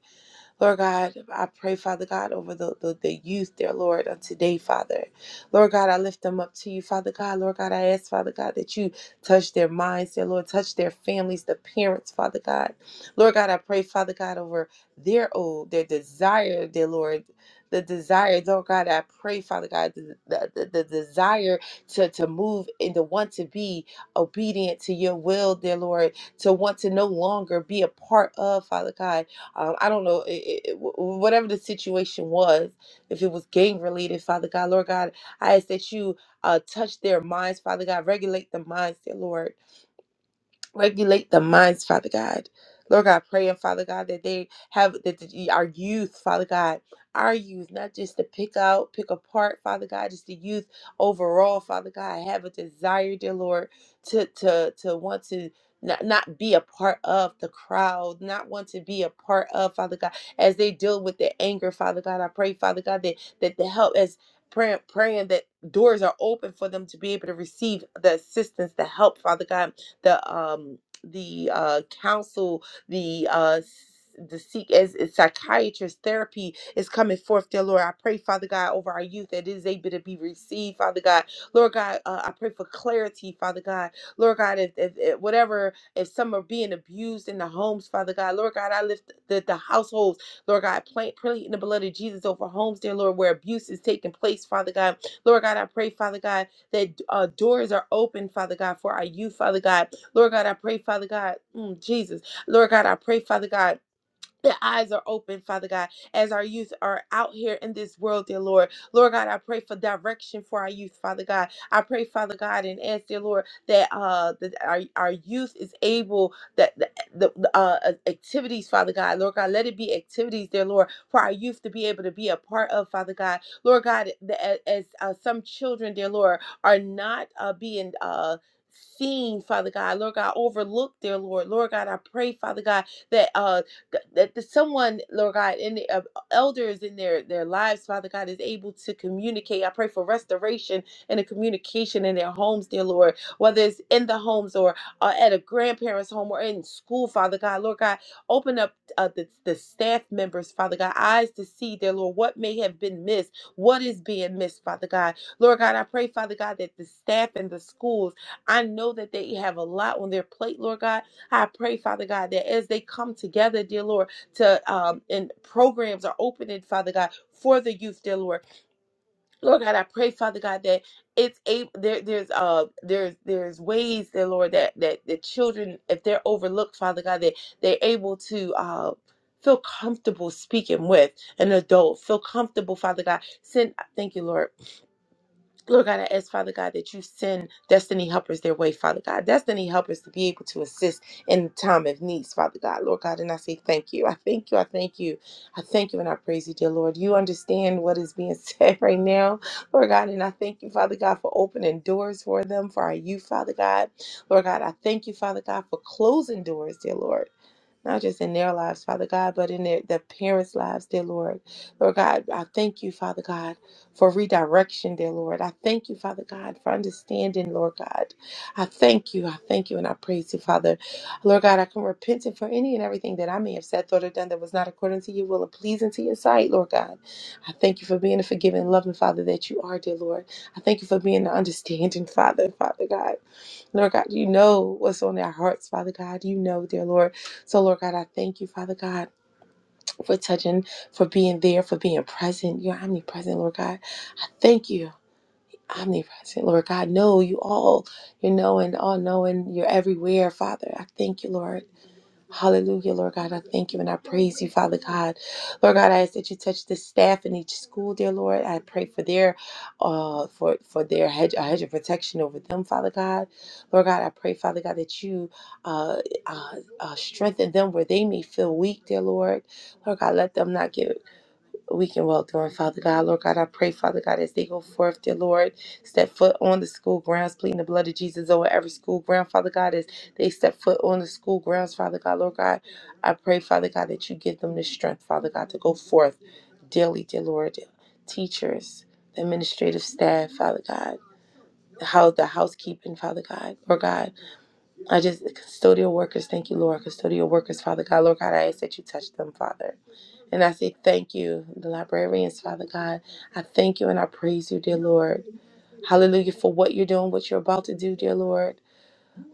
Speaker 5: Lord God, I pray, Father God, over the, the, the youth, dear Lord, on today, Father. Lord God, I lift them up to you, Father God. Lord God, I ask, Father God, that you touch their minds, dear Lord, touch their families, the parents, Father God. Lord God, I pray, Father God, over their old, their desire, dear Lord. The desire, Lord God, I pray, Father God, the, the, the the desire to, to move and to want to be obedient to your will, dear Lord, to want to no longer be a part of, Father God um, I don't know, it, it, whatever the situation was, if it was gang related, Father God, Lord God, I ask that you uh, touch their minds, Father God, regulate the minds, dear Lord regulate the minds, Father God. Lord God, praying, Father God, that they have that the, our youth, Father God, our youth, not just to pick out, pick apart, Father God, just the youth overall, Father God, have a desire, dear Lord, to to to want to not, not be a part of the crowd, not want to be a part of, Father God, as they deal with the anger, Father God. I pray, Father God, that that the help as praying praying that doors are open for them to be able to receive the assistance, the help, Father God the um the uh council the uh the seek as as psychiatrist therapy is coming forth, dear Lord. I pray, Father God, over our youth that it is able to be received, Father God. Lord God, uh, I pray for clarity, Father God. Lord God, if, if, if whatever, if some are being abused in the homes, Father God, Lord God, I lift the, the households, Lord God, pray, pray in the blood of Jesus over homes, dear Lord, where abuse is taking place, Father God. Lord God, I pray, Father God, that uh, doors are open, Father God, for our youth, Father God. Lord God, I pray, Father God, mm, Jesus. Lord God, I pray, Father God. Their eyes are open, Father God, as our youth are out here in this world, dear Lord. Lord God, I pray for direction for our youth, Father God. I pray, Father God, and ask, dear Lord, that uh that our, our youth is able that the, the uh uh, activities, Father God, Lord God, let it be activities, dear Lord, for our youth to be able to be a part of, Father God, Lord God, that as uh, some children, dear Lord, are not uh being uh seen, Father God, Lord God, overlooked, dear Lord, Lord God, I pray, Father God that uh Th- That the someone, Lord God, in the, uh, elders in their their lives, Father God, is able to communicate. I pray for restoration and a communication in their homes, dear Lord, whether it's in the homes or uh, at a grandparent's home or in school, Father God, Lord God, open up uh, the, the staff members, Father God, eyes to see, dear Lord, what may have been missed, what is being missed, Father God. Lord God, I pray, Father God, that the staff and the schools, I know that they have a lot on their plate, Lord God, I pray, Father God, that as they come together, dear Lord, to um, and programs are opening, Father God, for the youth, dear Lord. Lord God, I pray, Father God, that it's a there, there's uh there's there's ways, dear Lord, that that the children, if they're overlooked, Father God, that they're able to uh feel comfortable speaking with an adult, feel comfortable, Father God. Send thank you, Lord. Lord God, I ask, Father God, that you send destiny helpers their way, Father God. Destiny helpers to be able to assist in time of needs, Father God. Lord God, and I say thank you. I thank you. I thank you. I thank you and I praise you, dear Lord. You understand what is being said right now, Lord God. And I thank you, Father God, for opening doors for them, for our youth, Father God. Lord God, I thank you, Father God, for closing doors, dear Lord not just in their lives, Father God, but in their, the parents' lives, dear Lord. Lord God, I thank you, Father God for redirection, dear Lord. I thank you, Father God, for understanding, Lord God. I thank you. I thank you and I praise you, Father. Lord God, I come repenting for any and everything that I may have said, thought, or done that was not according to your will and pleasing to your sight, Lord God. I thank you for being the forgiving, loving Father that you are, dear Lord. I thank you for being the understanding Father, Father God. Lord God, you know what's on our hearts, Father God. You know, dear Lord. So, Lord God, I thank you, Father God for touching, for being there, for being present. You're omnipresent, Lord God. I thank you. Omnipresent, Lord God. Know you all. You're knowing, all knowing. You're everywhere, Father. I thank you, Lord. Hallelujah, Lord God. I thank you and I praise you, Father God. Lord God, I ask that you touch the staff in each school, dear Lord. I pray for their uh for for their hedge a hedge of protection over them, Father God. Lord God, I pray, Father God, that you uh, uh, uh strengthen them where they may feel weak, dear Lord. Lord God, let them not get we can walk through. And Father God, Lord God, I pray, Father God, as they go forth, dear Lord, step foot on the school grounds, pleading the blood of Jesus over every school ground, Father God, as they step foot on the school grounds, Father God, Lord God, I pray, Father God, that you give them the strength, Father God, to go forth daily, dear Lord, teachers, the administrative staff, Father God. How the housekeeping, Father God, Lord God, I just custodial workers, thank you, Lord, custodial workers, Father God, Lord God, I ask that you touch them, Father. And I say thank you, the librarians, Father God. I thank you and I praise you, dear Lord. Hallelujah for what you're doing, what you're about to do, dear Lord.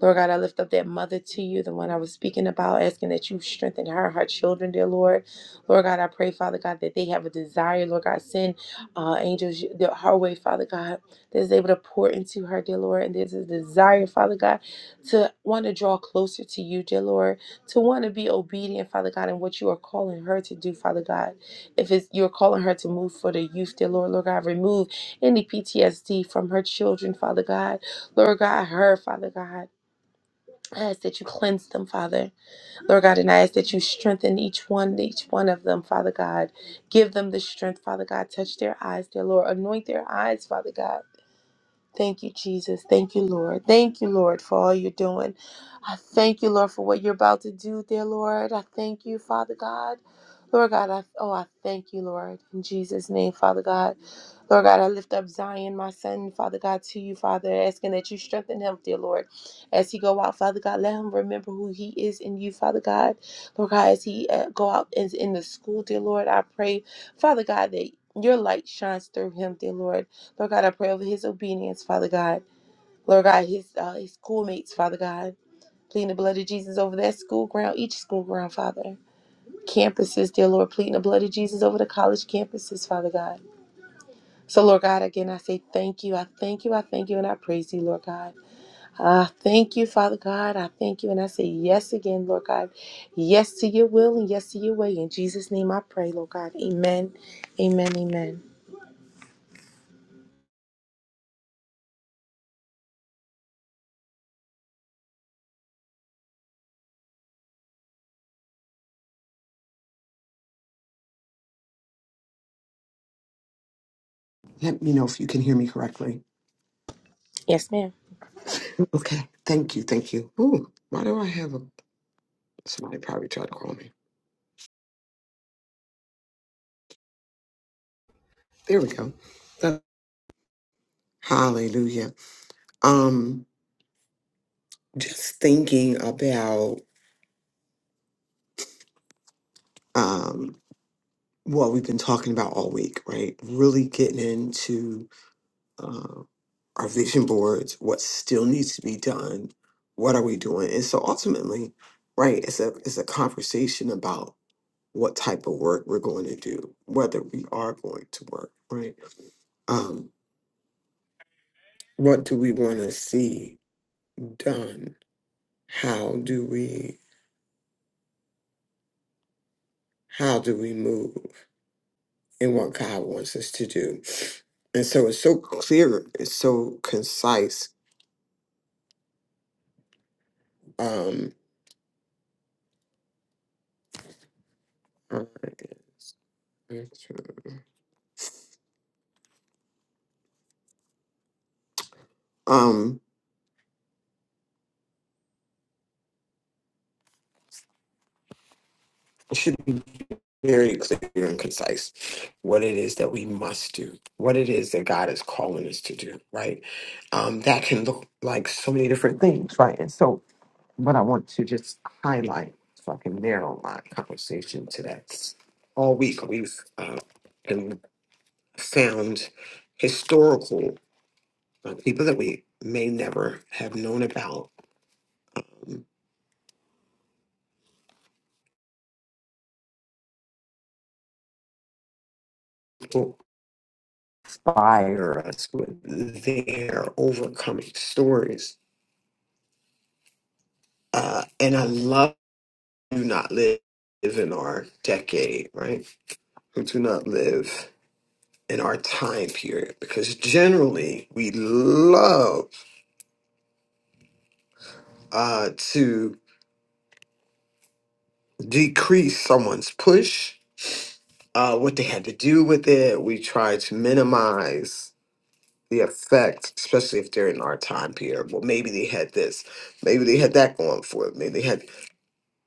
Speaker 5: Lord God, I lift up that mother to you, the one I was speaking about, asking that you strengthen her, her children, dear Lord. Lord God, I pray, Father God, that they have a desire. Lord God, send uh, angels the- her way, Father God, that is able to pour into her, dear Lord. And there's a desire, Father God, to want to draw closer to you, dear Lord, to want to be obedient, Father God, in what you are calling her to do, Father God. If it's you're calling her to move for the youth, dear Lord, Lord God, remove any PTSD from her children, Father God. Lord God, her, Father God. I ask that you cleanse them, Father. Lord God, and I ask that you strengthen each one, each one of them, Father God. Give them the strength, Father God. Touch their eyes, dear Lord. Anoint their eyes, Father God. Thank you, Jesus. Thank you, Lord. Thank you, Lord, for all you're doing. I thank you, Lord, for what you're about to do, dear Lord. I thank you, Father God. Lord God, I oh I thank you, Lord. In Jesus' name, Father God. Lord God, I lift up Zion, my son, Father God, to you, Father, asking that you strengthen him, dear Lord. As he go out, Father God, let him remember who he is in you, Father God. Lord God, as he uh, go out is in the school, dear Lord, I pray, Father God, that your light shines through him, dear Lord. Lord God, I pray over his obedience, Father God. Lord God, his uh, his schoolmates, Father God. Pleading the blood of Jesus over that school ground, each school ground, Father. Campuses, dear Lord, pleading the blood of Jesus over the college campuses, Father God. So, Lord God, again, I say thank you. I thank you. I thank you. And I praise you, Lord God. I thank you, Father God. I thank you. And I say yes again, Lord God. Yes to your will and yes to your way. In Jesus' name I pray, Lord God. Amen. Amen. Amen.
Speaker 2: Let me know if you can hear me correctly.
Speaker 5: Yes, ma'am.
Speaker 2: Okay. Thank you. Thank you. Ooh, why do I have a somebody probably tried to call me? There we go. That- Hallelujah. Um, just thinking about um what we've been talking about all week, right? Really getting into uh, our vision boards, what still needs to be done, what are we doing? And so ultimately, right, it's a it's a conversation about what type of work we're going to do, whether we are going to work, right? um, what do we want to see done? How do we how do we move in what God wants us to do? And so it's so clear, it's so concise. Um, um, it should be very clear and concise what it is that we must do, what it is that God is calling us to do, right? Um, that can look like so many different things, right? And so but I want to just highlight so I can narrow my conversation to that. All week we've uh, been found historical uh, people that we may never have known about um, who inspire us with their overcoming stories. Uh, and I love do not live in our decade, right? Who do not live in our time period because generally we love uh, to decrease someone's push, uh, what they had to do with it. We try to minimize the effect, especially if they're in our time period. Well, maybe they had this, maybe they had that going for them, maybe they had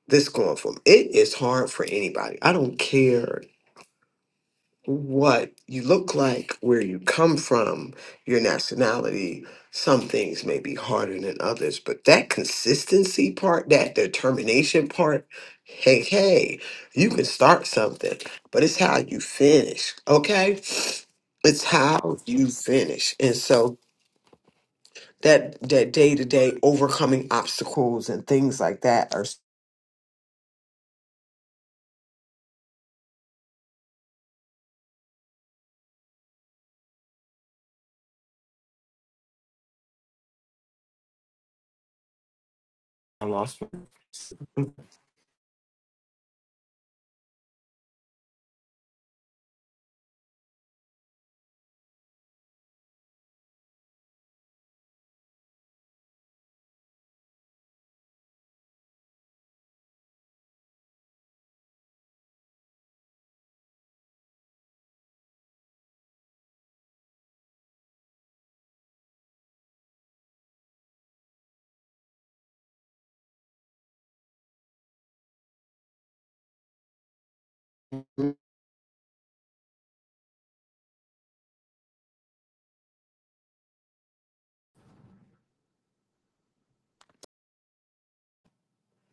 Speaker 2: this going for them. It is hard for anybody. I don't care what you look like, where you come from, your nationality. Some things may be harder than others, but that consistency part, that determination part, hey, hey, you can start something, but it's how you finish, okay? It's how you finish. And so that that day to day overcoming obstacles and things like that are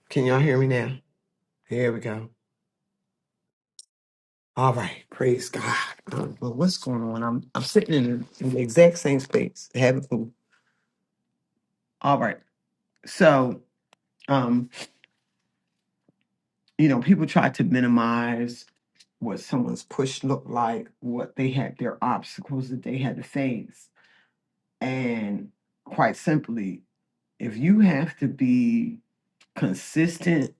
Speaker 2: can y'all hear me now? Here we go. All right, praise God. Um, well, what's going on? I'm I'm sitting in, in the exact same space, having food. All right, so um, you know, people try to minimize what someone's push looked like, what they had, their obstacles that they had to face, and quite simply, if you have to be consistent,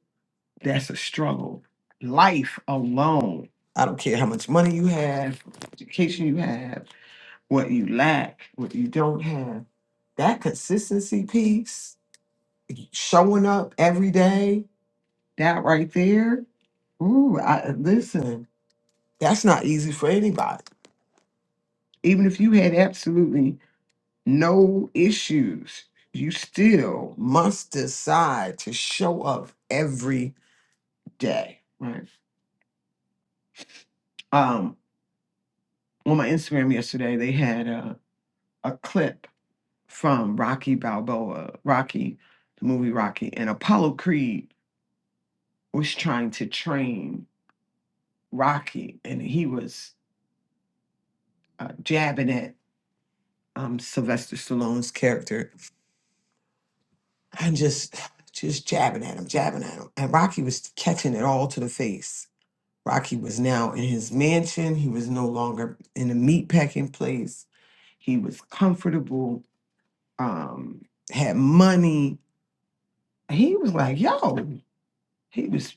Speaker 2: that's a struggle. Life alone. I don't care how much money you have, education you have. what you lack, what you don't have. That consistency piece, showing up every day, that right there. Ooh, I, listen, that's not easy for anybody. Even if you had absolutely no issues, you still must decide to show up every day. Right. Um, on my Instagram yesterday, they had a, a clip from Rocky Balboa, Rocky, the movie Rocky, and Apollo Creed was trying to train Rocky, and he was uh, jabbing at um, Sylvester Stallone's character and just just jabbing at him, jabbing at him. And Rocky was catching it all to the face. Rocky was now in his mansion. He was no longer in a meatpacking place. He was comfortable, um, had money. He was like, yo, he was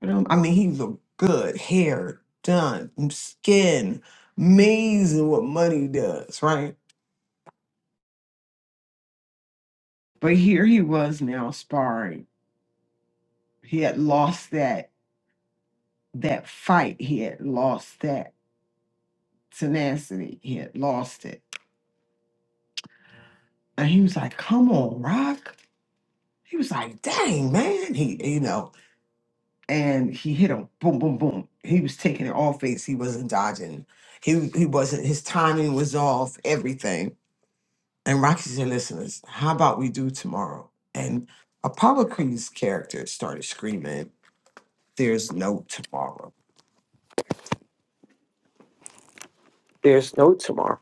Speaker 2: And um, I mean, he looked good, hair done, mm, skin amazing. What money does, right? But here he was now sparring. He had lost that that fight. He had lost that tenacity. He had lost it, and he was like, "Come on, Rock." He was like, "Dang, man." He, you know, and he hit him. Boom, boom, boom. He was taking it all face. He wasn't dodging. He he wasn't. His timing was off. Everything and Rockies and listeners, how about we do tomorrow? And Apollo Creed's character started screaming, There's no tomorrow. There's no tomorrow.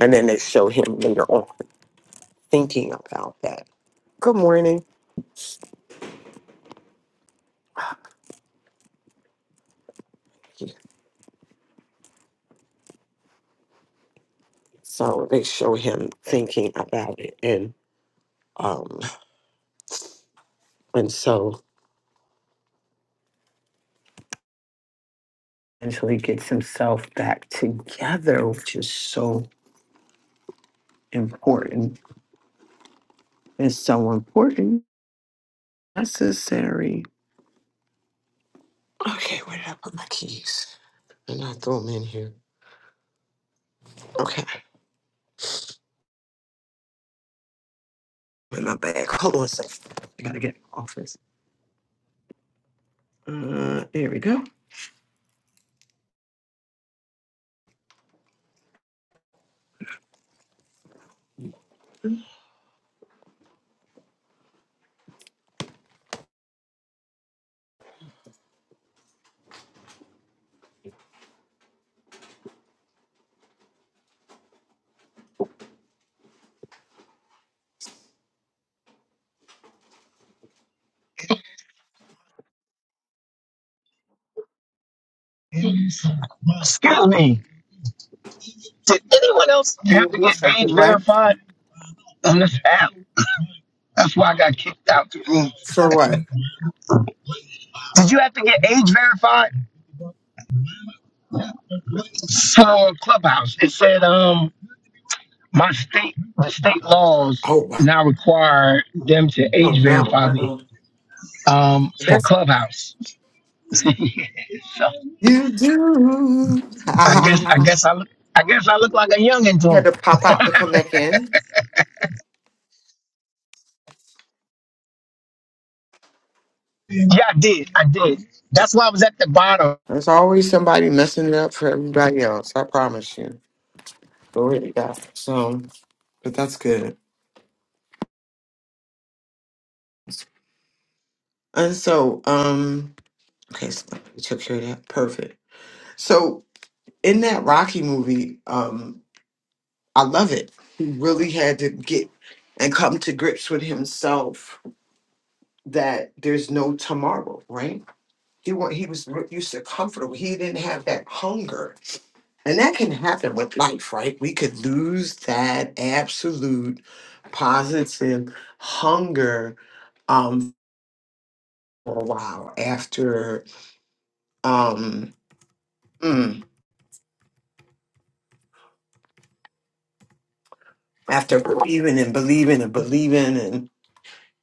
Speaker 2: And then they show him later on thinking about that. Good morning. So they show him thinking about it and um and so until he gets himself back together, which is so important. It's so important, necessary. Okay, where did I put my keys? And I threw them in here. Okay. In my bag. Hold on a second. I gotta get office. Uh, there we go.
Speaker 6: Excuse me. Did anyone else
Speaker 2: You
Speaker 6: have to
Speaker 2: want
Speaker 6: get
Speaker 2: to track
Speaker 6: age
Speaker 2: it, What?
Speaker 6: verified on this app? That's why I got kicked out the room.
Speaker 2: For what?
Speaker 6: Did you have to get age verified for Clubhouse? It said, um, my state, the state laws
Speaker 2: Oh, wow.
Speaker 6: now require them to
Speaker 2: oh
Speaker 6: age
Speaker 2: no.
Speaker 6: verify me,
Speaker 2: Uh-uh.
Speaker 6: um, for
Speaker 2: That's
Speaker 6: Clubhouse. so
Speaker 2: you do. you
Speaker 6: I guess, I guess I look, I guess I look like a youngin' to
Speaker 2: had
Speaker 6: 'em.
Speaker 2: to pop out to come back in.
Speaker 6: Yeah, I did. I did. That's why I was at the bottom.
Speaker 2: There's always somebody messing it up for everybody else. I promise you. Glory to God. So, but that's good. And so, um, okay, so we took care of that. Perfect. So, in that Rocky movie, um, I love it. He really had to get and come to grips with himself that there's no tomorrow, right? He wa- he was re- used to comfortable. He didn't have that hunger, and that can happen with life, right? We could lose that absolute positive hunger um, for a while after um, mm, after believing and believing and believing and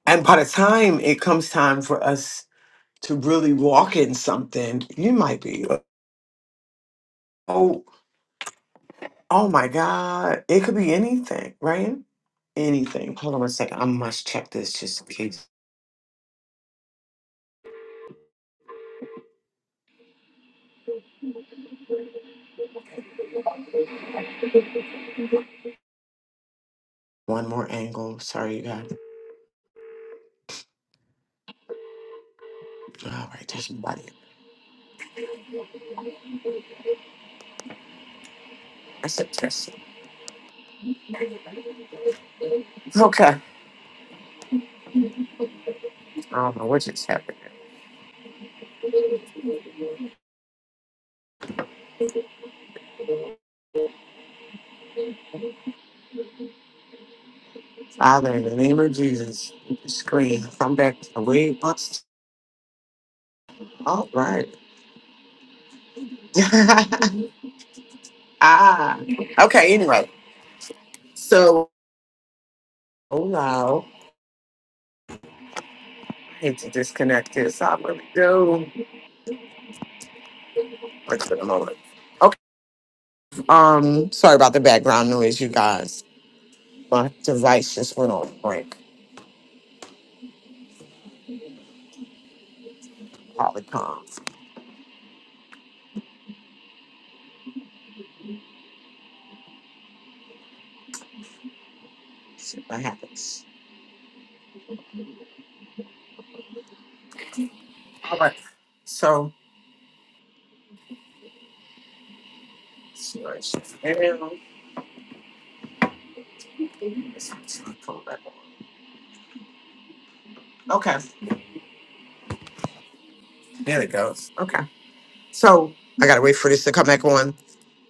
Speaker 2: and by the time it comes time for us to really walk in something, you might be, oh, oh my God. It could be anything, right? Anything. Hold on one second. I must check this just in case. One more angle. Sorry, you guys. All right, there's nobody. That's a it. Okay. I don't know what just happened. Father, in the name of Jesus, scream. Come back away. Oops. All right. ah. Okay, anyway. So, oh, no. I hate to disconnect this. I really do. Works for the moment. Okay. Um, sorry about the background noise, you guys. My device just went on break. Probably calm. See what happens. All right. So, storage is there. Let's actually pull that on. Okay. There it goes. Okay. So I gotta wait for this to come back on.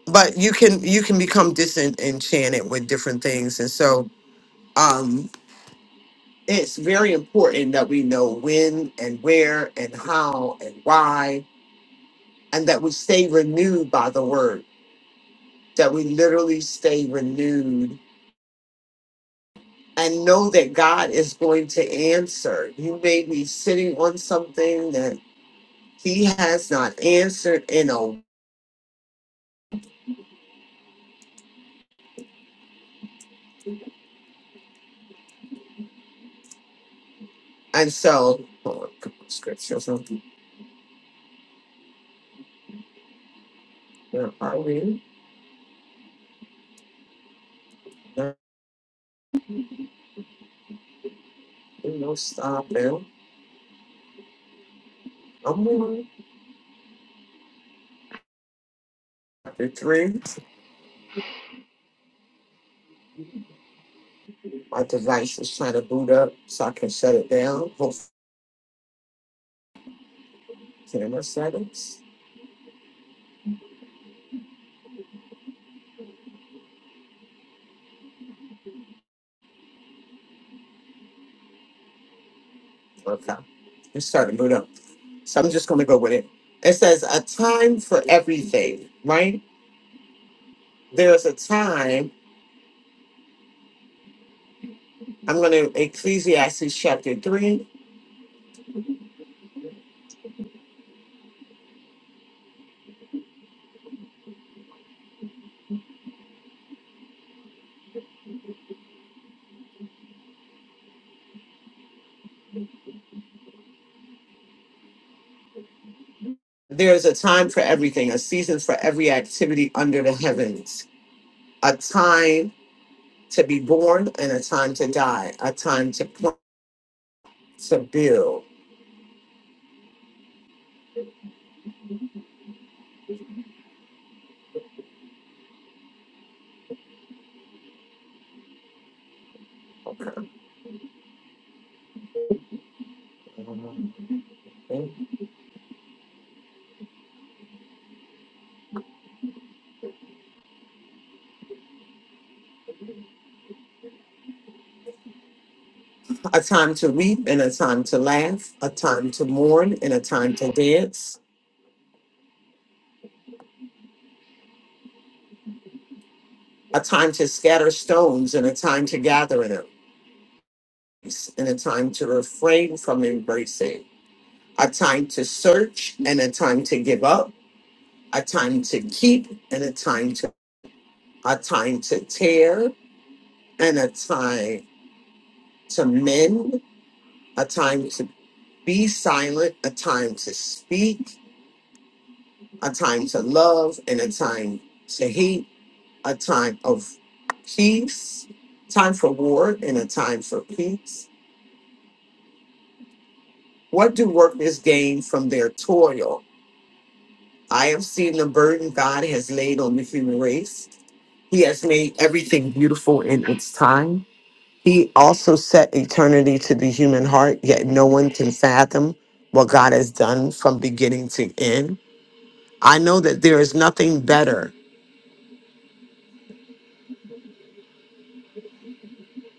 Speaker 2: But you can you can become disenchanted with different things, and so um, it's very important that we know when and where and how and why and that we stay renewed by the word, that we literally stay renewed and know that God is going to answer. You may be sitting on something that He has not answered in a and so hold on, come on, scripture or something. Where are we? No, no stop now. I'm on chapter three. My device is trying to boot up so I can shut it down. Hopefully, camera settings. Okay. It's starting to boot up. So I'm just going to go with it. It says a time for everything, right? There's a time. I'm going to Ecclesiastes chapter 3. There's a time for everything, a season for every activity under the heavens, a time to be born and a time to die, a time to plant, to build, a time to weep and a time to laugh, a time to mourn and a time to dance, a time to scatter stones and a time to gather them and a time to refrain from embracing, a time to search and a time to give up, a time to keep and a time to a time to tear and a time to mend, a time to be silent, a time to speak, a time to love and a time to hate, a time of peace, time for war and a time for peace. What do workers gain from their toil? I have seen the burden God has laid on the human race. He has made everything beautiful in its time. He also set eternity to the human heart, yet no one can fathom what God has done from beginning to end. I know that there is nothing better.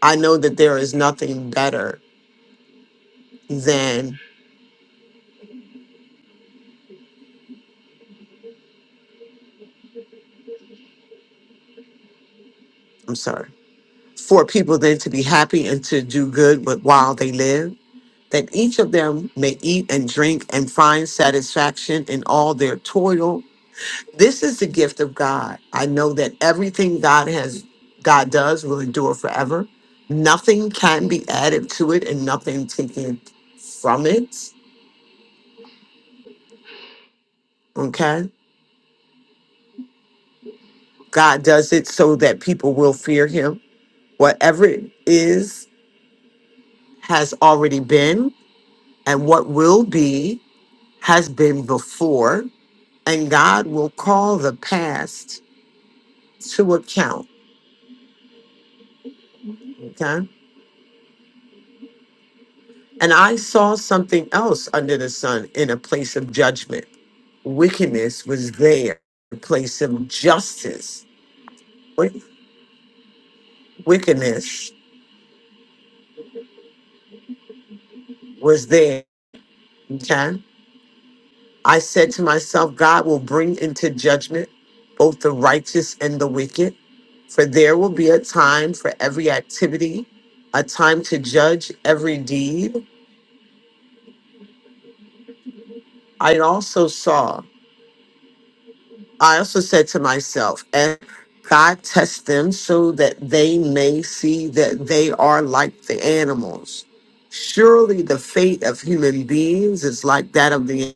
Speaker 2: I know that there is nothing better than, I'm sorry, for people than to be happy and to do good with, while they live, that each of them may eat and drink and find satisfaction in all their toil This is the gift of God. I know that everything God has, God does will endure forever. Nothing can be added to it and nothing taken from it. Okay. God does it so that people will fear him. Whatever it is has already been, and what will be has been before. And God will call the past to account. Okay. And I saw something else under the sun in a place of judgment wickedness was there in place of justice. Wick- Wickedness was there. Okay? I said to myself, God will bring into judgment both the righteous and the wicked, for there will be a time for every activity, a time to judge every deed. I also saw I also said to myself, and God tests them so that they may see that they are like the animals. Surely the fate of human beings is like that of the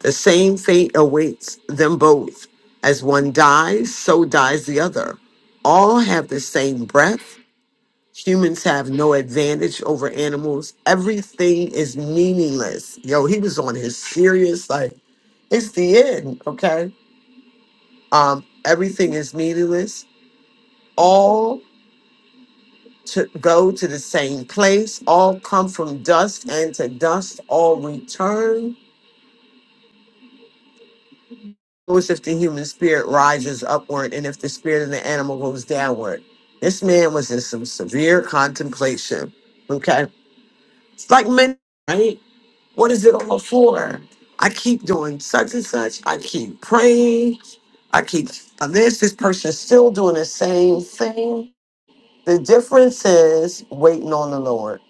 Speaker 2: the same fate awaits them both. As one dies, so dies the other. All have the same breath. Humans have no advantage over animals. Everything is meaningless. Yo, he was on his serious, like, it's the end, okay? Um, everything is meaningless. All to go to the same place. All come from dust, and to dust all return. It was if the human spirit rises upward, and if the spirit of the animal goes downward. This man was in some severe contemplation. Okay, it's like men, right? What is it all for? I keep doing such and such. I keep praying. I keep and this. This person's still doing the same thing The difference is waiting on the Lord.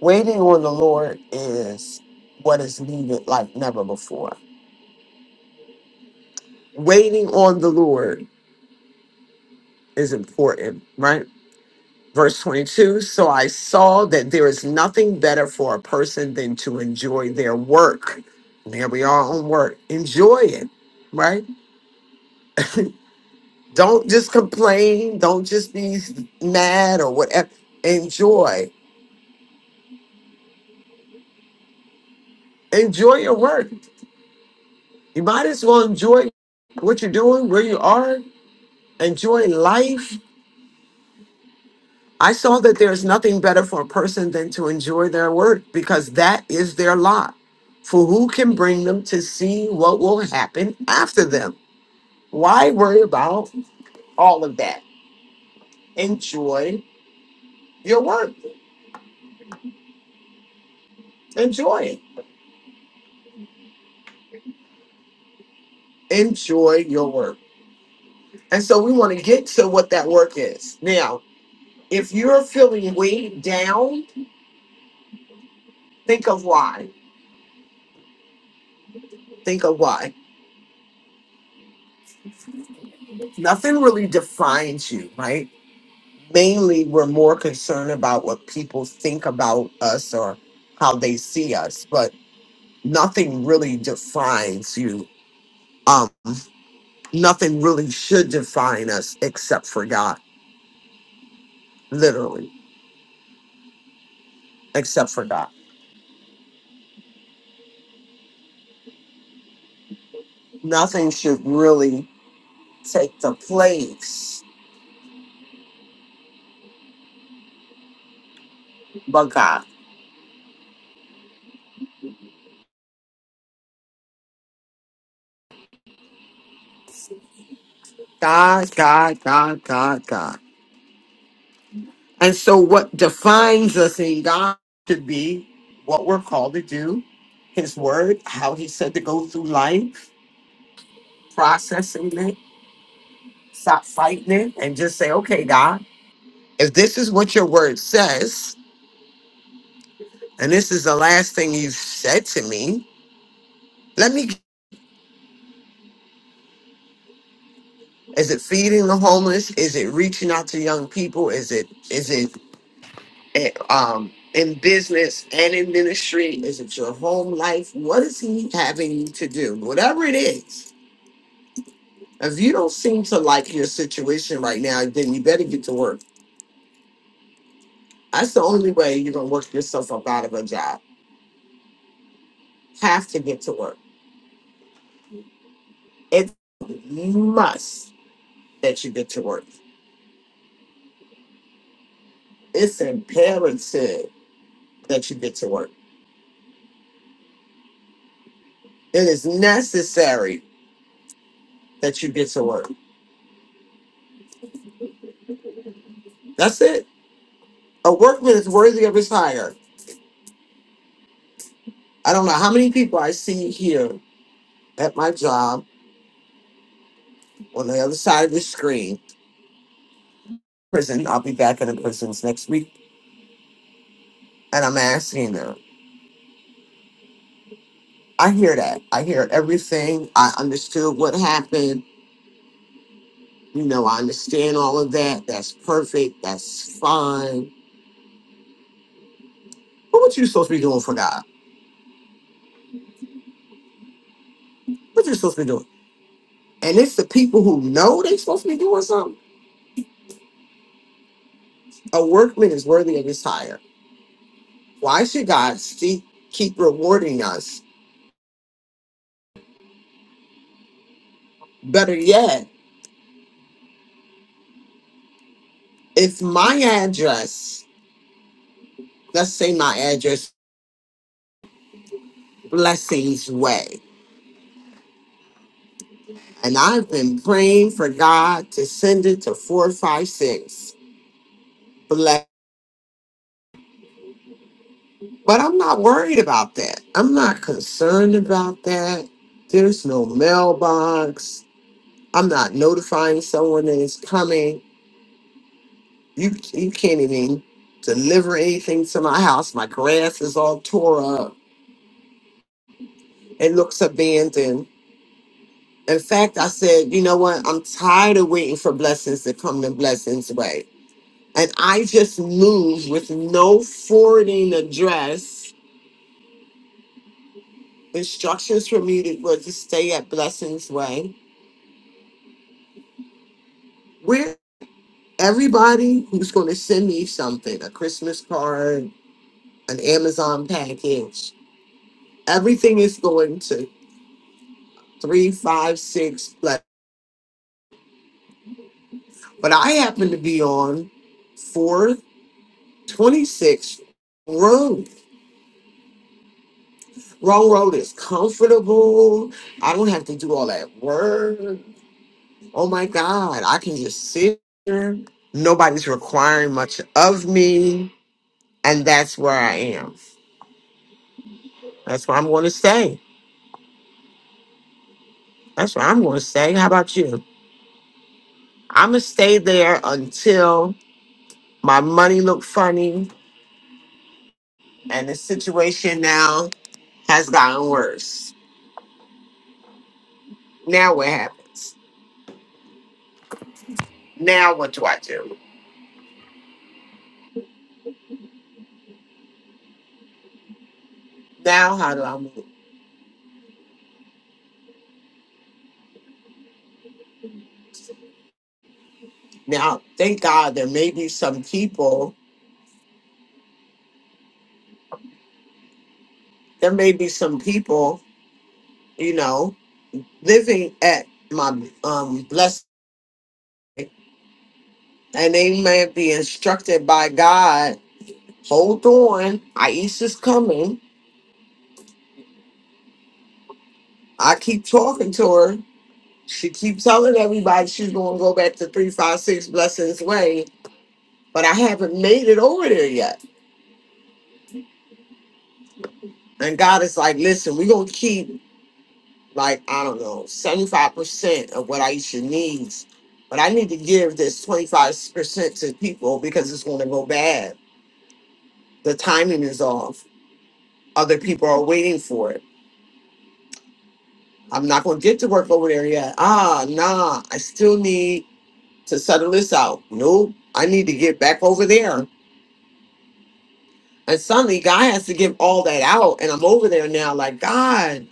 Speaker 2: Waiting on the Lord is what is needed like never before. Waiting on the Lord is important, right? Verse 22 So I saw that there is nothing better for a person than to enjoy their work. And Here we are on work. Enjoy it, right? Don't just complain. Don't just be mad or whatever. Enjoy. Enjoy your work. You might as well enjoy what you're doing, where you are, enjoy life. I saw that there's nothing better for a person than to enjoy their work because that is their lot. For who can bring them to see what will happen after them? Why worry about all of that? Enjoy your work. Enjoy it. Enjoy your work. And so we want to get to what that work is. Now, if you're feeling weighed down, think of why. Think of why nothing really defines you, right? Mainly, we're more concerned about what people think about us or how they see us, but nothing really defines you. Um, nothing really should define us except for God, literally, except for God. Nothing should really take the place but God. God, God, God, God, God. And so, what defines us in God to be what we're called to do, His Word, how He said to go through life, processing it, stop fighting it, and just say, okay, God, if this is what your Word says, and this is the last thing you've said to me, let me. Is it feeding the homeless? Is it reaching out to young people? Is it is it eh, um, in business and in ministry? Is it your home life? What is He having you to do? Whatever it is If you don't seem to like your situation right now, then you better get to work. That's the only way you're gonna work yourself up out of a job. Have to get to work. It's must that you get to work. It's imperative that you get to work. It is necessary that you get to work. That's it. A workman is worthy of his hire. I don't know how many people I see here at my job on the other side of the screen. Prison. I'll be back in the prisons next week, and I'm asking them. I hear that. I hear everything. I understood what happened. You know, I understand all of that. That's perfect. That's fine. But what you supposed to be doing for God? What you supposed to be doing? And it's the people who know they supposed to be doing something. A workman is worthy of his hire. Why should God see, keep rewarding us? Better yet, if my address, let's say my address, Blessings Way, and I've been praying for God to send it to 456 Bless. But I'm not worried about that. I'm not concerned about that. There's no mailbox. I'm not notifying someone that is coming. You you can't even deliver anything to my house. My grass is all tore up. It looks abandoned. In fact, I said, you know what? I'm tired of waiting for blessings to come the blessings way. And I just moved with no forwarding address. Instructions for me to, were to stay at Blessings Way. Where everybody who's going to send me something a christmas card an amazon package everything is going to three five six black but i happen to be on four twenty six road wrong road is comfortable i don't have to do all that work oh my god i can just sit here nobody's requiring much of me and that's where i am that's where i'm going to stay That's what I'm going to say. How about you? I'm going to stay there until my money look funny and the situation now has gotten worse. Now what happens? Now what do I do? Now how do I move? Now, thank God there may be some people, there may be some people, you know, living at my um blessing and they may be instructed by God, hold on, Aisha's coming. I keep talking to her. She keeps telling everybody she's going to go back to 356 Blessings Way, but I haven't made it over there yet. And God is like, listen, we're going to keep, like, I don't know, 75% of what Aisha needs, but I need to give this 25% to people because it's going to go bad. The timing is off. Other people are waiting for it. I'm not going to get to work over there yet. Ah, nah, I still need to settle this out. Nope, I need to get back over there And suddenly God has to give all that out. And I'm over there now, like, God,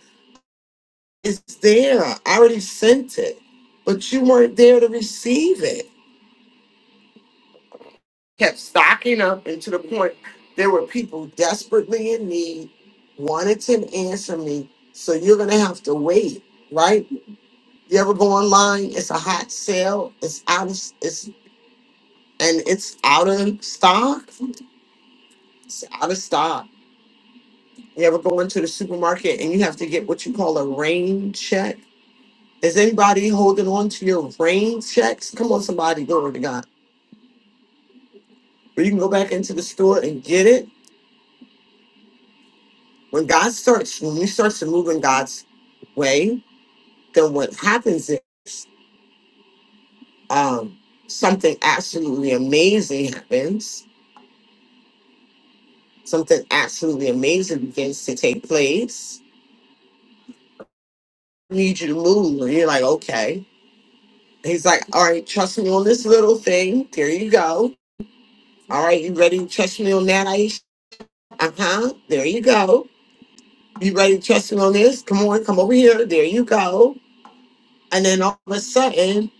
Speaker 2: it's there. I already sent it. But you weren't there to receive it. Kept stocking up and to the point there were people desperately in need, wanted to answer me. So you're gonna have to wait, right? You ever go online, it's a hot sale, it's out of it's and it's out of stock. It's out of stock. You ever go into the supermarket and you have to get what you call a rain check? Is anybody holding on to your rain checks? Come on, somebody, glory to God. Or you can go back into the store and get it. When God starts, when you start to move in God's way, then what happens is um, something absolutely amazing happens. Something absolutely amazing begins to take place. I need you to move. And you're like, okay. He's like, all right, trust me on this little thing. There you go. All right, you ready? to Trust me on that, Aisha? Uh huh. There you go You ready to trust me on this? Come on, come over here. There you go. And then all of a sudden,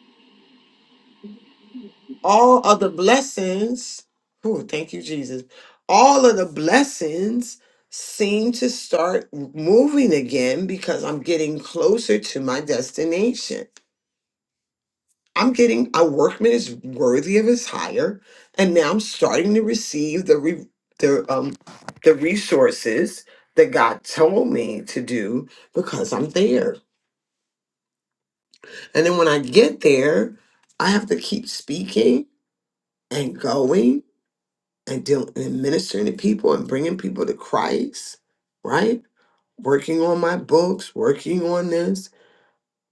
Speaker 2: all of the blessings, oh, thank you, Jesus. All of the blessings seem to start moving again because I'm getting closer to my destination. I'm getting a workman is worthy of his hire, and now I'm starting to receive the re, the um the resources that God told me to do because I'm there. And then when I get there, I have to keep speaking and going and dealing and ministering to people and bringing people to Christ, right? Working on my books, working on this.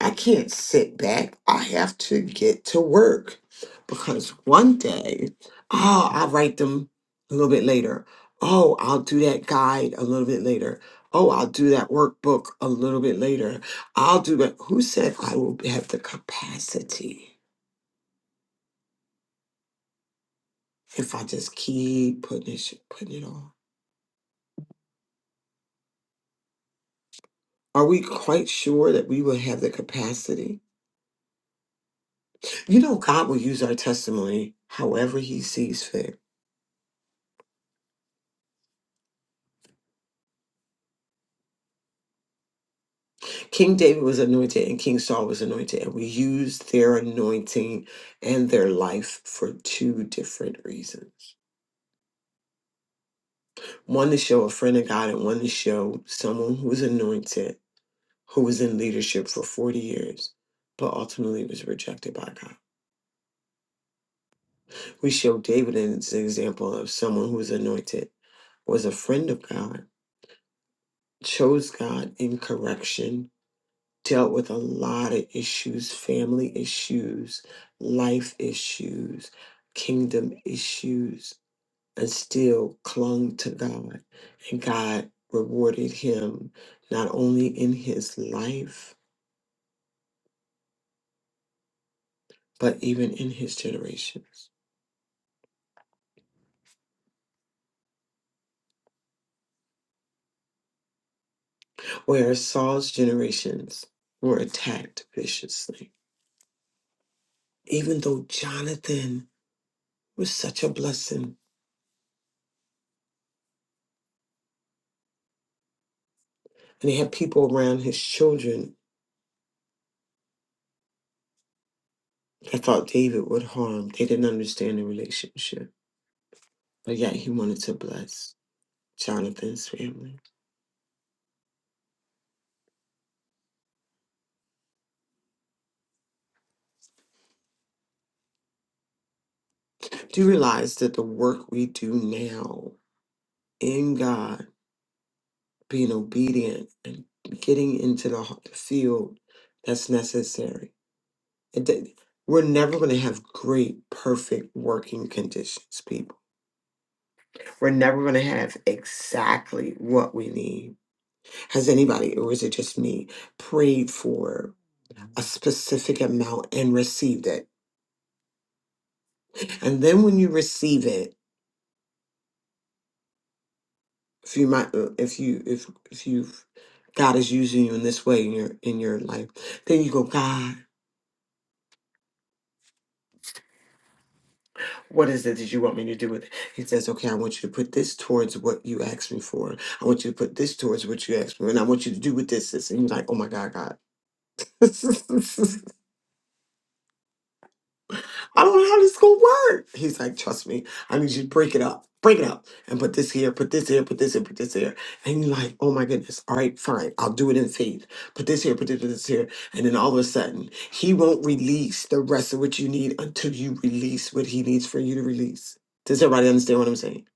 Speaker 2: I can't sit back. I have to get to work because one day, oh, I'll write them a little bit later. Oh, I'll do that guide a little bit later. Oh, I'll do that workbook a little bit later. I'll do that. Who said I will have the capacity? if I just keep putting it, sh- putting it on? Are we quite sure that we will have the capacity? You know, God will use our testimony however he sees fit. King David was anointed and King Saul was anointed, and we used their anointing and their life for two different reasons one to show a friend of God, and one to show someone who was anointed, who was in leadership for 40 years, but ultimately was rejected by God. We show David as an example of someone who was anointed, was a friend of God, chose God in correction, dealt with a lot of issues, family issues, life issues, kingdom issues, and still clung to God. And God rewarded him not only in his life, but even in his generations. Whereas Saul's generations were attacked viciously even though Jonathan was such a blessing and he had people around his children that thought David would harm, they didn't understand the relationship. But yet he wanted to bless Jonathan's family. Do you realize that the work we do now in God, being obedient and getting into the h- the field that's necessary? It, did- we're never going to have great, perfect working conditions, people. We're never going to have exactly what we need Has anybody, or is it just me, prayed for a specific amount and received it? And then when you receive it, if you might, uh, if you, if if you, God is using you in this way in your in your life, then you go, God, what is it that you want me to do with it? He says, Okay, I want you to put this towards what you asked me for. I want you to put this towards what you asked me, and I want you to do with this this. And you're like, Oh my God, God. I don't know how this is gonna work. He's like, trust me, I need you to break it up. Break it up and put this here, put this here, put this here, put this here. And you're like, oh my goodness, all right, fine, I'll do it in faith. Put this here, put this, put this here. And then all of a sudden, he won't release the rest of what you need until you release what he needs for you to release. Does everybody understand what I'm saying?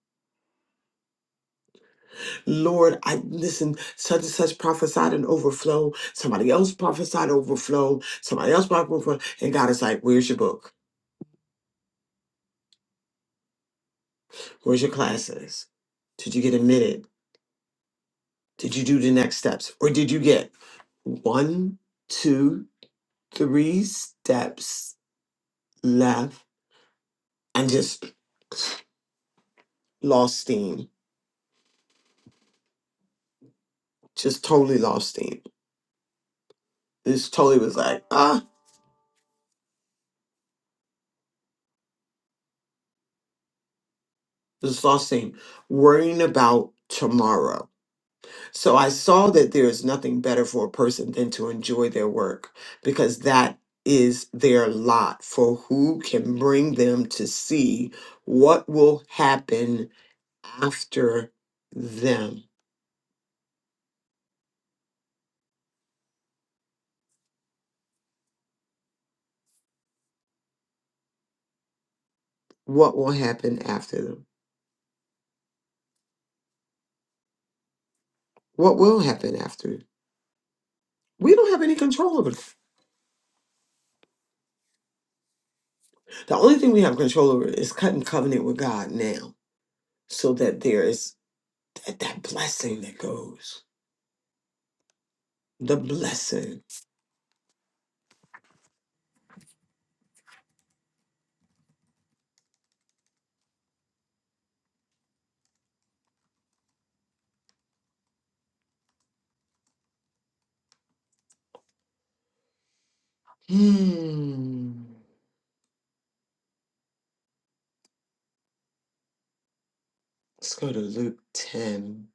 Speaker 2: Lord, I listen, such and such prophesied an overflow. Somebody else prophesied overflow. Somebody else prophesied overflow. And God is like, where's your book? Where's your classes? Did you get admitted? Did you do the next steps? Or did you get one, two, three steps left and just lost steam? Just totally lost steam. Just totally was like, ah, just lost steam. Worrying about tomorrow. So I saw that there is nothing better for a person than to enjoy their work because that is their lot for who can bring them to see what will happen after them. What will happen after them? What will happen after? We don't have any control over that. The only thing we have control over is cutting covenant with God now so that there is that, that blessing that goes. The blessing. Hmm. Let's go to Luke 10.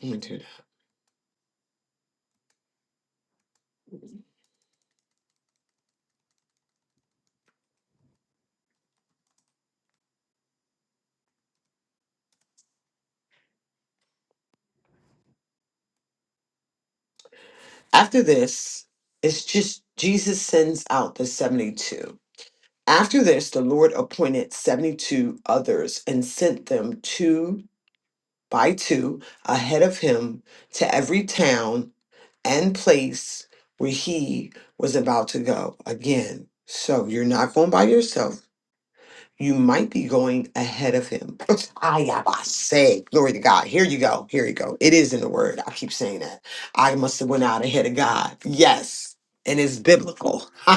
Speaker 2: He entered. After this, it's just Jesus sends out the 72. After this, the Lord appointed 72 others and sent them two by two ahead of him to every town and place where he was about to go. Again, so you're not going by yourself. you might be going ahead of him. I I say, glory to God. Here you go. Here you go. It is in the word. I keep saying that. I must have went out ahead of God. Yes. And it's biblical.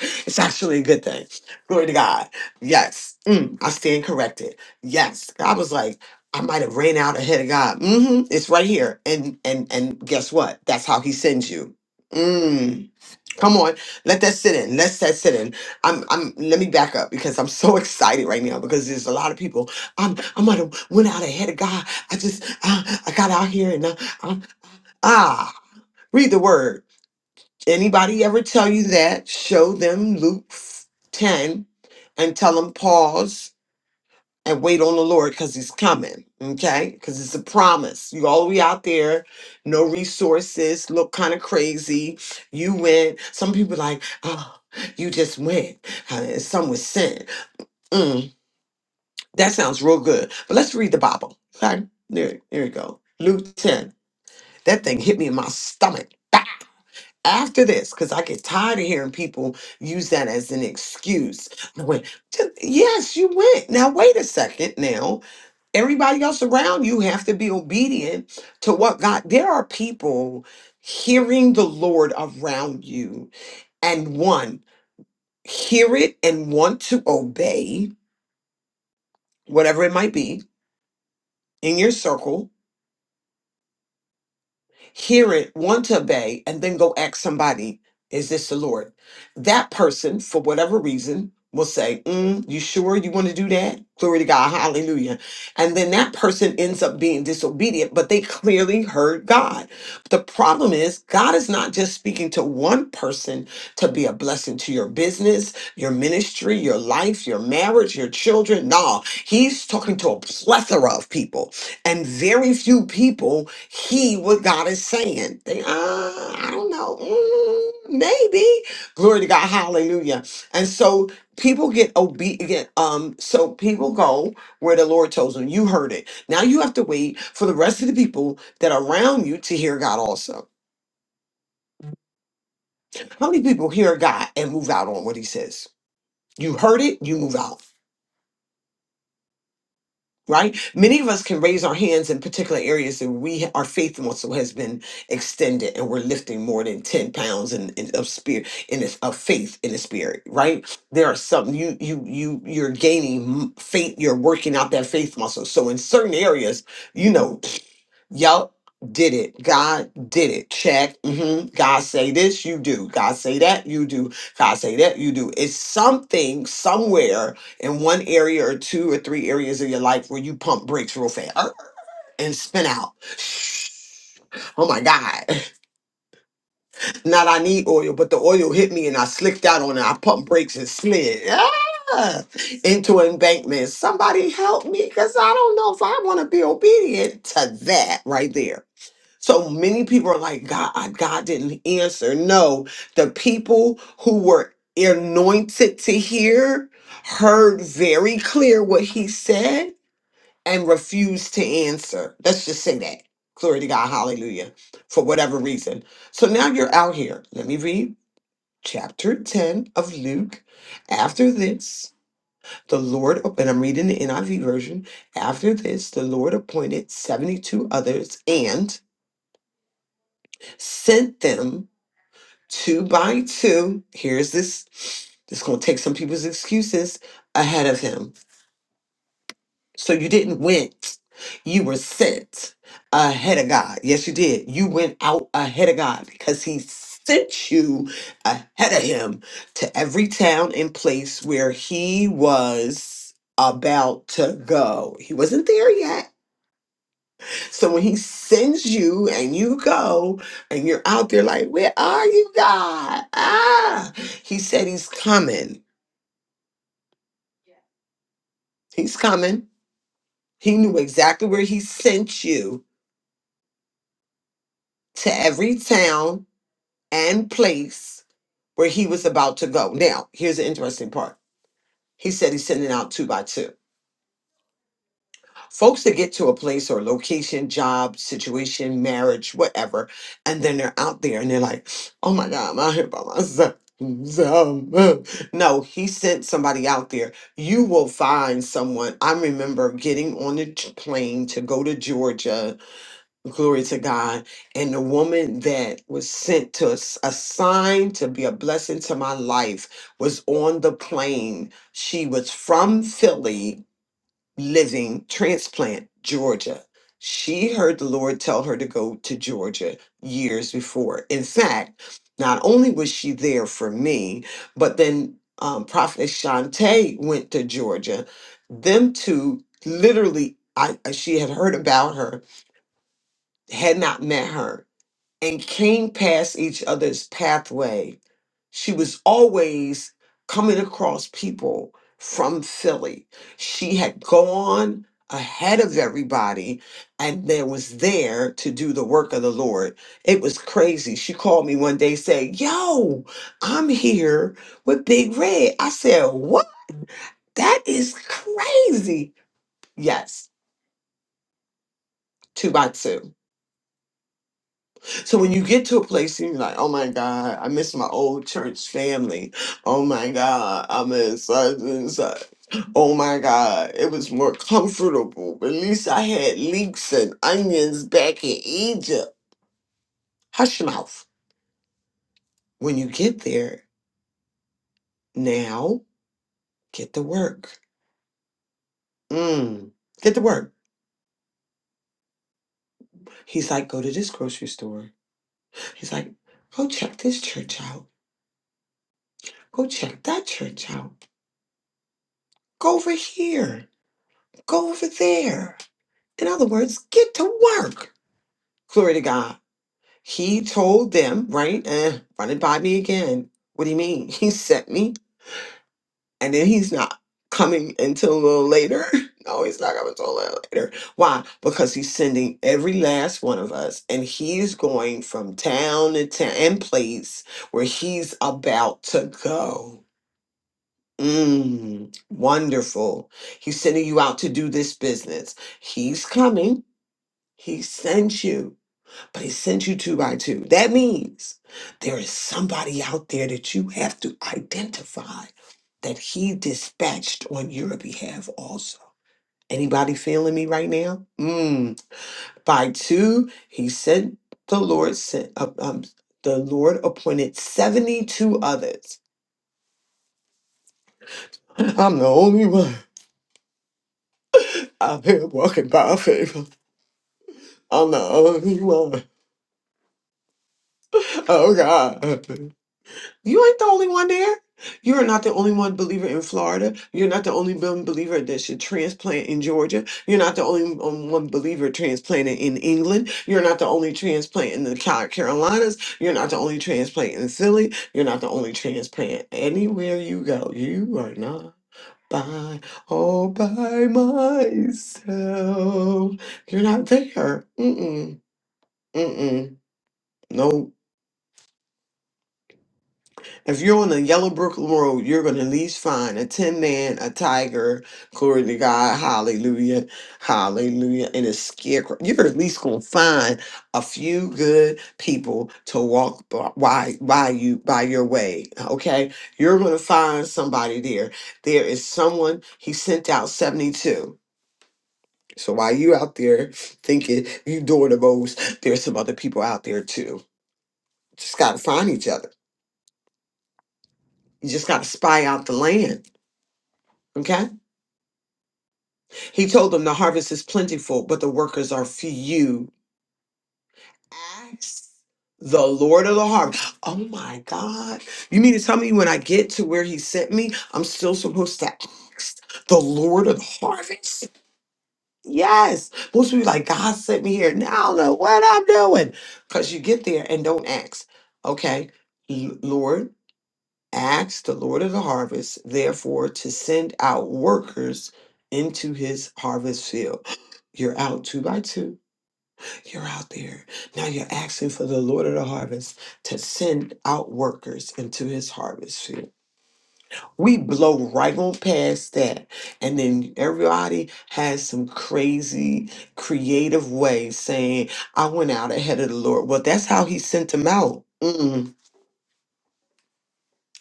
Speaker 2: it's actually a good thing. Glory to God. Yes. Mm, I stand corrected. Yes. I was like, I might have ran out ahead of God. hmm It's right here. And and and guess what? That's how he sends you. Mm. Come on, let that sit in. Let that sit in. I'm, I'm. Let me back up because I'm so excited right now because there's a lot of people. I'm, I'm gonna went out ahead of God. I just, uh, I got out here and uh, um, ah, read the word. Anybody ever tell you that? Show them Luke ten, and tell them pause and wait on the Lord because He's coming. Okay, because it's a promise. You all the way out there, no resources, look kind of crazy. You went. Some people like, oh, you just went. Uh, And some was sent. Mm, that sounds real good. But let's read the Bible. Okay, there, there you go. Luke ten. That thing hit me in my stomach. Bah! After this, because I get tired of hearing people use that as an excuse. I went, "Just- yes, you went. Now wait a second. Now everybody else around you have to be obedient to what God. There are people hearing the Lord around you and one hear it and want to obey whatever it might be in your circle hear it, want to obey, and then go ask somebody, is this the Lord? That person, for whatever reason, will say, "Mm, You sure you want to do that? Glory to God. Hallelujah. And then that person ends up being disobedient, but they clearly heard God. The problem is, God is not just speaking to one person to be a blessing to your business, your ministry, your life, your marriage, your children. No, He's talking to a plethora of people, and very few people heed what God is saying. They, uh, I don't know, mm, maybe. Glory to God, Hallelujah. And so people get obedient. Um, so people go where the Lord tells them. You heard it. Now you have to wait for the rest of the people that are around you to hear God also. How many people hear God and move out on what He says? You heard it. You move out. right? Many of us can raise our hands in particular areas that we our faith muscle has been extended, and we're lifting more than ten pounds in, in of spirit in this of faith in the spirit, right? There are some you you you you're gaining m- faith, you're working out that faith muscle. So in certain areas, you know. Yup, did it. God did it. Check. hmm God say this, you do. God say that, you do. God say that, you do. It's something somewhere in one area or two or three areas of your life where you pump brakes real fast er, and spin out. Oh my God. Not I need oil, but the oil hit me and I slicked out on it. I pumped brakes and slid. ah, Into an embankment. Somebody help me because I don't know if I want to be obedient to that right there. So many people are like, God, I- God didn't answer. No, the people who were anointed to hear heard very clear what he said and refused to answer. Let's just say that. Glory to God. Hallelujah. For whatever reason. So now you're out here. Let me read chapter 10 of Luke. After this, the Lord, and I'm reading the NIV version. After this, the Lord appointed 72 others and sent them two by two. Here's this. This gonna take some people's excuses ahead of him. So you didn't went. You were sent ahead of God. Yes, you did. You went out ahead of God because He sent you ahead of Him to every town and place where He was about to go. He wasn't there yet so when he sends you and you go and you're out there like, where are you, God? Ah, he said he's coming. He's coming. He knew exactly where he sent you to every town and place where he was about to go. Now, here's the interesting part. He said he's sending out two by two. folks that get to a place or location, job, situation, marriage, whatever, and then they're out there and they're like, oh my God, I'm out here by myself. No, he sent somebody out there. You will find someone. I remember getting on the t- plane to go to Georgia, glory to God, and the woman that was sent to us, assigned to be a blessing to my life, was on the plane. She was from Philly living transplant georgia she heard the lord tell her to go to georgia years before in fact not only was she there for me but then um, prophet shante went to georgia them two literally I- she had heard about her had not met her and came past each other's pathway she was always coming across people from Philly. She had gone ahead of everybody and there was there to do the work of the Lord. It was crazy. She called me one day saying, Yo, I'm here with Big Red. I said, What? That is crazy. Yes, two by two. So when you get to a place and you're like, oh my God, I miss my old church family. Oh my God, I miss such and such. Oh my God, it was more comfortable. At least I had leeks and onions back in Egypt. Hush your mouth. When you get there, now get to work. Mm, get to work. He's like, go to this grocery store. He's like, go check this church out. Go check that church out. Go over here. Go over there In other words, get to work. Glory to God. He told them, right? Eh, run it by me again. What do you mean? He sent me, and then he's not coming until a little later. No, he's not coming until a little later. Why? Because he's sending every last one of us, and he's going from town to town and place where he's about to go. Mm, wonderful. He's sending you out to do this business. He's coming. He sent you. but he sent you two by two. That means there is somebody out there that you have to identify that he dispatched on your behalf also. Anybody feeling me right now? Mm. By two, he sent the Lord sent uh, um, the Lord appointed 72 others. I'm the only one out here walking by favor. I'm the only one. Oh God. You ain't the only one there. You are not the only one believer in Florida. You're not the only one believer that should transplant in Georgia. You're not the only um, one believer transplanted in England. You're not the only transplant in the Ca- Carolinas. You're not the only transplant in Philly. You're not the only transplant anywhere you go. You are not by all by myself. You're not there. Mm mm mm mm. No. If you're on the Yellow Yellowbrook Road, you're going to at least find a tin man, a tiger, glory to God, hallelujah, hallelujah, and a scarecrow. You're at least going to find a few good people to walk b- by, by you, by your way, okay? You're going to find somebody there. There is someone, he sent out 72. So while you out there thinking you doing the most, there's some other people out there too. Just got to find each other. You just got to spy out the land, okay? He told them the harvest is plentiful, but the workers are few. Ask the Lord of the harvest. Oh my God. You mean to tell me when I get to where he sent me, I'm still supposed to ask the Lord of the harvest? Yes. Most people like, God sent me here. Now I don't know what I'm doing. Because you get there and don't ask. Okay. L- Lord, ask the Lord of the harvest, therefore, to send out workers into his harvest field. You're out two by two. You're out there. Now you're asking for the Lord of the harvest to send out workers into his harvest field. We blow right on past that. And then everybody has some crazy, creative way saying, I went out ahead of the Lord. Well, that's how he sent them out. Mm,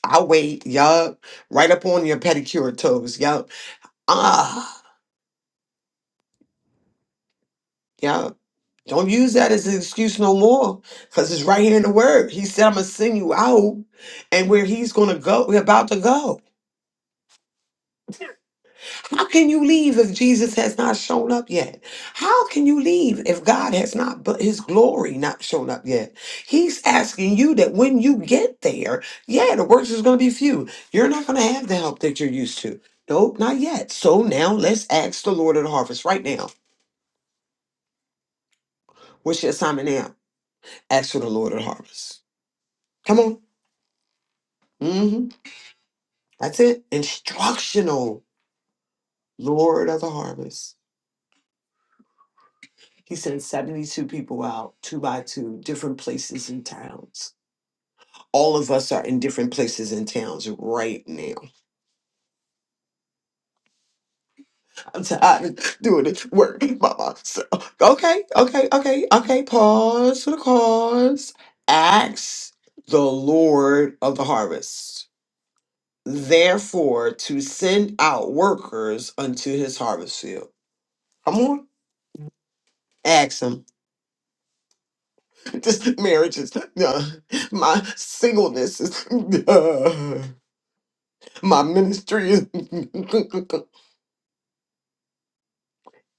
Speaker 2: I wait, yup. Right up on your pedicure toes, yup. Ah, yup. Don't use that as an excuse no more, because it's right here in the word. He said, I'm gonna send you out, and where he's gonna go, we're about to go. How can you leave if Jesus has not shown up yet? How can you leave if God has not but his glory not shown up yet? He's asking you that when you get there, yeah, the works is gonna be few. You're not gonna have the help that you're used to. Nope, not yet. So now let's ask the Lord of the harvest right now. What's your assignment now? Ask for the Lord of the harvest. Come on. Mhm. That's it. Instructional Lord of the Harvest. He sent 72 people out, two by two, different places and towns. All of us are in different places and towns right now. I'm tired of doing this work by myself. Okay, okay, okay, okay. Pause for the cause. Acts the Lord of the harvest. Therefore, to send out workers unto his harvest field. Come on. Ask him. This marriage is uh, my singleness is uh, my ministry is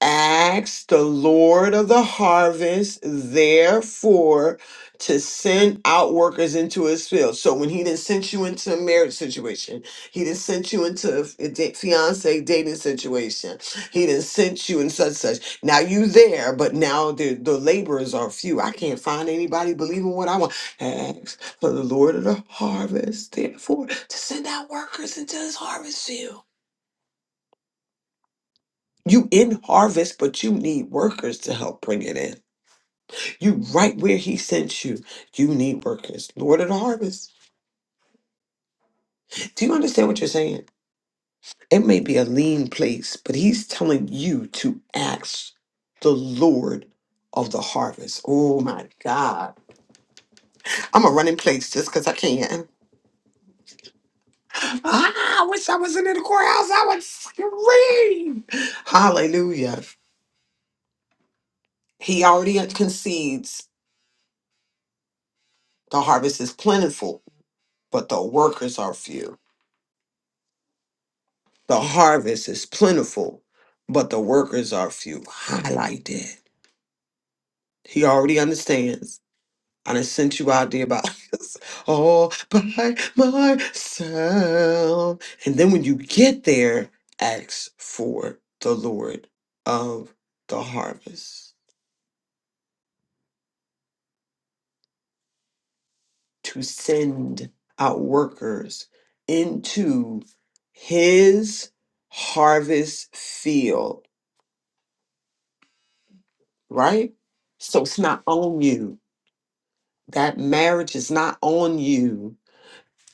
Speaker 2: Ask the Lord of the harvest, therefore, to send out workers into his field. So when he didn't send you into a marriage situation, he didn't send you into a fi- da- fiance dating situation, he didn't send you in such such. Now you there, but now the, the laborers are few. I can't find anybody believing what I want. Ask for the Lord of the harvest, therefore, to send out workers into his harvest field. You in harvest, but you need workers to help bring it in. You right where he sent you, you need workers. Lord of the harvest. Do you understand what you're saying? It may be a lean place, but he's telling you to ask the Lord of the harvest. Oh my God. I'm a running place just because I can. Ah, I wish I wasn't in the courthouse. I would scream. Hallelujah. He already concedes the harvest is plentiful, but the workers are few. The harvest is plentiful, but the workers are few. I like that. He already understands. I done sent you out there by this all by myself. And then when you get there, ask for the Lord of the harvest to send out workers into his harvest field, right? So it's not on you That marriage is not on you.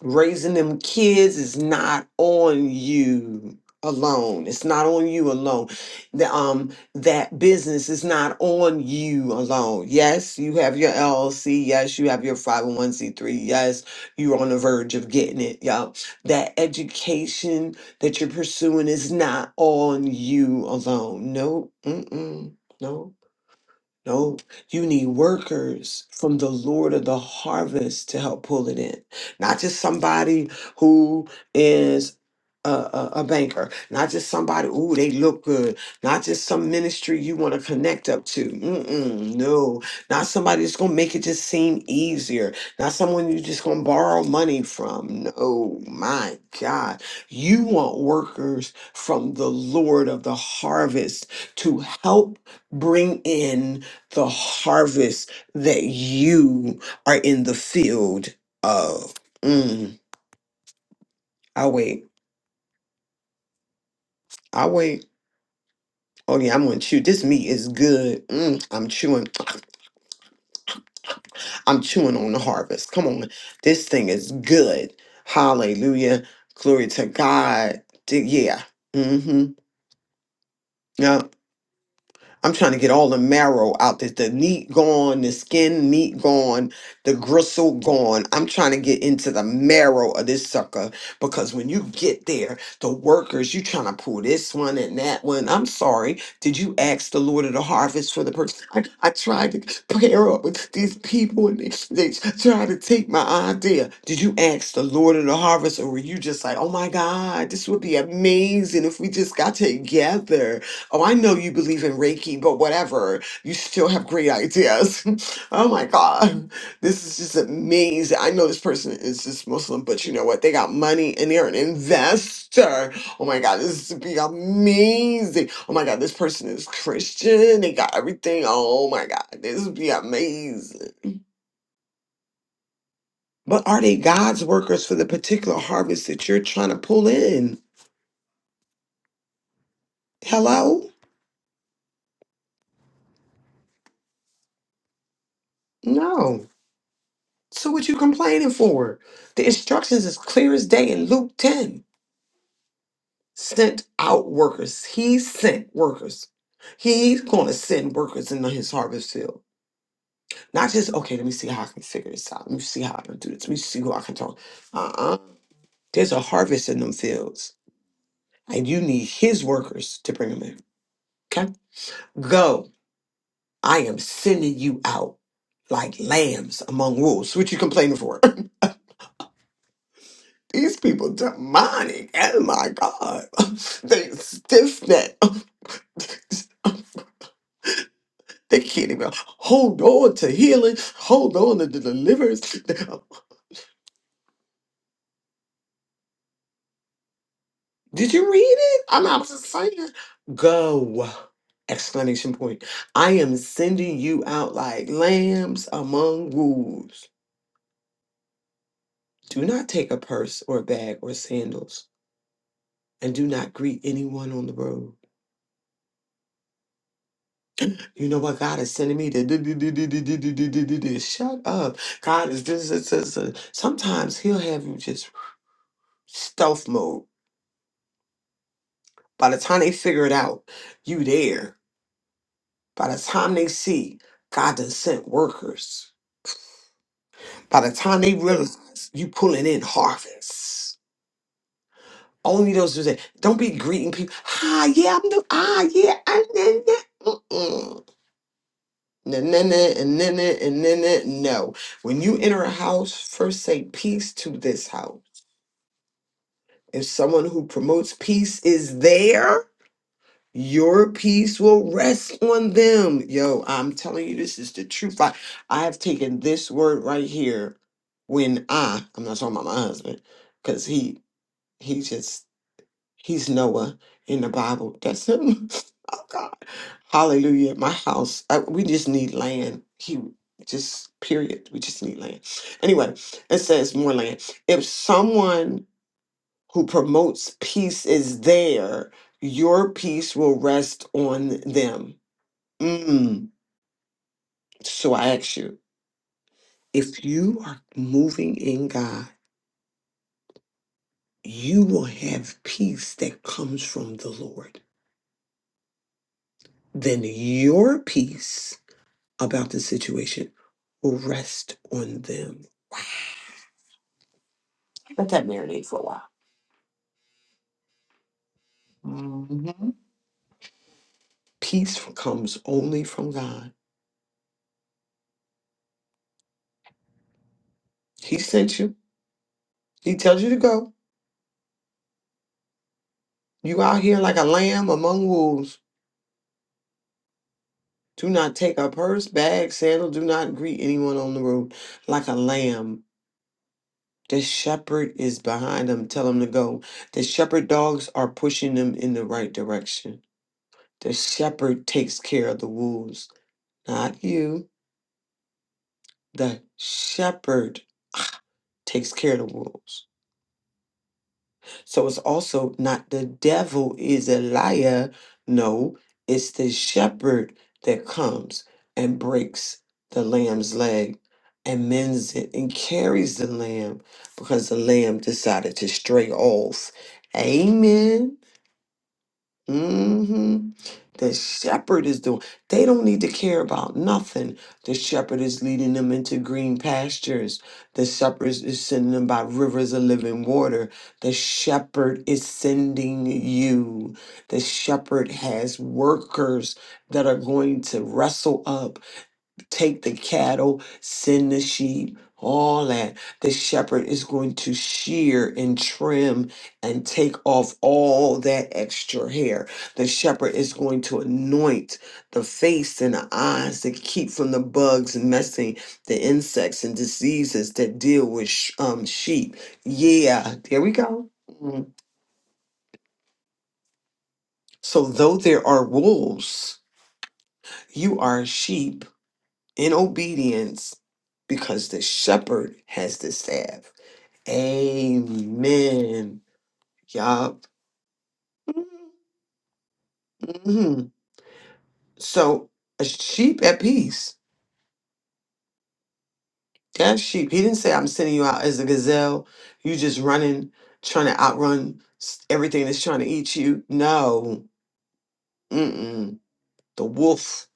Speaker 2: Raising them kids is not on you alone. It's not on you alone. The, um, that business is not on you alone. Yes, you have your LLC. Yes, you have your 501c3. Yes, you're on the verge of getting it. Y'all, that education that you're pursuing is not on you alone. No, mm-mm, no. No, you need workers from the Lord of the harvest to help pull it in. Not just somebody who is a, a, a banker, not just somebody, ooh, they look good, not just some ministry you want to connect up to. Mm-mm, no, not somebody that's going to make it just seem easier, not someone you're just going to borrow money from. No, my God. You want workers from the Lord of the harvest to help bring in the harvest that you are in the field of. Mm, i wait. i wait. Oh yeah, I'm gonna chew. This meat is good. Mm, I'm chewing. I'm chewing on the harvest. Come on, this thing is good. Hallelujah. Glory to God. D- Yeah. Mm-hmm. Yup. I'm trying to get all the marrow out this, the meat gone, the skin meat gone, the gristle gone. I'm trying to get into the marrow of this sucker because when you get there, the workers, you trying to pull this one and that one. I'm sorry. Did you ask the Lord of the harvest for the person? I, I tried to pair up with these people and they, they tried to take my idea. Did you ask the Lord of the harvest or were you just like, oh my God, this would be amazing if we just got together? Oh, I know you believe in Reiki, but whatever. You still have great ideas. oh my God. This is just amazing. I know this person is just Muslim, but you know what? They got money and they're an investor. Oh my God. This is be amazing. Oh my God. This person is Christian. They got everything. Oh my God. This would be amazing. But are they God's workers for the particular harvest that you're trying to pull in? Hello? No. So what you complaining for? The instructions is clear as day in Luke 10. Sent out workers. He sent workers. He's going to send workers into his harvest field. Not just, okay, let me see how I can figure this out. Let me see how I can do this. Let me see who I can talk. Uh-uh. There's a harvest in them fields. And you need his workers to bring them in. Okay? Go. I am sending you out like lambs among wolves. What you complaining for? These people demonic. Oh my God. They stiff neck. They can't even hold on to healing, hold on to the deliverance. Did you read it? I'm not just saying. Go. Explanation point. I am sending you out like lambs among wolves. Do not take a purse or a bag or sandals, and do not greet anyone on the road. You know what God is sending me to do, do, do, do, do, do, do, do, do, do, Shut up. God is this, this, this, this. Sometimes he'll have you just stealth mode. By the time they figure it out, you there. By the time they see God done sent workers. By the time they realize you pulling in harvests. Only those who say, don't be greeting people. Ah, yeah, I'm the, ah, yeah. I, yeah, yeah. Mm-mm. Na, na, na, and na, na, and na, na. No. When you enter a house, first say peace to this house. If someone who promotes peace is there, your peace will rest on them. Yo, I'm telling you, this is the truth. I, I have taken this word right here when I, I'm not talking about my husband, because he, he just He's Noah in the Bible. That's him. oh God. Hallelujah. My house. I, we just need land. He just period. We just need land. Anyway, it says more land. If someone who promotes peace is there, your peace will rest on them. Mm. So I ask you, if you are moving in God, you will have peace that comes from the Lord. Then your peace about the situation will rest on them. Let that marinate for a while. hmm Peace comes only from God. He sent you. He tells you to go. You out here like a lamb among wolves. Do not take a purse, bag, sandal. Do not greet anyone on the road like a lamb. The shepherd is behind them. Tell them to go. The shepherd dogs are pushing them in the right direction. The shepherd takes care of the wolves, not you. The shepherd takes care of the wolves. So it's also not the devil is a liar. No, it's the shepherd that comes and breaks the lamb's leg and mends it and carries the lamb because the lamb decided to stray off. Amen. Mm-hmm. The shepherd is doing. They don't need to care about nothing. The shepherd is leading them into green pastures. The shepherd is is sending them by rivers of living water. The shepherd is sending you. The shepherd has workers that are going to wrestle up take the cattle, send the sheep, all that. The shepherd is going to shear and trim and take off all that extra hair. The shepherd is going to anoint the face and the eyes to keep from the bugs and messing, the insects and diseases that deal with sh- um, sheep. Yeah, there we go. Mm. So, though there are wolves, you are sheep in obedience because the shepherd has the staff. Amen. Yup. hmm So a sheep at peace. That sheep. He didn't say I'm sending you out as a gazelle. You just running, trying to outrun s- everything that's trying to eat you. No. Mm-mm. The wolf.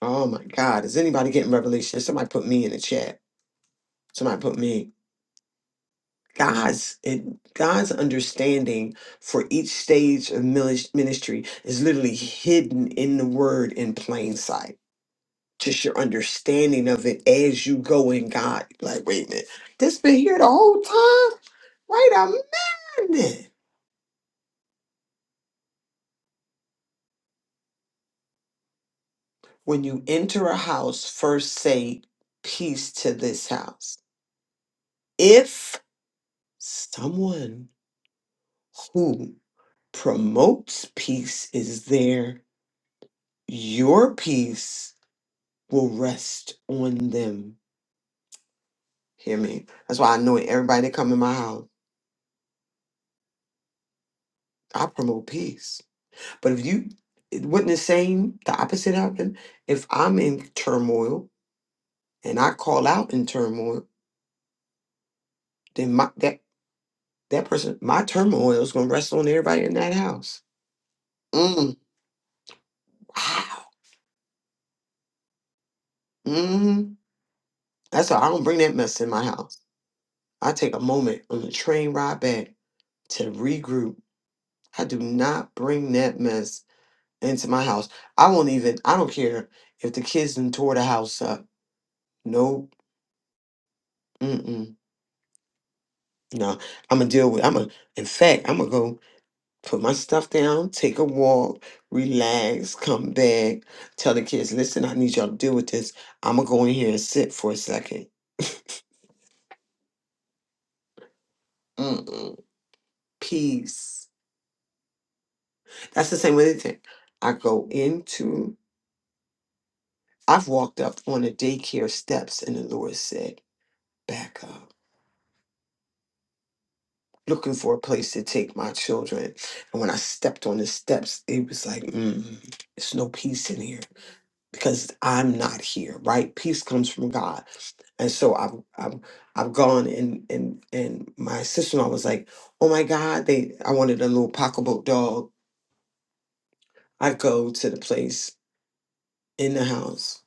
Speaker 2: Oh my God. Is anybody getting revelation? Somebody put me in the chat. Somebody put me. God's and God's understanding for each stage of minis- ministry is literally hidden in the word in plain sight. Just your understanding of it as you go in God. Like, wait a minute, this been here the whole time? Wait a minute. When you enter a house, first say, peace to this house. If someone who promotes peace is there, your peace will rest on them. Hear me? That's why I know everybody that come in my house, I promote peace. But if you, it wouldn't the same, the opposite happen? If I'm in turmoil and I call out in turmoil, then my that that person, my turmoil is gonna rest on everybody in that house. Mm, wow. Mm. That's why I don't bring that mess in my house. I take a moment on the train ride back to regroup. I do not bring that mess into my house. I won't even. I don't care if the kids done tore the house up. No, mm-mm, no. I'm gonna deal with. I'm gonna. In fact, I'm gonna go put my stuff down, take a walk, relax, come back, tell the kids, listen, I need y'all to deal with this. I'm gonna go in here and sit for a second. Mm-mm, peace. That's the same with anything. I go into. I've walked up on the daycare steps, and the Lord said, "Back up." looking for a place to take my children. And when I stepped on the steps, it was like, mm, it's no peace in here because I'm not here, right? Peace comes from God. And so I've I've I've gone and and and my sister in law was like, oh my God, they I wanted a little pocketbook dog. I go to the place in the house,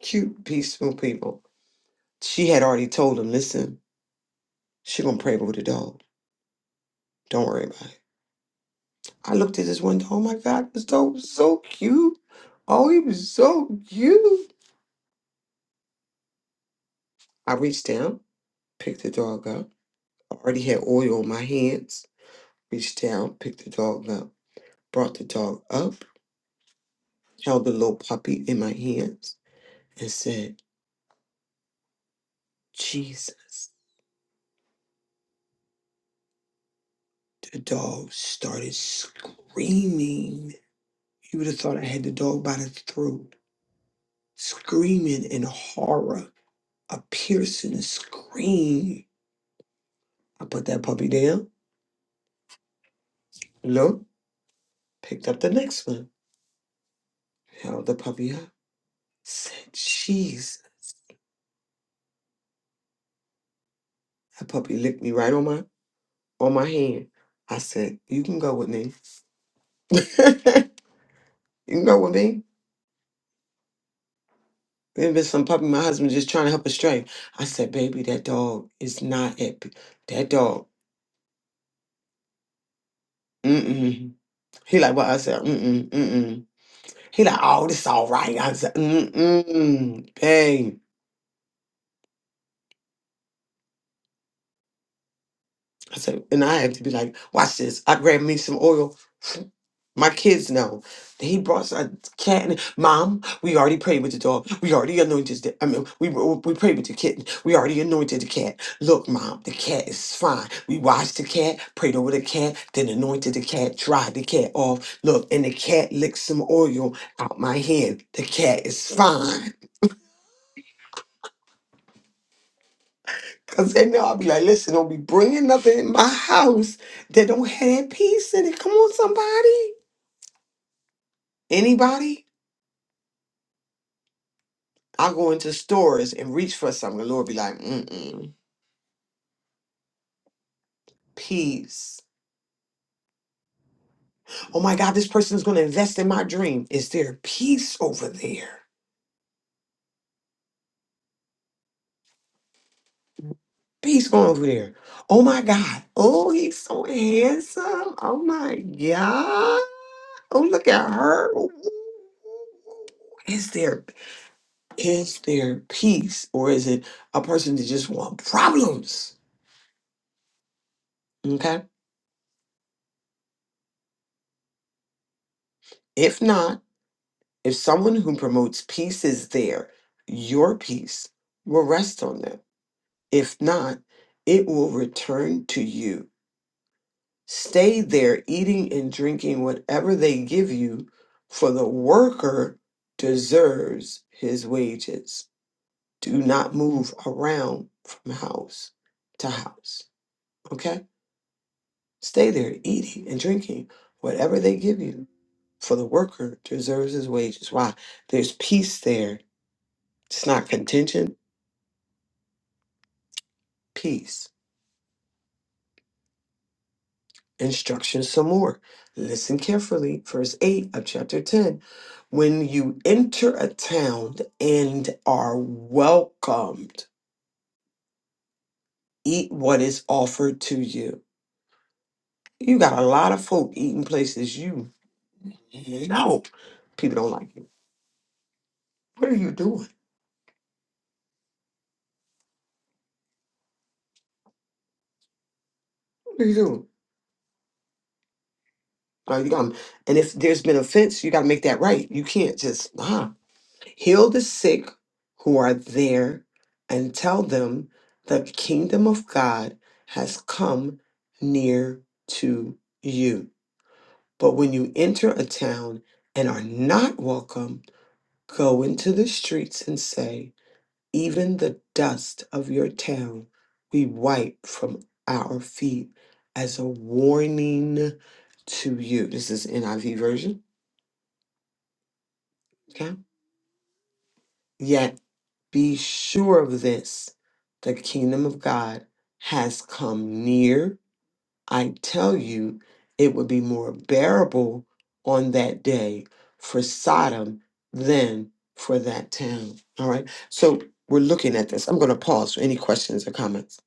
Speaker 2: cute, peaceful people. She had already told them, listen, she gonna pray over the dog. Don't worry about it. I looked at this window. Oh my God, this dog was so so cute. Oh, he was so cute. I reached down, picked the dog up. I already had oil on my hands. Reached down, picked the dog up, brought the dog up, held the little puppy in my hands, and said, Jesus. The dog started screaming. You would have thought I had the dog by the throat, screaming in horror, a piercing scream. I put that puppy down. Look. Picked up the next one, held the puppy up. Said, "Jeez, that puppy licked me right on my on my hand." I said, "You can go with me. you can go with me." There's been some puppy my husband just trying to help us stray. I said, "Baby, that dog is not happy. That dog." Mm-mm. He like what I said. Mm-mm. Mm-mm. He like, oh, this all right. I said, mm-mm. Bang. I said, and I have to be like, watch this. I grabbed me some oil My kids know. He brought us a cat. And, Mom, we already prayed with the dog. We already anointed. The, I mean, we we prayed with the kitten. We already anointed the cat. Look, Mom, the cat is fine. We washed the cat, prayed over the cat, then anointed the cat, dried the cat off. Look, and the cat licked some oil out my hand. The cat is fine. Cause then I'll be like, listen, don't be bringing nothing in my house that don't have that peace in it. Come on, somebody, anybody. I'll go into stores and reach for something. The Lord be like, mm-mm, peace. Oh my God, this person is going to invest in my dream. Is there peace over there? Peace going over there. Oh my God. Oh, he's so handsome. Oh my God. Oh, look at her. Ooh, ooh, ooh, ooh. Is there is there peace or is it a person that just want problems? Okay. If not, If someone who promotes peace is there, your peace will rest on them. If not, it will return to you. Stay there eating and drinking whatever they give you, for the worker deserves his wages. Do not move around from house to house. Okay? Stay there eating and drinking whatever they give you, for the worker deserves his wages. Why? There's peace there It's not contention, peace. Instruction some more. Listen carefully. Verse 8 of chapter 10. When you enter a town and are welcomed, eat what is offered to you. You got a lot of folk eating places you know people don't like you. What are you doing? What are you doing? Like, you got and if there's been offense, you got to make that right. You can't just, nah. Heal the sick who are there and tell them the kingdom of God has come near to you. But when you enter a town and are not welcome, go into the streets and say, Even the dust of your town we wipe from our feet as a warning to you. This is NIV version. Okay. yet. Be sure of this the kingdom of God has come near. I tell you, it would be more bearable on that day for Sodom than for that town. All right. So we're looking at this. I'm going to pause for any questions or comments.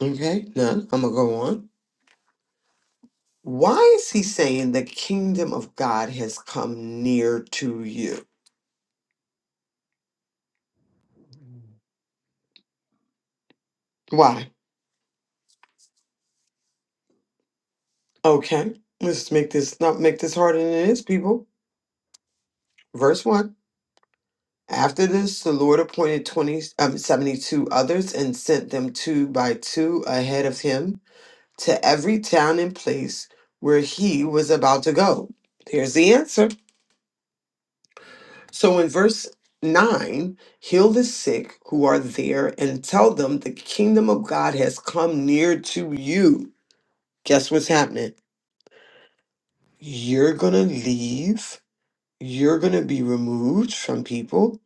Speaker 2: Okay. None. I'm going to go on. Why is he saying the kingdom of God has come near to you? Why? Okay. Let's make this not make this harder than it is, people. Verse 1. After this, the Lord appointed 20, um, 72 others and sent them two by two ahead of him to every town and place where he was about to go. Here's the answer. So in verse 9, heal the sick who are there and tell them the kingdom of God has come near to you. Guess what's happening? You're going to leave, you're going to be removed from people,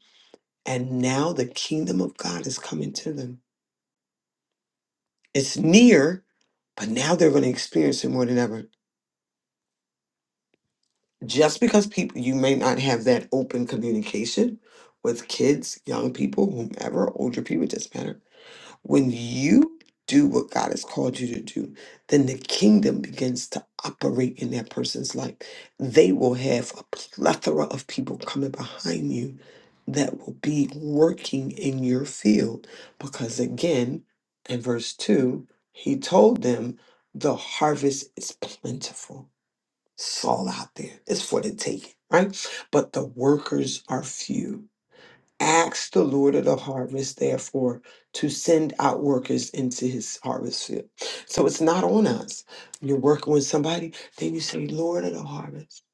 Speaker 2: and now the kingdom of God is coming to them. It's near but now they're going to experience it more than ever just because people you may not have that open communication with kids young people whomever older people it doesn't matter when you do what god has called you to do then the kingdom begins to operate in that person's life they will have a plethora of people coming behind you that will be working in your field because again in verse 2 he told them the harvest is plentiful It's all out there. It's for the taking, right? But the workers are few. Ask the Lord of the harvest, therefore, to send out workers into his harvest field. So it's not on us. You're working with somebody, then you say, Lord of the harvest,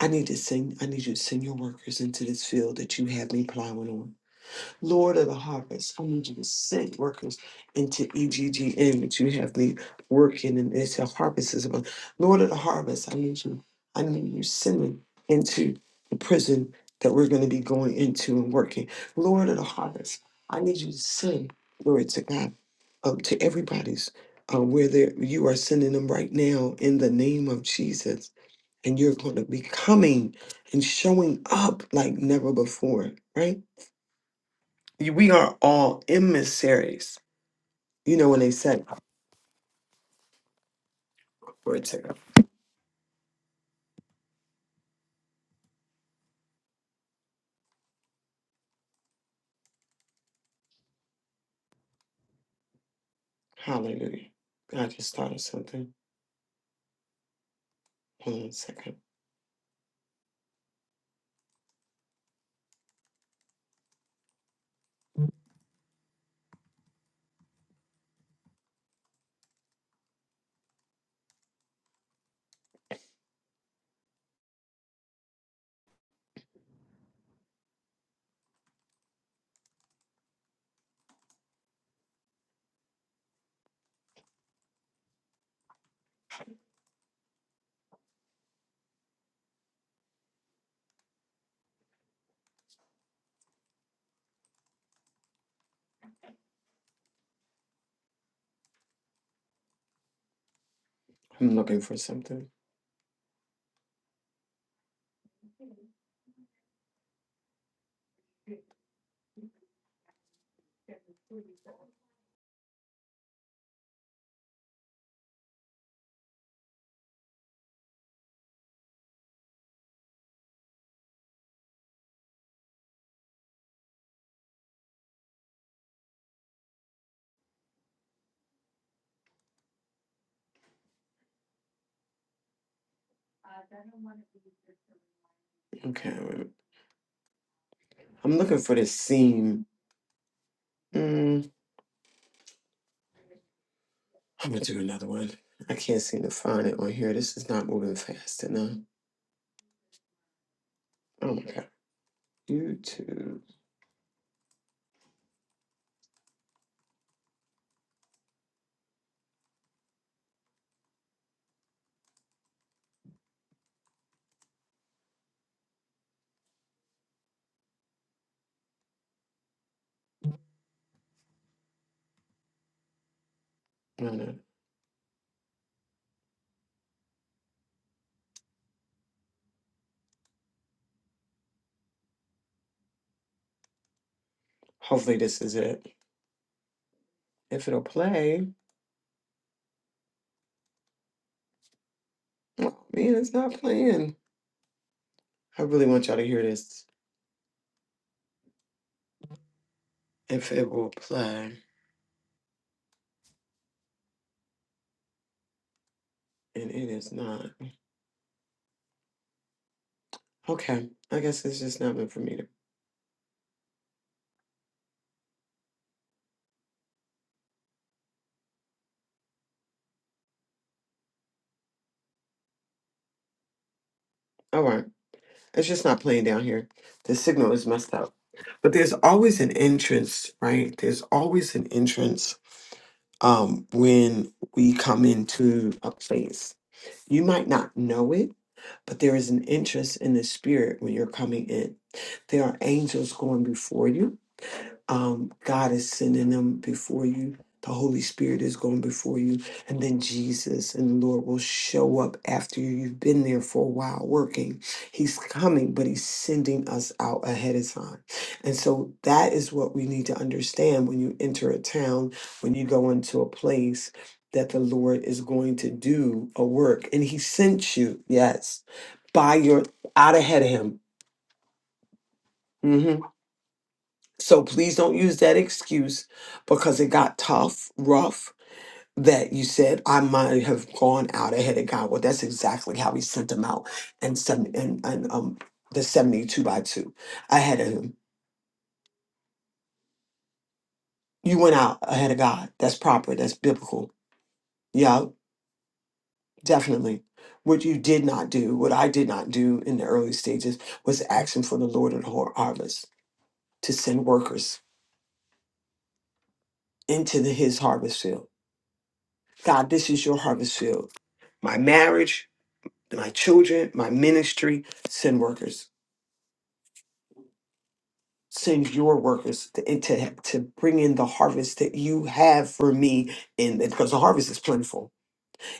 Speaker 2: I need to send, I need you to send your workers into this field that you have me plowing on. Lord of the harvest, I need you to send workers into EGGN that you have me working in this harvest is about. Lord of the harvest, I need you. I need you sending into the prison that we're going to be going into and working. Lord of the harvest, I need you to send, glory to God, um, to everybody's uh, where they you are sending them right now in the name of Jesus. And you're going to be coming and showing up like never before, right? You- We are all emissaries. You know when they said for a second. Hallelujah. I just thought of something. Hold on a second. I'm looking for something. Okay, wait a minute. I'm looking for this seam. Mm, I'm gonna do another one. I can't seem to find it on here. This is not moving fast enough. Oh my god. YouTube. No, no. Hopefully this is it. If it'll play. Oh man, it's not playing. I really want y'all to hear this. If it will play. And it is not. Okay. I guess it's just not meant for me to. All right. It's just not playing down here. The signal is messed up. But there's always an entrance, right? There's always an entrance um, when we come into a place. You might not know it, but there is an entrance in the spirit when you're coming in. There are angels going before you. um, God is sending them before you. The Holy Spirit is going before you. And then Jesus and the Lord will show up after you. You've been there for a while working. He's coming, but He's sending us out ahead of time. And so that is what we need to understand when you enter a town, when you go into a place that the Lord is going to do a work. And He sent you, yes, by your out ahead of Him. Mm-hmm. So please don't use that excuse because it got tough, rough, that you said I might have gone out ahead of God. Well, that's exactly how he sent them out and some and, and um the 72 by two ahead of him. You went out ahead of God. That's proper. That's biblical. Yeah, definitely. What you did not do, what I did not do in the early stages was asking for the Lord of the har- harvest to send workers into the, his harvest field. God, this is your harvest field. My marriage, my children, my ministry, send workers. Send your workers to, and to to bring in the harvest that you have for me, and because the harvest is plentiful.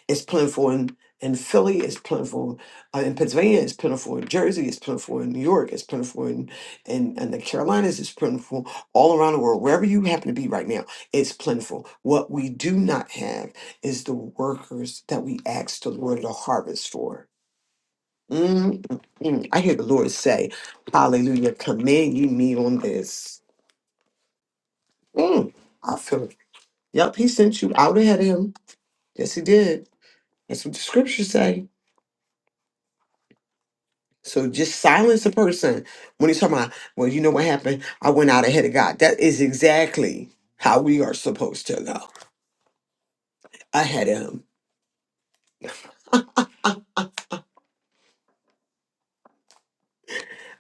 Speaker 2: It's plentiful in in Philly. It's plentiful uh, in Pennsylvania. It's plentiful in Jersey. It's plentiful in New York. It's plentiful in in, in the Carolinas. It's plentiful all around the world. Wherever you happen to be right now, it's plentiful. What we do not have is the workers that we ask the Lord to harvest for Mm, mm, mm. I hear the Lord say, Hallelujah, command you me on this. Mm, I feel it. Yep, he sent you out ahead of him. Yes, he did. That's what the scriptures say. So just silence a person when he's talking about, well, you know what happened? I went out ahead of God. That is exactly how we are supposed to go ahead of him.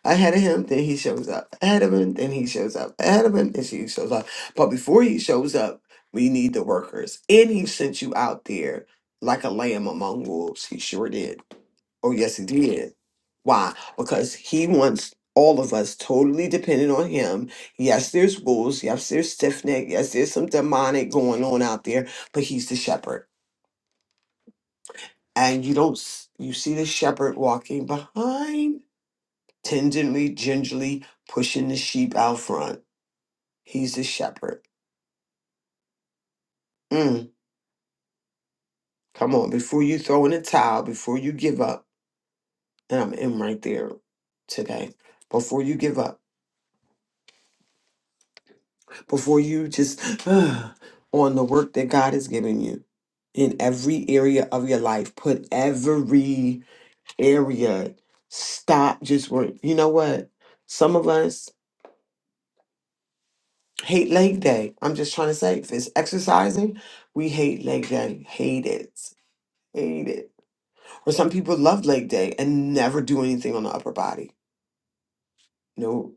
Speaker 2: Ahead of him, then he shows up. Ahead of him, then he shows up. Ahead of him, then she shows up. But before he shows up, we need the workers. And he sent you out there like a lamb among wolves. He sure did. Oh, yes, he did. Why? Because he wants all of us totally dependent on him. Yes, there's wolves. Yes, there's stiff neck. Yes, there's some demonic going on out there, but he's the shepherd. And you don't, s- you see the shepherd walking behind tenderly, gingerly pushing the sheep out front. He's the shepherd. Mm, come on, before you throw in a towel, before you give up, and I'm in right there today. Before you give up, before you just uh, on the work that God has given you in every area of your life, put every area. Stop just work. You know what? Some of us hate leg day. I'm just trying to say, if it's exercising, we hate leg day. Hate it Hate it. Or some people love leg day and never do anything on the upper body. No.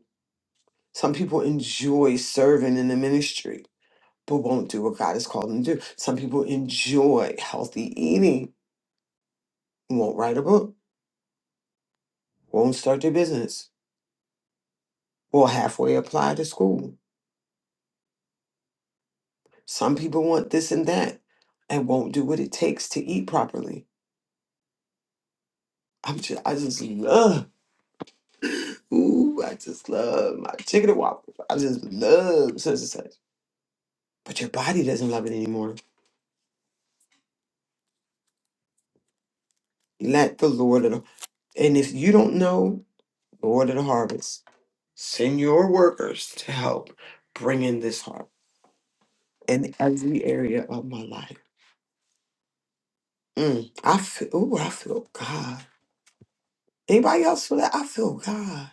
Speaker 2: Some people enjoy serving in the ministry, but won't do what God has called them to do. Some people enjoy healthy eating, won't write a book, won't start their business, will halfway apply to school. Some people want this and that and won't do what it takes to eat properly. I'm just, I just love, ooh, I just love my chicken and waffles. I just love such and such. But your body doesn't love it anymore Let the Lord of the, and if you don't know, Lord of the harvest, send your workers to help bring in this harvest in every area of my life. Mm, I feel, oh, I feel God. Anybody else feel that? I feel God.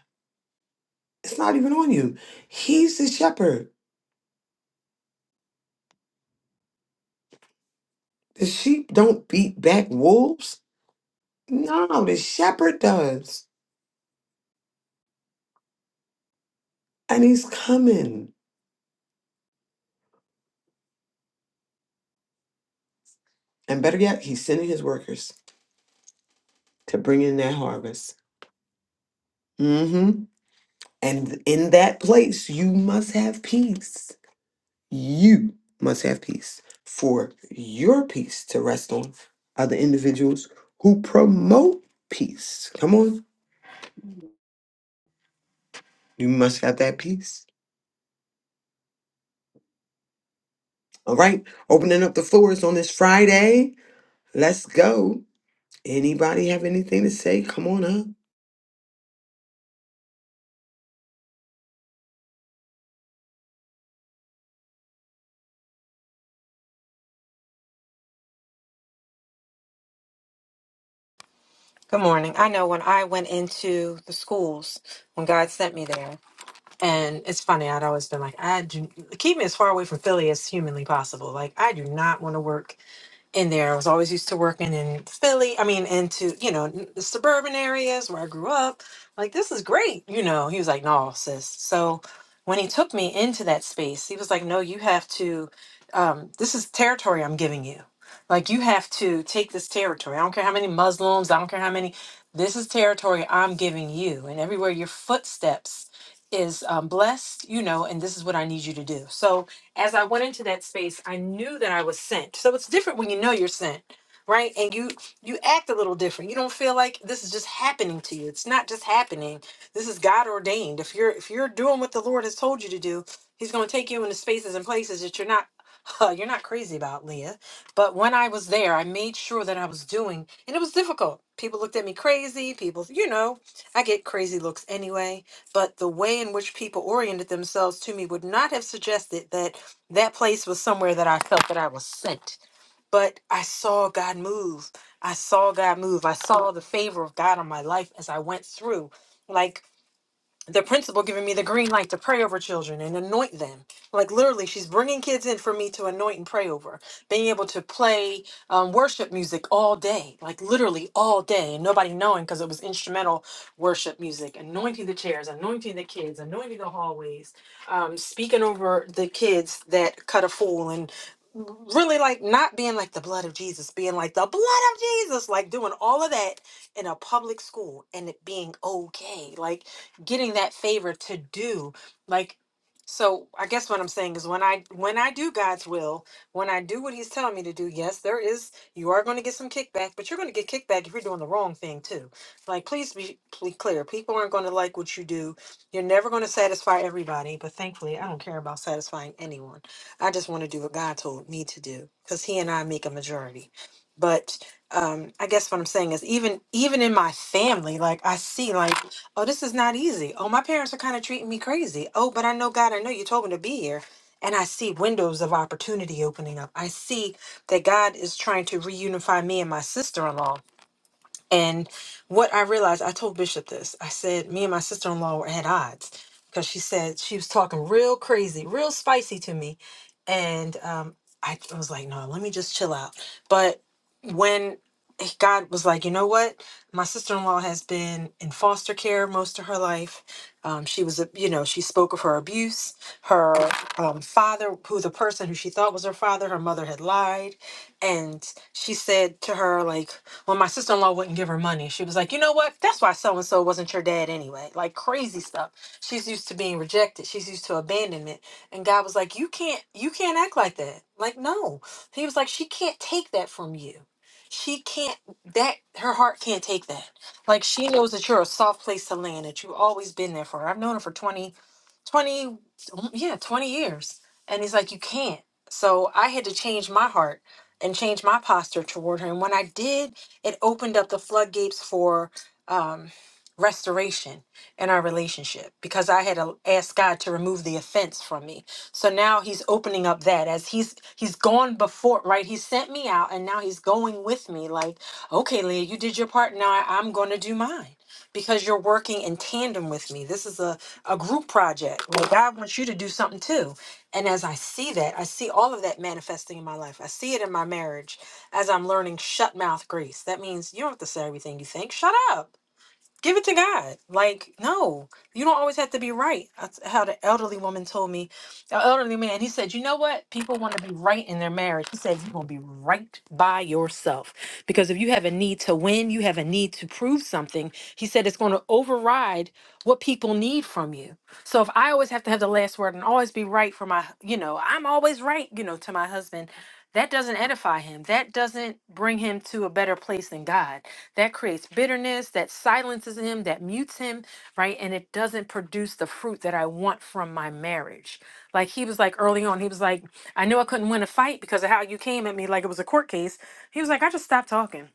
Speaker 2: It's not even on you. He's the shepherd. The sheep don't beat back wolves. No, the shepherd does. And he's coming. And better yet, he's sending his workers to bring in that harvest. Mm-hmm. And in that place, you must have peace. You must have peace for your peace to rest on other individuals who promote peace. Come on. You must have that peace. All right. Opening up the floors on this Friday. Let's go. Anybody have anything to say? Come on up.
Speaker 7: Good morning. I know when I went into the schools, when God sent me there, and it's funny, I'd always been like, I do keep me as far away from Philly as humanly possible. Like, I do not want to work in there. I was always used to working in Philly. I mean, into you know n- the suburban areas where I grew up. Like this is great, you know. He was like, "No, sis." So when he took me into that space, he was like, "No, you have to. Um, this is territory I'm giving you. Like you have to take this territory. I don't care how many Muslims. I don't care how many. This is territory I'm giving you, and everywhere your footsteps." is um, blessed you know and this is what i need you to do so as I went into that space, I knew that I was sent. So it's different when you know you're sent, right? And you you act a little different. You don't feel like this is just happening to you. It's not just happening. This is God ordained. If you're if you're doing what the Lord has told you to do, He's going to take you into spaces and places that you're not. you're not crazy about Leah, but when I was there, I made sure that I was doing, and it was difficult. People looked at me crazy. People, you know, I get crazy looks anyway. But the way in which people oriented themselves to me would not have suggested that that place was somewhere that I felt that I was sent. But I saw God move. I saw God move. I saw the favor of God on my life as I went through. Like the principal giving me the green light to pray over children and anoint them. Like literally, she's bringing kids in for me to anoint and pray over. Being able to play um, worship music all day, like literally all day, and nobody knowing because it was instrumental worship music. Anointing the chairs, anointing the kids, anointing the hallways, um, speaking over the kids that cut a fool and really like not being like the blood of Jesus, being like the blood of Jesus, like doing all of that in a public school and it being okay. Like getting that favor to do like so i guess what i'm saying is when i when i do god's will when i do what he's telling me to do yes there is you are going to get some kickback but you're going to get kickback if you're doing the wrong thing too like please be, be clear people aren't going to like what you do you're never going to satisfy everybody but thankfully i don't care about satisfying anyone i just want to do what god told me to do because he and i make a majority but um i guess what i'm saying is even even in my family like i see like Oh, this is not easy. Oh, my parents are kind of treating me crazy. Oh, but I know God, I know you told me to be here. And I see windows of opportunity opening up. I see that God is trying to reunify me and my sister in law. And what I realized, I told Bishop this. I said, me and my sister in law were at odds because she said she was talking real crazy, real spicy to me. And um, I, I was like, no, let me just chill out. But when God was like, you know what? My sister in law has been in foster care most of her life. Um, she was, a- you know, she spoke of her abuse. Her um, father, who the person who she thought was her father, her mother had lied. And she said to her, like, when my sister in law wouldn't give her money, she was like, you know what? That's why so and so wasn't your dad anyway. Like crazy stuff. She's used to being rejected. She's used to abandonment. And God was like, you can't, you can't act like that. Like no, He was like, she can't take that from you. She can't. That her heart can't take that. Like she knows that you're a soft place to land. That you've always been there for her. I've known her for twenty. 20 yeah 20 years and he's like you can't so i had to change my heart and change my posture toward her and when i did it opened up the floodgates for um, restoration in our relationship because I had uh, asked God to remove the offense from me. So now he's opening up that as he's he's gone before, right? He sent me out and now he's going with me like, "Okay, Leah, you did your part. Now I- I'm going to do mine." Because you're working in tandem with me. This is a, a group project where God wants you to do something too. And as I see that, I see all of that manifesting in my life. I see it in my marriage as I'm learning shut mouth grace. That means you don't have to say everything you think. Shut up give it to God. Like, no, you don't always have to be right. That's how the elderly woman told me, the elderly man, he said, You know what? People want to be right in their marriage. He said, You're going to be right by yourself. Because if you have a need to win, you have a need to prove something. He said, It's going to override what people need from you. So if I always have to have the last word and always be right for my, you know, I'm always right, you know, to my husband. That doesn't edify him. That doesn't bring him to a better place than God. That creates bitterness, that silences him, that mutes him, right? And it doesn't produce the fruit that I want from my marriage. Like he was like early on, he was like, I knew I couldn't win a fight because of how you came at me like it was a court case. He was like, I just stopped talking.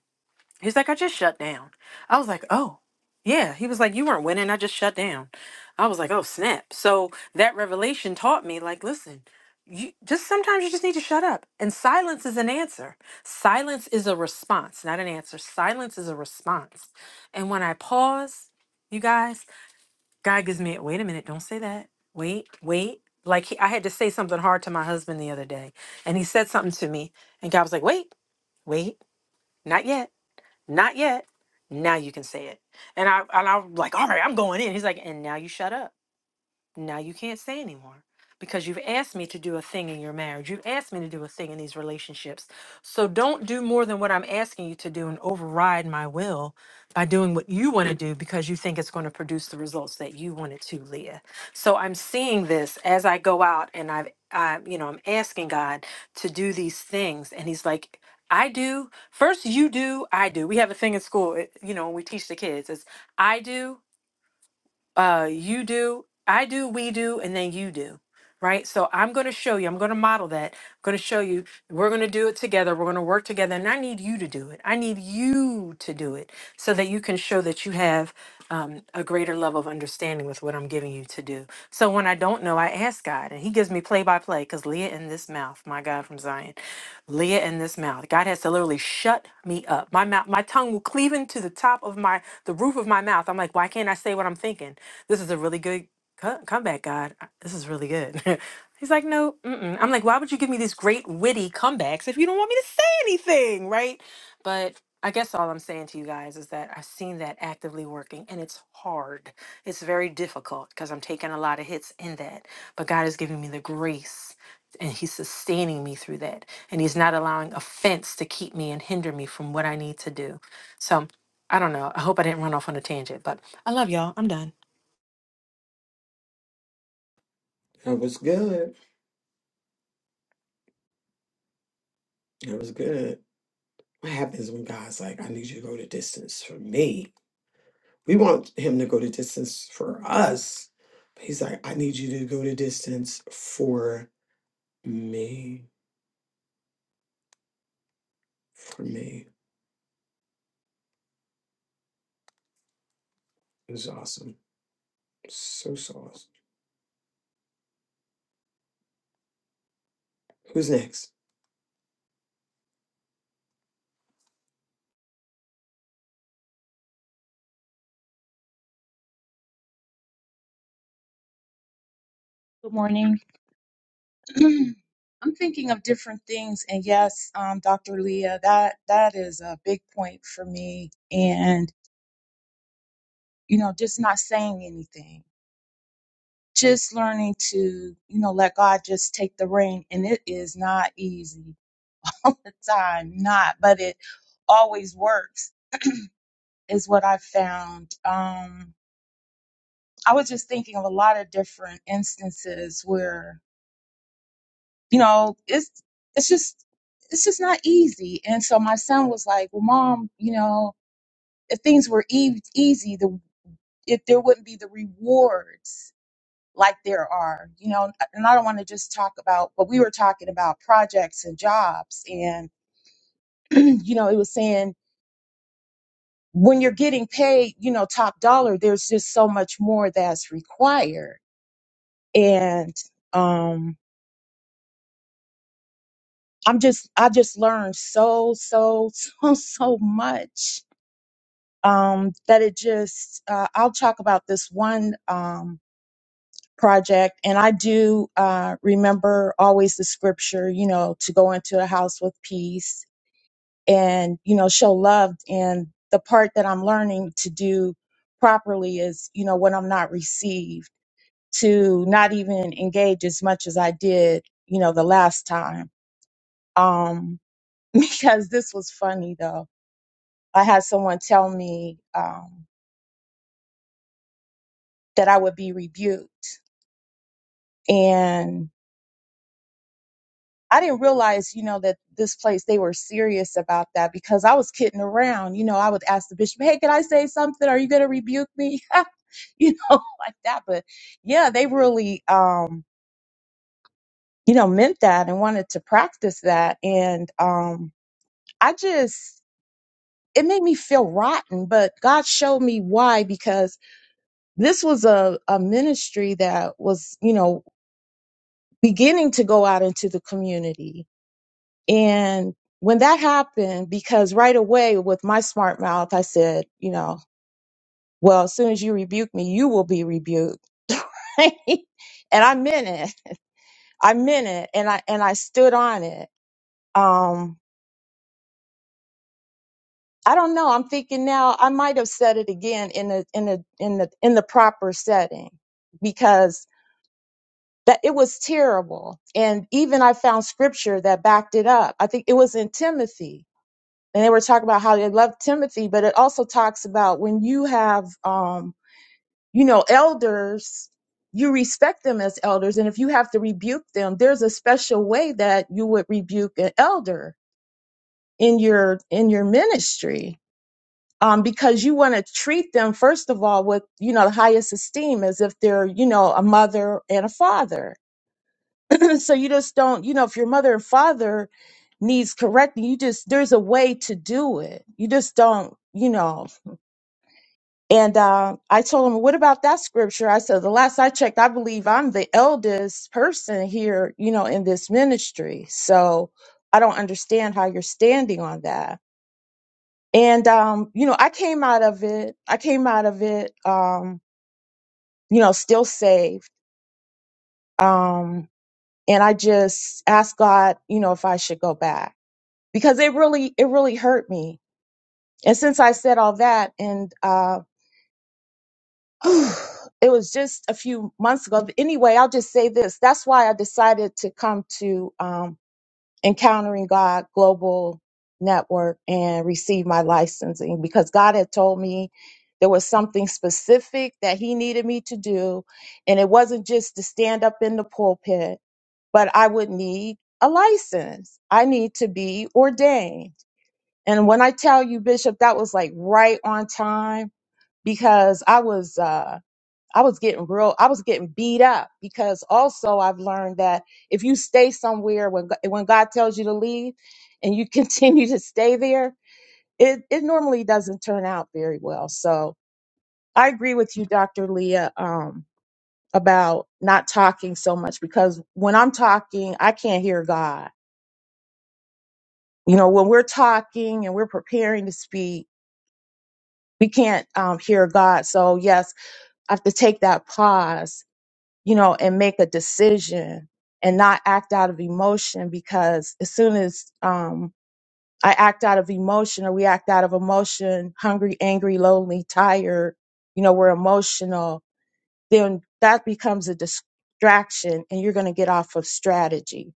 Speaker 7: He's like, I just shut down. I was like, oh, yeah. He was like, you weren't winning. I just shut down. I was like, oh, snap. So that revelation taught me, like, listen, you just sometimes you just need to shut up. And silence is an answer. Silence is a response, not an answer. Silence is a response. And when I pause, you guys, God gives me, a wait a minute, don't say that. Wait, wait. Like, he, I had to say something hard to my husband the other day, and he said something to me, and God was like, wait, wait, not yet. Not yet. Now you can say it. And I and I'm like, all right, I'm going in. He's like, and now you shut up. Now you can't say anymore because you've asked me to do a thing in your marriage. You've asked me to do a thing in these relationships. So don't do more than what I'm asking you to do and override my will by doing what you want to do because you think it's going to produce the results that you want it to, Leah. So I'm seeing this as I go out and I've I, you know, I'm asking God to do these things and he's like I do. First, you do, I do. We have a thing in school, it, you know, when we teach the kids. is, I do, uh you do i do we do and then you do right so i'm going to show you i'm going to model that i'm going to show you we're going to do it together we're going to work together and i need you to do it i need you to do it so that you can show that you have um, a greater level of understanding with what i'm giving you to do so when i don't know i ask god and he gives me play by play because leah in this mouth my god from zion leah in this mouth god has to literally shut me up my mouth my tongue will cleave into the top of my the roof of my mouth i'm like why can't i say what i'm thinking this is a really good co- comeback, God. I- This is really good. He's like, no, mm-mm. I'm like, why would you give me these great witty comebacks if you don't want me to say anything, right? But I guess all I'm saying to you guys is that I've seen that actively working and it's hard. It's very difficult because I'm taking a lot of hits in that. But God is giving me the grace and He's sustaining me through that. And He's not allowing offense to keep me and hinder me from what I need to do. So I don't know. I hope I didn't run off on a tangent, but I love y'all. I'm done.
Speaker 2: That was good. That was good. What happens when God's like, I need you to go the distance for me? We want him to go to distance for us. But he's like, I need you to go to distance for me. For me. It was awesome. So so awesome. Who's next?
Speaker 8: Good morning. I'm thinking of different things, and yes, um, Dr. Leah, that that is a big point for me. And you know, just not saying anything, just learning to you know let God just take the reign, and it is not easy all the time, not, but it always works, is what I found. Um, I was just thinking of a lot of different instances where. you know, it's it's just it's just not easy. And so my son was like, "Well, mom, you know, if things were e- easy, the if there wouldn't be the rewards like there are, you know." And I don't want to just talk about, but we were talking about projects and jobs, and you know, it was saying when you're getting paid, you know, top dollar, there's just so much more that's required, and um. I'm just, I just learned so, so, so, so much um, that it just uh, i'll talk about this one um, project and i do uh, remember always the scripture you know to go into a house with peace and you know show love and the part that i'm learning to do properly is you know when i'm not received to not even engage as much as i did you know the last time um because this was funny though i had someone tell me um that i would be rebuked and I didn't realize, you know, that this place they were serious about that because I was kidding around. You know, I would ask the bishop, "Hey, can I say something? Are you going to rebuke me?" you know, like that. But yeah, they really, um, you know, meant that and wanted to practice that. And um, I just, it made me feel rotten. But God showed me why because this was a, a ministry that was, you know, beginning to go out into the community And when that happened, because right away with my smart mouth, I said, you know, well, as soon as you rebuke me, you will be rebuked. and I meant it. I meant it. And I, and I stood on it. Um, I don't know. I'm thinking now I might have said it again in the, in the, in the, in the proper setting because that it was terrible. And even I found scripture that backed it up. I think it was in Timothy and they were talking about how they love Timothy, but it also talks about when you have, um, you know, elders, you respect them as elders, and if you have to rebuke them, there's a special way that you would rebuke an elder in your in your ministry, um, because you want to treat them first of all with you know the highest esteem, as if they're you know a mother and a father. so you just don't, you know, if your mother and father needs correcting, you just there's a way to do it. You just don't, you know And uh, I told him, What about that scripture? I said, The last I checked, I believe I'm the eldest person here, you know, in this ministry. So I don't understand how you're standing on that. And, um, you know, I came out of it. I came out of it, um, you know, still saved. Um, and I just asked God, you know, if I should go back because it really, it really hurt me. And since I said all that and, um, it was just a few months ago. But anyway, I'll just say this. That's why I decided to come to um, Encountering God Global Network and receive my licensing because God had told me there was something specific that He needed me to do. And it wasn't just to stand up in the pulpit, but I would need a license. I need to be ordained. And when I tell you, Bishop, that was like right on time because I was. Uh, I was getting real, I was getting beat up because also I've learned that if you stay somewhere when, Go- when God tells you to leave and you continue to stay there, it, it normally doesn't turn out very well. So I agree with you, Dr. Leah, um, about not talking so much because when I'm talking, I can't hear God. You know, when we're talking and we're preparing to speak, we can't um, hear God. So yes, I have to take that pause you know, and make a decision and not act out of emotion because as soon as um, I act out of emotion or we act out of emotion, hungry, angry, lonely, tired, you know, we're emotional, then that becomes a distraction and you're going to get off of strategy.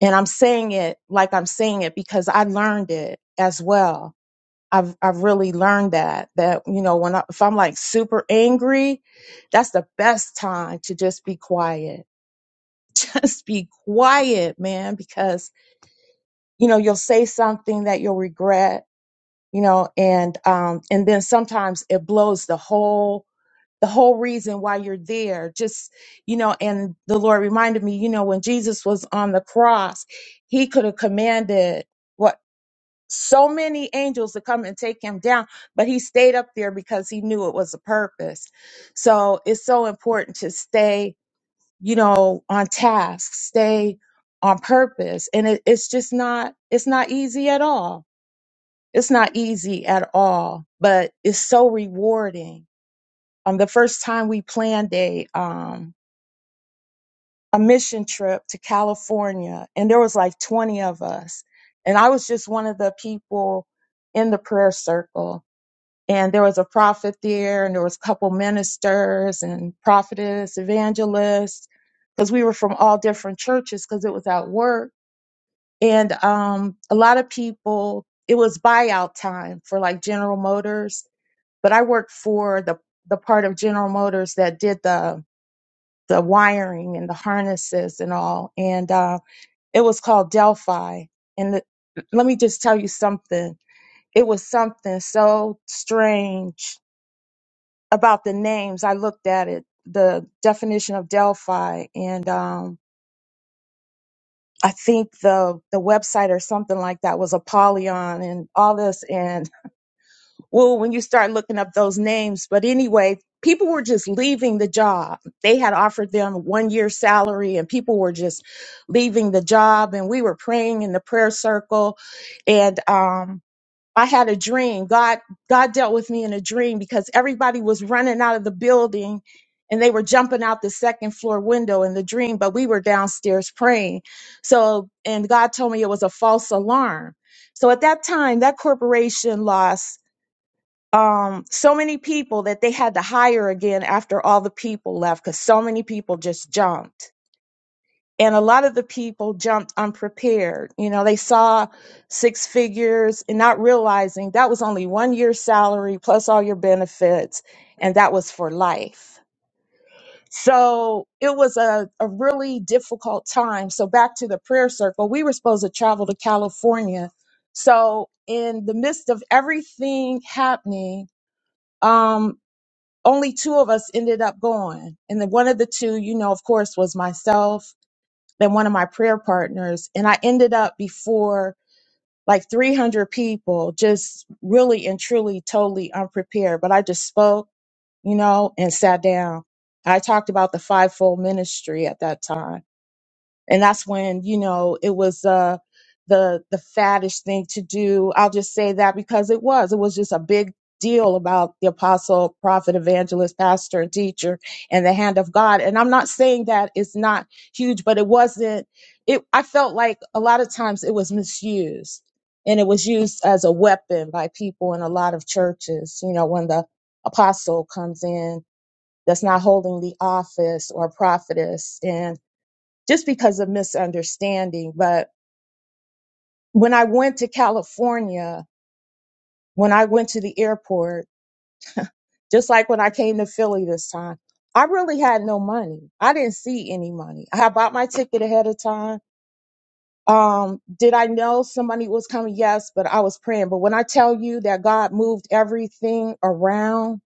Speaker 8: And I'm saying it like I'm saying it because I learned it as well. I've, I've really learned that, that, you know, when I, if I'm like super angry, that's the best time to just be quiet just be quiet, man, because you know you'll say something that you'll regret, you know, and um and then sometimes it blows the whole the whole reason why you're there. Just you know, and the Lord reminded me, you know, when Jesus was on the cross, he could have commanded what so many angels to come and take him down, but he stayed up there because he knew it was a purpose. So it's so important to stay you know, on task, stay on purpose. And it, it's just not, it's not easy at all. It's not easy at all, but it's so rewarding. Um, the first time we planned a, um, a mission trip to California and there was like 20 of us. And I was just one of the people in the prayer circle and there was a prophet there and there was a couple ministers and prophetess evangelists because we were from all different churches because it was at work and um, a lot of people it was buyout time for like general motors but i worked for the the part of general motors that did the the wiring and the harnesses and all and uh, it was called delphi and the, let me just tell you something it was something so strange about the names. I looked at it, the definition of Delphi, and um, I think the the website or something like that was Apollyon and all this. And well, when you start looking up those names, but anyway, people were just leaving the job. They had offered them one year salary, and people were just leaving the job. And we were praying in the prayer circle, and um, I had a dream. God God dealt with me in a dream because everybody was running out of the building and they were jumping out the second floor window in the dream, but we were downstairs praying. So and God told me it was a false alarm. So at that time, that corporation lost um so many people that they had to hire again after all the people left because so many people just jumped and a lot of the people jumped unprepared. You know, they saw six figures and not realizing that was only one year's salary plus all your benefits, and that was for life. So it was a, a really difficult time. So back to the prayer circle, we were supposed to travel to California. So in the midst of everything happening, um, only two of us ended up going. And then one of the two, you know, of course, was myself than one of my prayer partners. And I ended up before like 300 people, just really and truly totally unprepared. But I just spoke, you know, and sat down. I talked about the fivefold ministry at that time and that's when you know it was uh the the faddish thing to do i'll just say that because it was it was just a big deal about the apostle prophet evangelist pastor and teacher and the hand of god and i'm not saying that it's not huge but it wasn't it i felt like a lot of times it was misused and it was used as a weapon by people in a lot of churches you know when the apostle comes in that's not holding the office or prophetess and just because of misunderstanding. But when I went to California, when I went to the airport, just like when I came to Philly this time, I really had no money. I didn't see any money. I had bought my ticket ahead of time. Um, did I know somebody was coming? Yes, but I was praying. But when I tell you that God moved everything around,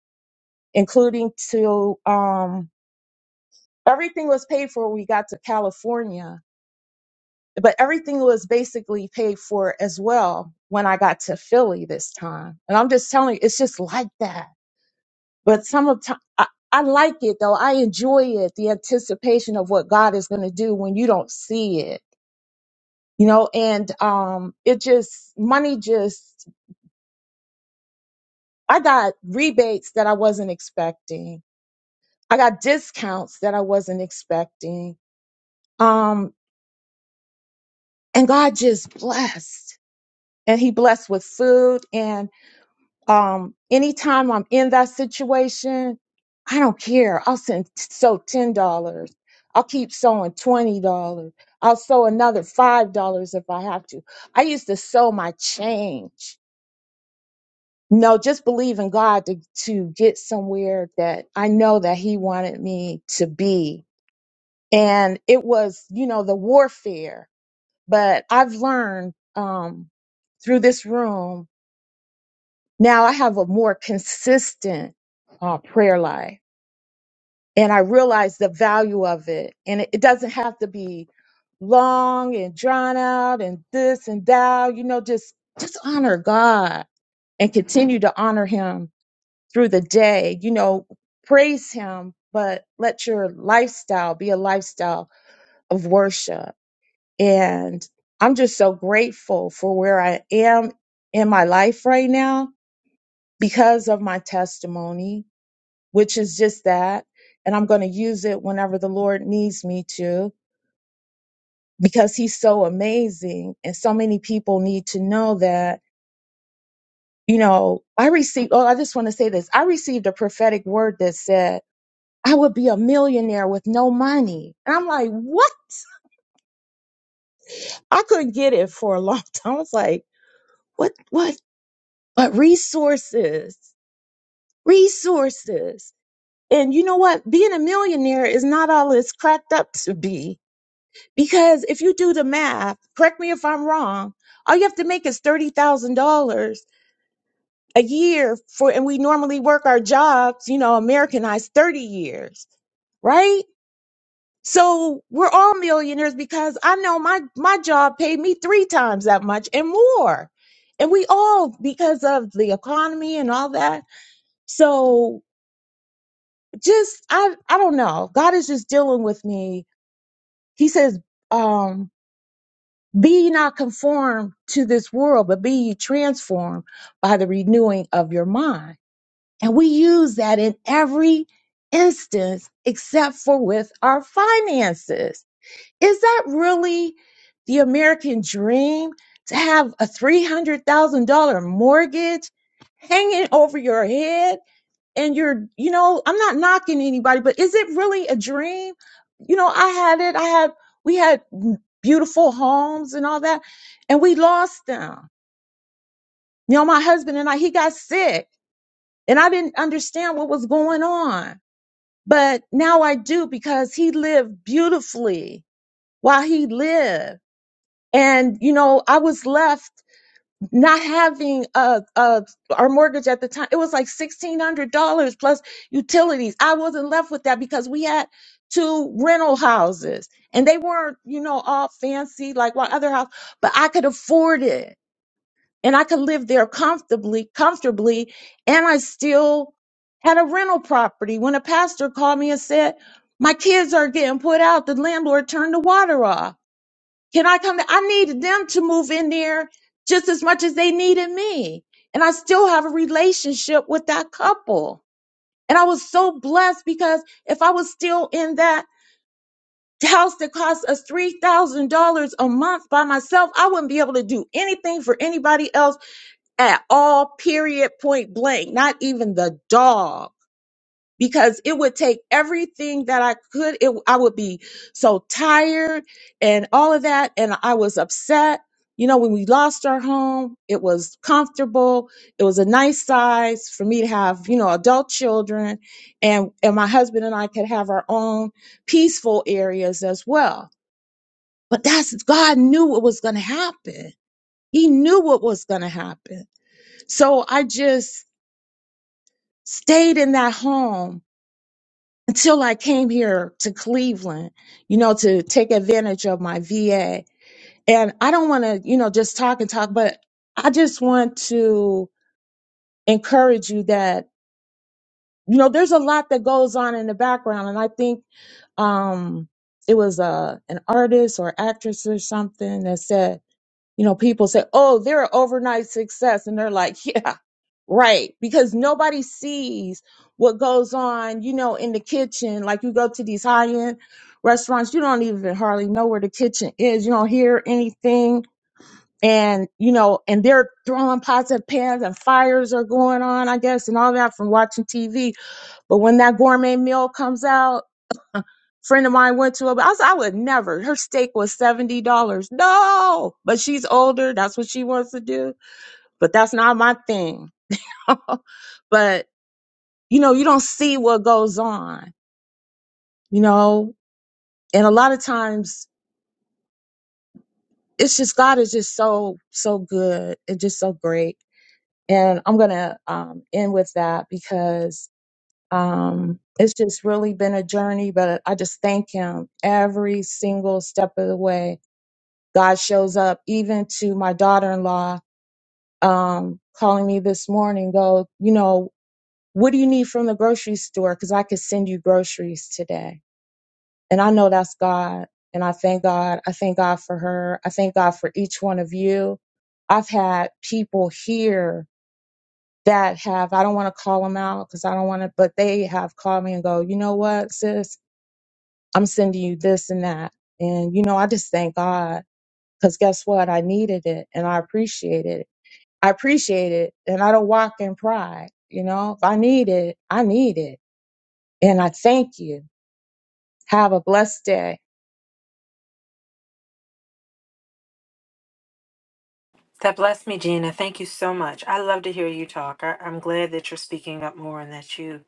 Speaker 8: including to, um, everything was paid for when we got to California but everything was basically paid for as well when I got to Philly this time. And I'm just telling you, it's just like that. But some of time, I, I like it though. I enjoy it, the anticipation of what God is going to do when you don't see it, you know, and, um, it just, money just, I got rebates that I wasn't expecting. I got discounts that I wasn't expecting. Um, and God just blessed and he blessed with food and. um, anytime I'm in that situation, I don't care. I'll send sew ten dollars. I'll keep sewing twenty dollars. I'll sew another five dollars if I have to. I used to sew my change. No, just believe in God to to get somewhere that I know that He wanted me to be. And it was, you know, the warfare. But I've learned um, through this room Now I have a more consistent uh, prayer life and I realize the value of it. And it, it doesn't have to be long and drawn out and this and that, you know, just, just honor God and continue to honor him through the day, you know, praise him, but let your lifestyle be a lifestyle of worship. And I'm just so grateful for where I am in my life right now because of my testimony which is just that. And I'm going to use it whenever the Lord needs me to because He's so amazing. And so many people need to know that, you know, I received, oh, I just want to say this. I received a prophetic word that said, I would be a millionaire with no money. And I'm like, what? I couldn't get it for a long time. I was like, what, what, what resources, resources. And you know what? Being a millionaire is not all it's cracked up to be Because if you do the math, correct me if I'm wrong, all you have to make is $30,000 a year for, and we normally work our jobs, you know, Americanized 30 years, right? So we're all millionaires because I know my, my job paid me three times that much and more. And we all, because of the economy and all that. So just, I, I don't know. God is just dealing with me. He says, um. Be ye not conformed to this world, but be ye transformed by the renewing of your mind. And we use that in every instance except for with our finances. Is that really the American dream to have a $300,000 mortgage hanging over your head? and you're, you know, I'm not knocking anybody, but is it really a dream? You know, I had it. I had, we had beautiful homes and all that, and we lost them. You know, my husband and I, he got sick and I didn't understand what was going on, but now I do because he lived beautifully while he lived. And, you know, I was left. not having uh uh our mortgage at the time it was like sixteen hundred dollars plus utilities i wasn't left with that because we had two rental houses and they weren't you know all fancy like my other house but i could afford it and i could live there comfortably comfortably and i still had a rental property when a pastor called me and said my kids are getting put out the landlord turned the water off can I come? I needed them to move in there just as much as they needed me. And I still have a relationship with that couple. And I was so blessed because if I was still in that house that cost us $3,000 a month by myself, I wouldn't be able to do anything for anybody else at all, period, point blank, not even the dog because it would take everything that I could. It, I would be so tired and all of that. And I was upset. You know, when we lost our home, it was comfortable. It was a nice size for me to have, you know, adult children and, and my husband and I could have our own peaceful areas as well. But that's, God knew what was going to happen. He knew what was going to happen. So I just stayed in that home until I came here to Cleveland, you know, to take advantage of my VA. And I don't want to, you know, just talk and talk, but I just want to encourage you that, you know, there's a lot that goes on in the background. And I think, um, it was, uh, an artist or actress or something that said, you know, people say, oh, they're an overnight success. And they're like, yeah, right. Because nobody sees what goes on, you know, in the kitchen. Like you go to these high end restaurants, you don't even hardly know where the kitchen is. You don't hear anything. And, you know, and they're throwing pots and pans and fires are going on, I guess, and all that from watching TV. But when that gourmet meal comes out, friend of mine went to it. But I was, I would never. Her steak was seventy dollars. No, but she's older. That's what she wants to do. But that's not my thing. but you know, you don't see what goes on. You know, and a lot of times it's just God is just so so good and just so great. And I'm gonna um, end with that because um, it's just really been a journey. But I just thank Him every single step of the way God shows up even to my daughter-in-law um calling me this morning go, you know, what do you need from the grocery store cuz I could send you groceries today. And I know that's God and I thank God. I thank God for her. I thank God for each one of you. I've had people here that have I don't want to call them out cuz I don't want to but they have called me and go, "You know what, sis? I'm sending you this and that." And you know, I just thank God because guess what? I needed it and I appreciated it I appreciate it and I don't walk in pride. You know, if I need it, I need it. And I thank you. Have a blessed day.
Speaker 7: That blessed me, Gina. Thank you so much. I love to hear you talk. I, I'm glad that you're speaking up more and that you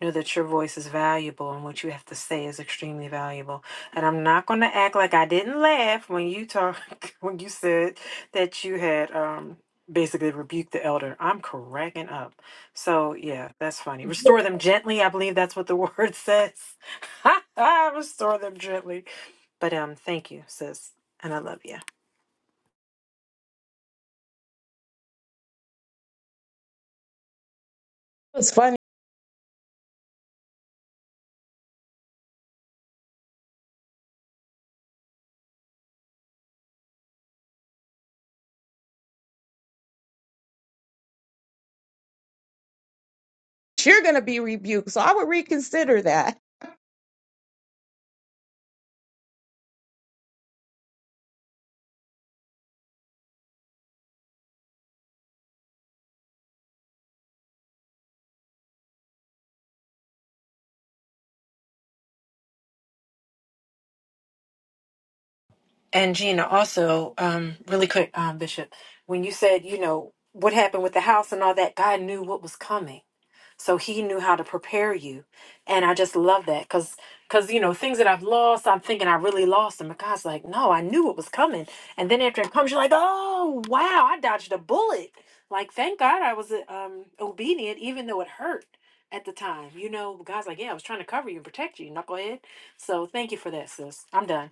Speaker 7: know that your voice is valuable and what you have to say is extremely valuable. And I'm not going to act like I didn't laugh when you talk when you said that you had um basically rebuked the elder. I'm cracking up. So yeah, that's funny. Restore them gently. I believe that's what the word says. Restore them gently. But um, thank you, sis, and I love you.
Speaker 8: It's funny. You're going to be rebuked. So I would reconsider that.
Speaker 7: And Gina, also, um, really quick, um, Bishop, when you said, you know, what happened with the house and all that, God knew what was coming. So he knew how to prepare you. And I just love that because, because, you know, things that I've lost, I'm thinking I really lost them. But God's like, no, I knew what was coming. And then after it comes, you're like, oh, wow, I dodged a bullet. Like, thank God I was um, obedient, even though it hurt at the time. You know, God's like, yeah, I was trying to cover you and protect you, knucklehead. So thank you for that, sis. I'm done.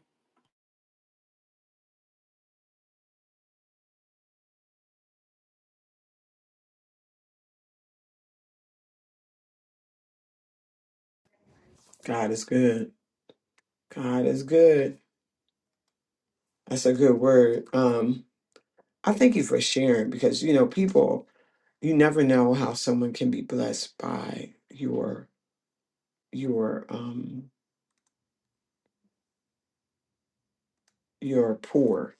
Speaker 2: God is good. God is good. That's a good word. Um, I thank you for sharing because you know, people, you never know how someone can be blessed by your your um your poor.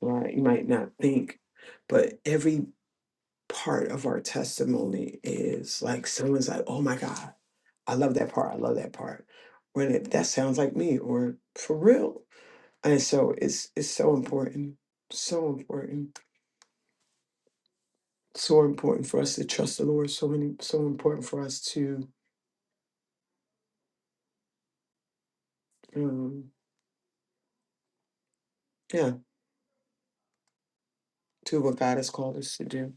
Speaker 2: Right. You might not think, but every part of our testimony is like someone's like, oh my God, I love that part. I love that part. Or that, that sounds like me or for real. And so it's it's so important. So important. So important for us to trust the Lord. So many so important for us to um yeah, do what God has called us to do.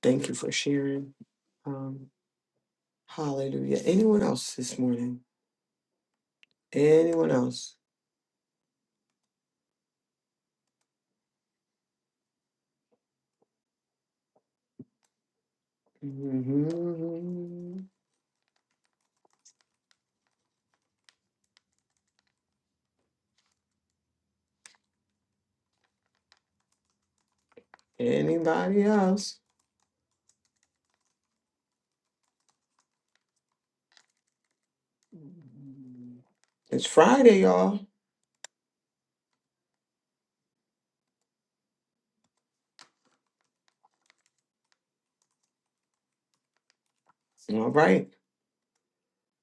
Speaker 2: Thank you for sharing. Um hallelujah. Anyone else this morning? Anyone else? hmm Anybody else? It's Friday, y'all. All right.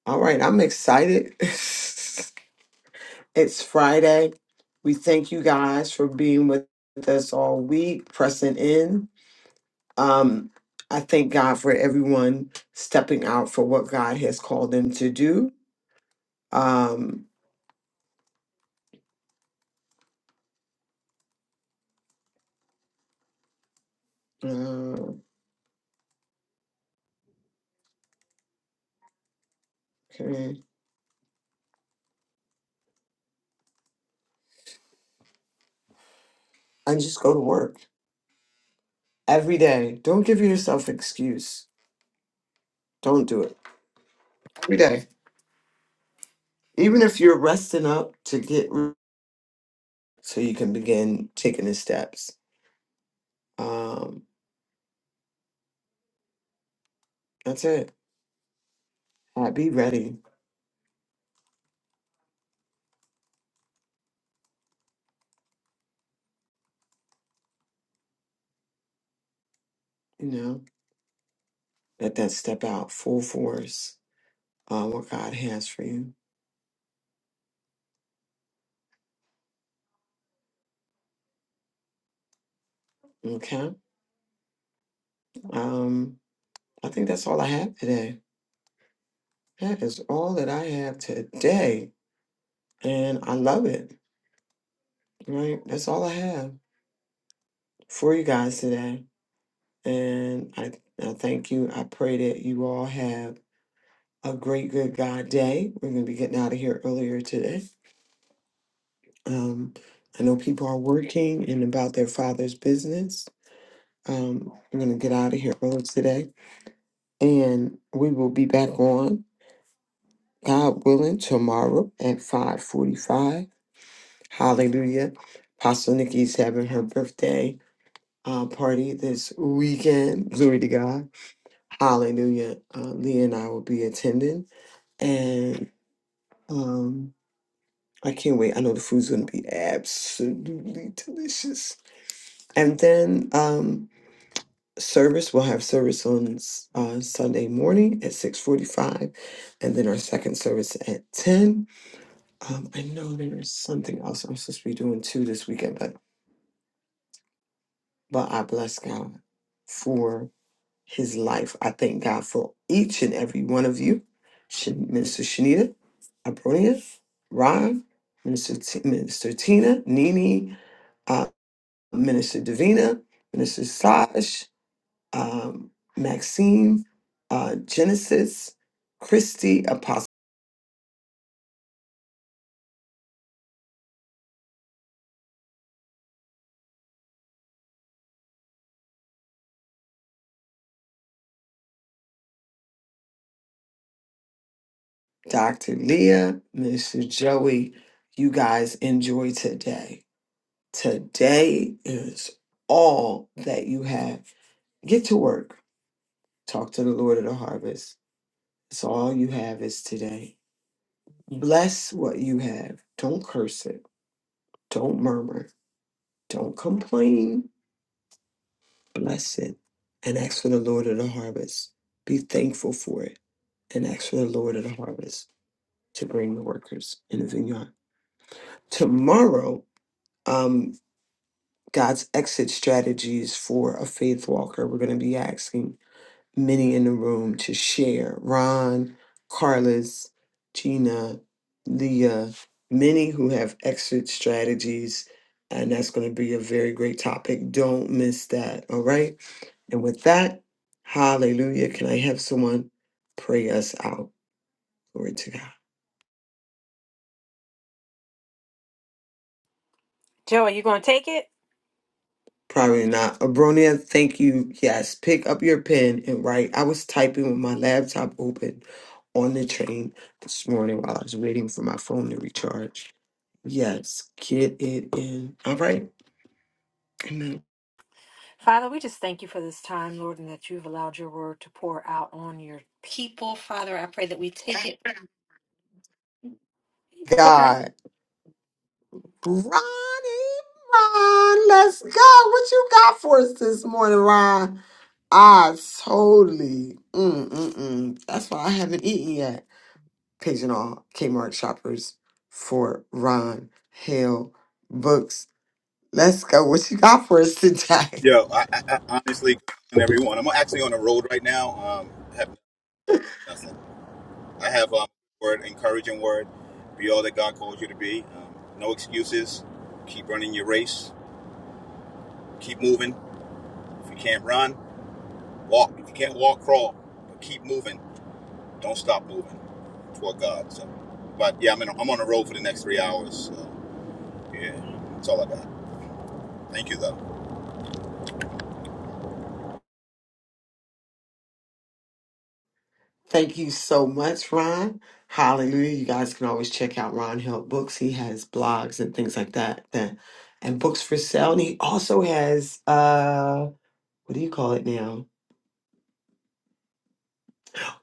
Speaker 2: All right. I'm excited. it's Friday. We thank you guys for being with us all week, pressing in. Um, I thank God for everyone stepping out for what God has called them to do. Um, uh, okay. And just go to work every day. Don't give yourself excuse. Don't do it every day. Even if you're resting up to get so you can begin taking the steps. Um, that's it. Uh, be ready, you know, let that step out full force, uh, what God has for you. Okay. Um, I think that's all I have today. That is all that I have today. And I love it, right? That's all I have for you guys today. And I, I thank you. I pray that you all have a great, good God day. We're going to be getting out of here earlier today. Um, I know people are working and about their father's business. Um, I'm going to get out of here early today, and we will be back on God willing tomorrow at 5:45. Hallelujah! Apostle Nikki's having her birthday uh, party this weekend. Glory to God. Hallelujah! Uh, Leah and I will be attending, and um, I can't wait. I know the food's going to be absolutely delicious. And then um, service. We'll have service on uh, Sunday morning at six forty-five, and then our second service at ten. Um, I know there's something else I'm supposed to be doing too this weekend, but but I bless God for His life. I thank God for each and every one of you, Shan- Minister Shanita, Abronia, Ron, Minister T- Minister Tina, Nini, uh, Minister Davina, Minister Saj. um, Maxine, uh, Genesis, Christy, Apostle Dr. Leah, Mr. Joey. You guys enjoy today. Today is all that you have. Get to work. Talk to the Lord of the harvest. It's all you have is today. Bless what you have. Don't curse it. Don't murmur. Don't complain. Bless it and ask for the Lord of the harvest. Be thankful for it and ask for the Lord of the harvest to bring the workers in the vineyard. Tomorrow, um, God's exit strategies for a faith walker. We're going to be asking many in the room to share. Ron, Carlos, Gina, Leah, many who have exit strategies. And that's going to be a very great topic. Don't miss that. All right. And with that, hallelujah. Can I have someone pray us out? Glory to God.
Speaker 7: Joe, are you going to take it?
Speaker 2: Probably not. Abronia, thank you. Yes, pick up your pen and write. I was typing with my laptop open on the train this morning while I was waiting for my phone to recharge. Yes, get it in. All right. Amen.
Speaker 7: Father, we just thank you for this time, Lord, and that you've allowed your word to pour out on your people. Father, I pray that we take it. Okay.
Speaker 2: God. Ronnie, Ron, let's go. What you got for us this morning, Ron? I totally. Mm, mm, mm. That's why I haven't eaten yet. paging all Kmart shoppers for Ron Hill books. Let's go. What you got for us today?
Speaker 9: Yo, I, I, I honestly, everyone, I'm actually on the road right now. Um, have nothing. I have um, word, encouraging word. Be all that God calls you to be. Um, no excuses. Keep running your race. Keep moving. If you can't run, walk. If you can't walk, crawl. But keep moving. Don't stop moving toward God. So, but yeah, I'm in, I'm on the road for the next three hours. So, yeah, that's all I got. Thank you, though.
Speaker 2: Thank you so much, Ron. Hallelujah. You guys can always check out Ron Hill books. He has blogs and things like that. that and books for sale. And he also has uh what do you call it now?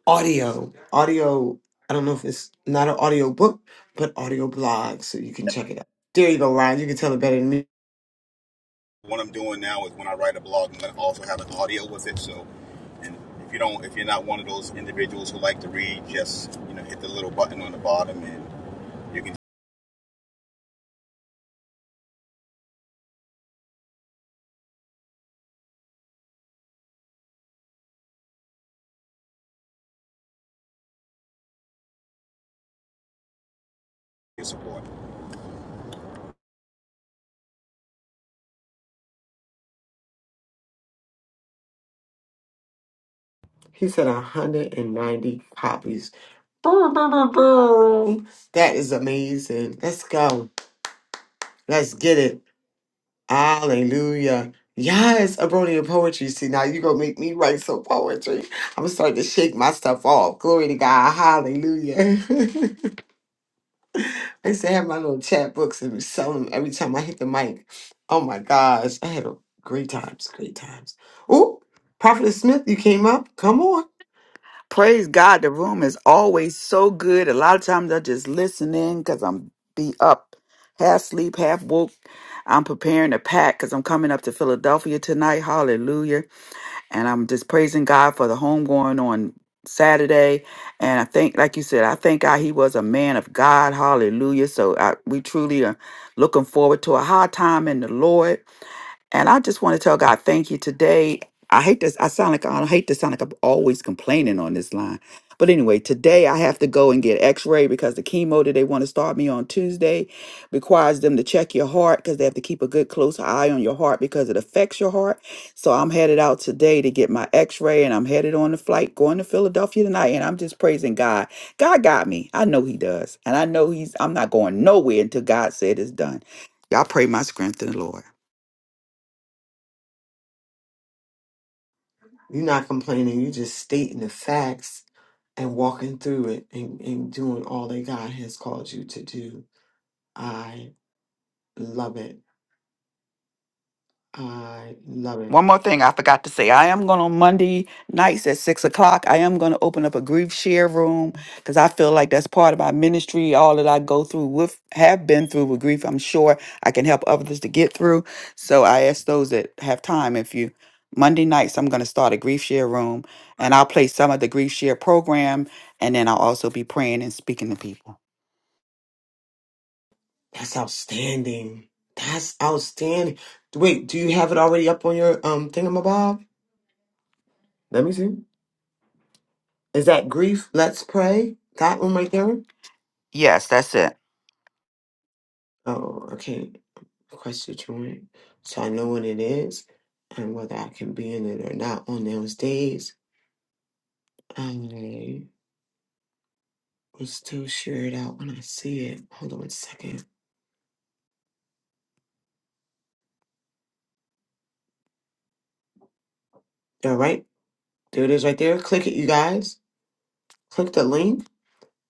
Speaker 2: Audio. Audio. I don't know if it's not an audio book, but audio blog. So you can
Speaker 9: Yes.
Speaker 2: check it out. There you go, Ron. You can tell it better than me.
Speaker 9: what I'm doing now is when I write a blog, I'm going to also have an audio with it. So, and if you don't, if you're not one of those individuals who like to read, just you know, hit the little button on the bottom, and you can get your support.
Speaker 2: He said 190 copies. Boom, boom, boom, boom. That is amazing. Let's go. Let's get it. Hallelujah. Yes, Abronia Poetry. See, now you going to make me write some poetry. I'm starting to shake my stuff off. Glory to God. Hallelujah. I used to have my little chat books and sell them every time I hit the mic. Oh my gosh. I had a great times, great times. Oh, Prophet Smith, you came up. Come on.
Speaker 10: Praise God, the room is always so good. A lot of times I just listen in because I'm be up, half sleep, half woke. I'm preparing to pack because I'm coming up to Philadelphia tonight. Hallelujah. And I'm just praising God for the home going on Saturday. And I think, like you said, I thank God he was a man of God. Hallelujah. So I, we truly are looking forward to a high time in the Lord. And I just want to tell God, thank you today. I hate this. I sound like I hate to sound like I'm always complaining on this line. But anyway, today I have to go and get x-ray because the chemo that they want to start me on Tuesday requires them to check your heart because they have to keep a good close eye on your heart because it affects your heart. So I'm headed out today to get my x-ray and I'm headed on the flight going to Philadelphia tonight and I'm just praising God. God got me. I know he does. And I know he's I'm not going nowhere until God said it's done. Y'all pray my strength in the Lord.
Speaker 2: You're not complaining. You're just stating the facts and walking through it and, and doing all that God has called you to do. I love it. I love it.
Speaker 10: One more thing I forgot to say. I am going on Monday nights at six o'clock. I am going to open up a grief share room because I feel like that's part of my ministry. All that I go through with, have been through with grief, I'm sure I can help others to get through. So I ask those that have time if you, Monday nights, I'm going to start a grief share room and I'll play some of the grief share program and then I'll also be praying and speaking to people.
Speaker 2: That's outstanding. That's outstanding. Wait, do you have it already up on your um thingamabob? Let me see. Is that grief? Let's pray. That one right there?
Speaker 10: Yes, that's it.
Speaker 2: Oh, okay. Request your joint. So I know what it is and whether I can be in it or not on those days. Let's still share it out when I see it. Hold on one second. All right, there it is right there. Click it, you guys. Click the link.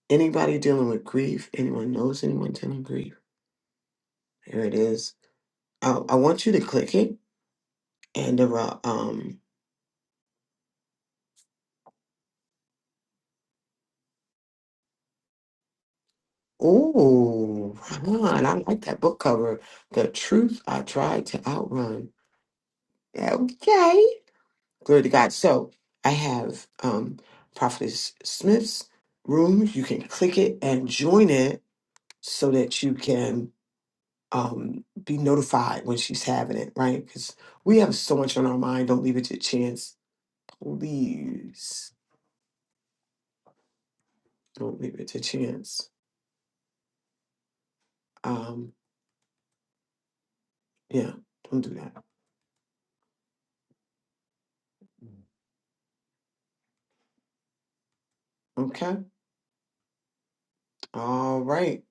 Speaker 2: Anybody dealing with grief, anyone knows anyone dealing with grief. Here it is. I, I want you to click it and the ro- um. Ooh, Ron, I like that book cover. The truth I tried to outrun. Okay, glory to God. So I have um Prophetess Smith's room. You can click it and join it so that you can um, be notified when she's having it, right? Because we have so much on our mind. Don't leave it to chance. Please don't leave it to chance. Um, yeah, don't do that. Okay. All right.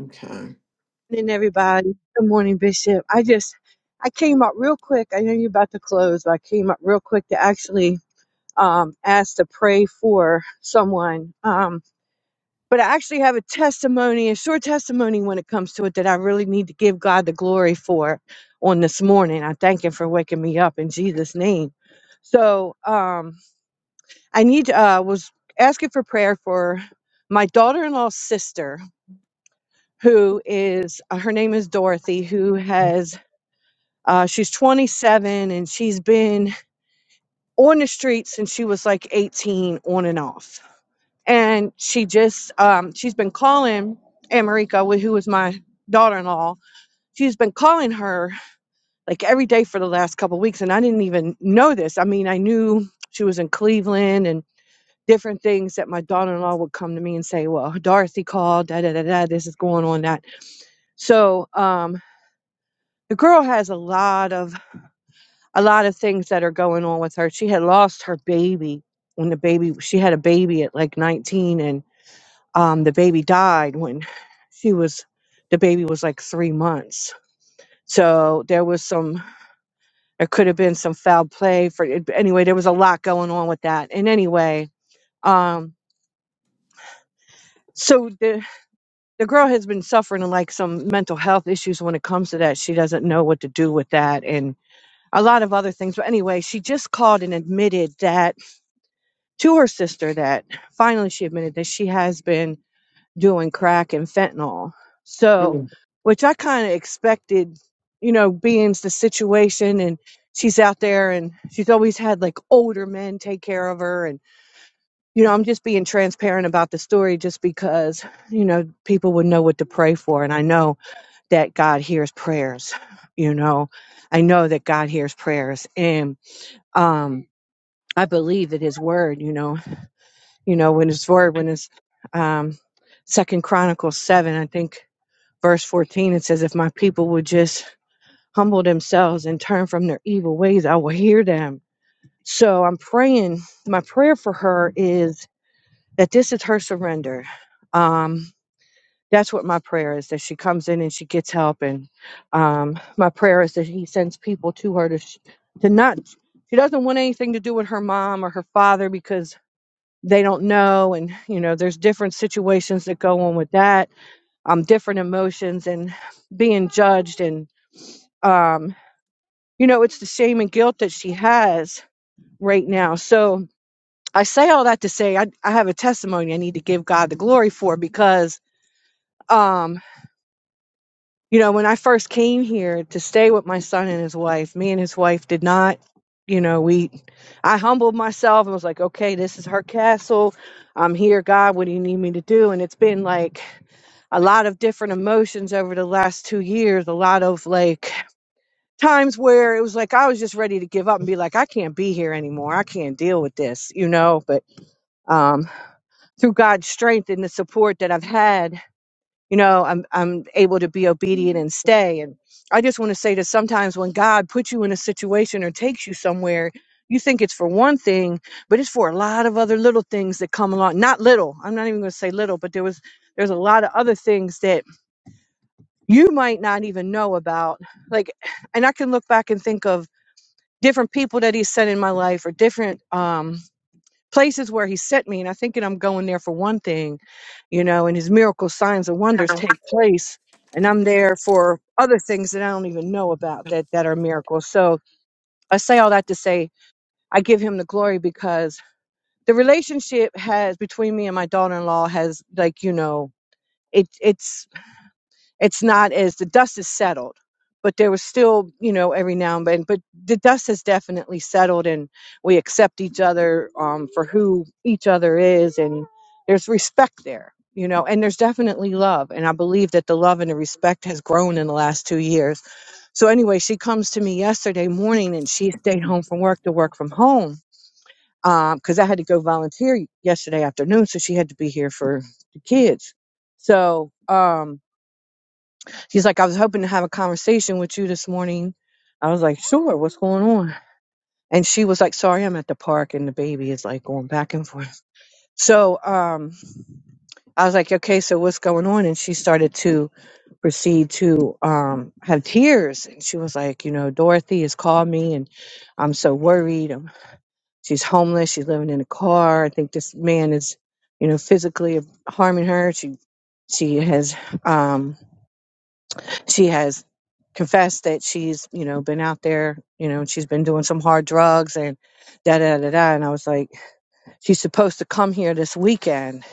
Speaker 2: Okay.
Speaker 11: morning, everybody. Good morning, Bishop. I just I came up real quick. I know you're about to close, but I came up real quick to actually um, ask to pray for someone. Um, but I actually have a testimony, a short testimony when it comes to it that I really need to give God the glory for on this morning. I thank Him for waking me up in Jesus' name. So um, I need uh, was asking for prayer for my daughter-in-law's sister, who is uh, her name is Dorothy, who has Uh, she's 27 and she's been on the streets since she was like 18, on and off. And she just, um, she's been calling America, who was my daughter in law. She's been calling her like every day for the last couple of weeks. And I didn't even know this. I mean, I knew she was in Cleveland and different things that my daughter in law would come to me and say, well, Dorothy called, da da da da, this is going on, that. So um, the girl has a lot of a lot of things that are going on with her. She had lost her baby when the baby she had a baby at like 19 and um the baby died when she was the baby was like 3 months. So there was some there could have been some foul play for it- anyway there was a lot going on with that. And anyway, um so the the girl has been suffering like some mental health issues when it comes to that. She doesn't know what to do with that and a lot of other things. But anyway, she just called and admitted that to her sister that finally she admitted that she has been doing crack and fentanyl. So,
Speaker 2: Mm,
Speaker 11: which I kind of expected, you know, being the situation and she's out there and she's always had like older men take care of her. And, you know, I'm just being transparent about the story just because, you know, people would know what to pray for. And I know that God hears prayers, you know, I know that God hears prayers. And, um, I believe that his word, you know you know, when his word, when his um, Second Chronicles seven, I think verse fourteen, it says, "If my people would just humble themselves and turn from their evil ways, I will hear them." So I'm praying. My prayer for her is that this is her surrender. Um, that's what my prayer is that she comes in and she gets help, and um, my prayer is that he sends people to her to sh- to not. She doesn't want anything to do with her mom or her father because they don't know and you know there's different situations that go on with that um different emotions and being judged and um you know it's the shame and guilt that she has right now so i say all that to say i, I have a testimony i need to give god the glory for because um, You know, when I first came here to stay with my son and his wife, me and his wife did not, you know, we, I humbled myself and was like, okay, this is her castle. I'm here, God. What do you need me to do? And it's been like a lot of different emotions over the last two years, a lot of like times where it was like I was just ready to give up and be like, I can't be here anymore. I can't deal with this, you know, but, um, through God's strength and the support that I've had you know i'm i'm able to be obedient and stay and i just want to say that sometimes when god puts you in a situation or takes you somewhere you think it's for one thing but it's for a lot of other little things that come along not little i'm not even going to say little but there was there's a lot of other things that you might not even know about like and i can look back and think of different people that he sent in my life or different um places where he sent me and i think that i'm going there for one thing you know and his miracles signs and wonders take place and i'm there for other things that i don't even know about that that are miracles so i say all that to say i give him the glory because the relationship has between me and my daughter-in-law has like you know it it's it's not as the dust is settled but there was still you know every now and then but the dust has definitely settled and we accept each other um, for who each other is and there's respect there you know and there's definitely love and i believe that the love and the respect has grown in the last two years so anyway she comes to me yesterday morning and she stayed home from work to work from home because i had to go volunteer yesterday afternoon so she had to be here for the kids so um She's like, I was hoping to have a conversation with you this morning. I was like, sure, what's going on? And she was like, sorry, I'm at the park and the baby is like going back and forth. So um, I was like, okay, so what's going on? And she started to proceed to um, have tears. And she was like, you know, Dorothy has called me and I'm so worried. Um she's homeless. She's living in a car. I think this man is, you know, physically harming her. She, she has, um, she has confessed that she's you know been out there you know and she's been doing some hard drugs and da da da da and i was like she's supposed to come here this weekend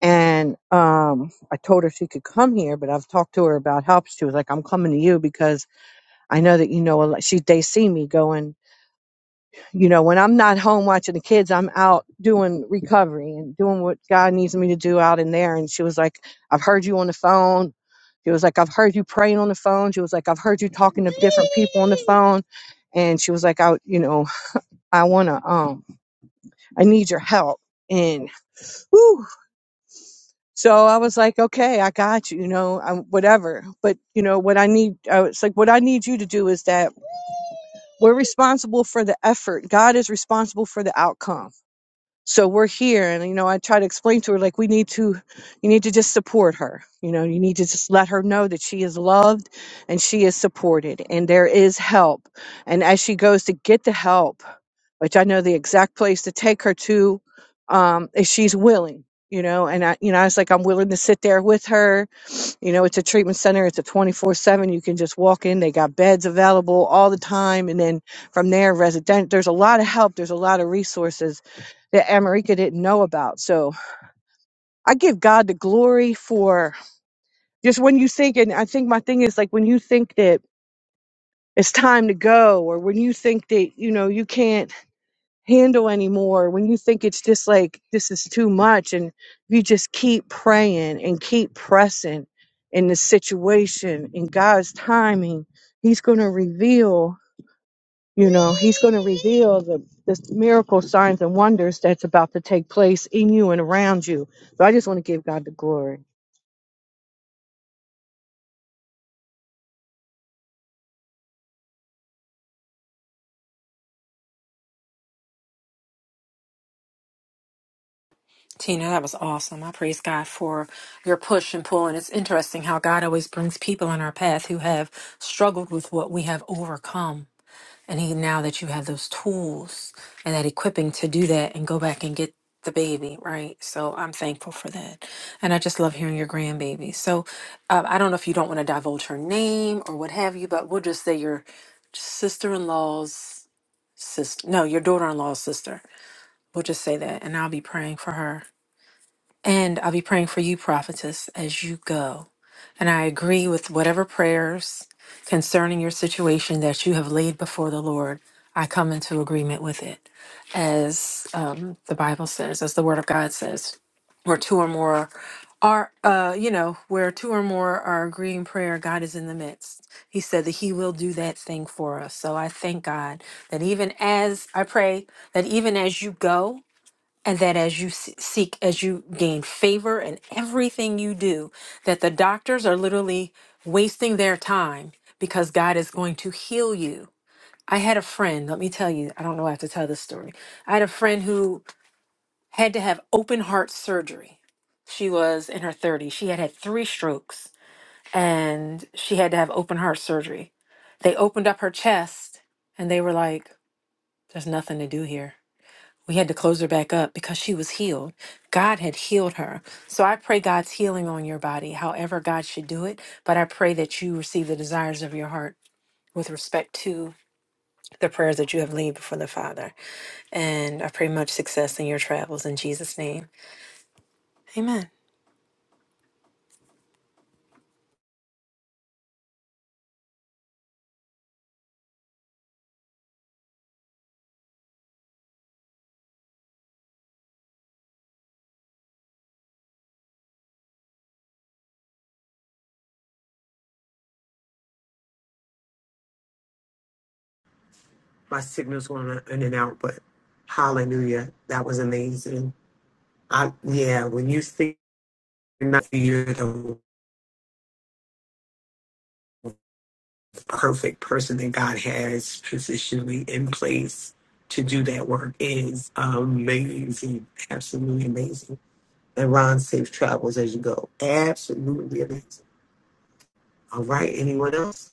Speaker 11: and um i told her she could come here but i've talked to her about help she was like i'm coming to you because i know that you know a lot she they see me going you know, when I'm not home watching the kids, I'm out doing recovery and doing what God needs me to do out in there. And she was like, I've heard you on the phone. She was like, I've heard you praying on the phone. She was like, I've heard you talking to different people on the phone. And she was like, I, you know, I want to, um, I need your help. And whew. so I was like, okay, I got you, you know, I, whatever. But, you know, what I need, I was like, what I need you to do is that we're responsible for the effort. God is responsible for the outcome so we're here and you know i try to explain to her like we need to you need to just support her you know you need to just let her know that she is loved and she is supported and there is help and as she goes to get the help which i know the exact place to take her to um if she's willing you know and i you know i was like i'm willing to sit there with her you know, it's a treatment center. It's a 24 seven. You can just walk in. They got beds available all the time. And then from there, resident, there's a lot of help. There's a lot of resources that America didn't know about. So I give God the glory for just when you think, and I think my thing is like when you think that it's time to go or when you think that, you know, you can't handle anymore when you think it's just like this is too much and you just keep praying and keep pressing in the situation in god's timing he's going to reveal you know he's going to reveal the, the miracle signs and wonders that's about to take place in you and around you so i just want to give god the glory
Speaker 7: Tina, that was awesome. I praise God for your push and pull. And it's interesting how God always brings people on our path who have struggled with what we have overcome. And he now that you have those tools and that equipping to do that and go back and get the baby, right? So I'm thankful for that. And I just love hearing your grandbaby. So uh, I don't know if you don't want to divulge her name or what have you, but we'll just say your sister in law's sister. No, your daughter in law's sister. We'll just say that. And I'll be praying for her. And I'll be praying for you, prophetess, as you go. And I agree with whatever prayers concerning your situation that you have laid before the Lord. I come into agreement with it. As um, the Bible says, as the Word of God says, where two or more are, uh, you know, where two or more are agreeing prayer, God is in the midst. He said that He will do that thing for us. So I thank God that even as I pray, that even as you go, and that as you se- seek as you gain favor in everything you do that the doctors are literally wasting their time because god is going to heal you i had a friend let me tell you i don't know why i have to tell this story i had a friend who had to have open heart surgery she was in her 30s she had had three strokes and she had to have open heart surgery they opened up her chest and they were like there's nothing to do here we had to close her back up because she was healed. God had healed her. So I pray God's healing on your body, however God should do it. But I pray that you receive the desires of your heart with respect to the prayers that you have laid before the Father. And I pray much success in your travels in Jesus' name. Amen.
Speaker 2: My signal's going in and out, but hallelujah. That was amazing. I, yeah, when you think, not you're the perfect person that God has positionally in place to do that work is amazing, absolutely amazing. And Ron, safe travels as you go. Absolutely amazing. All right, anyone else?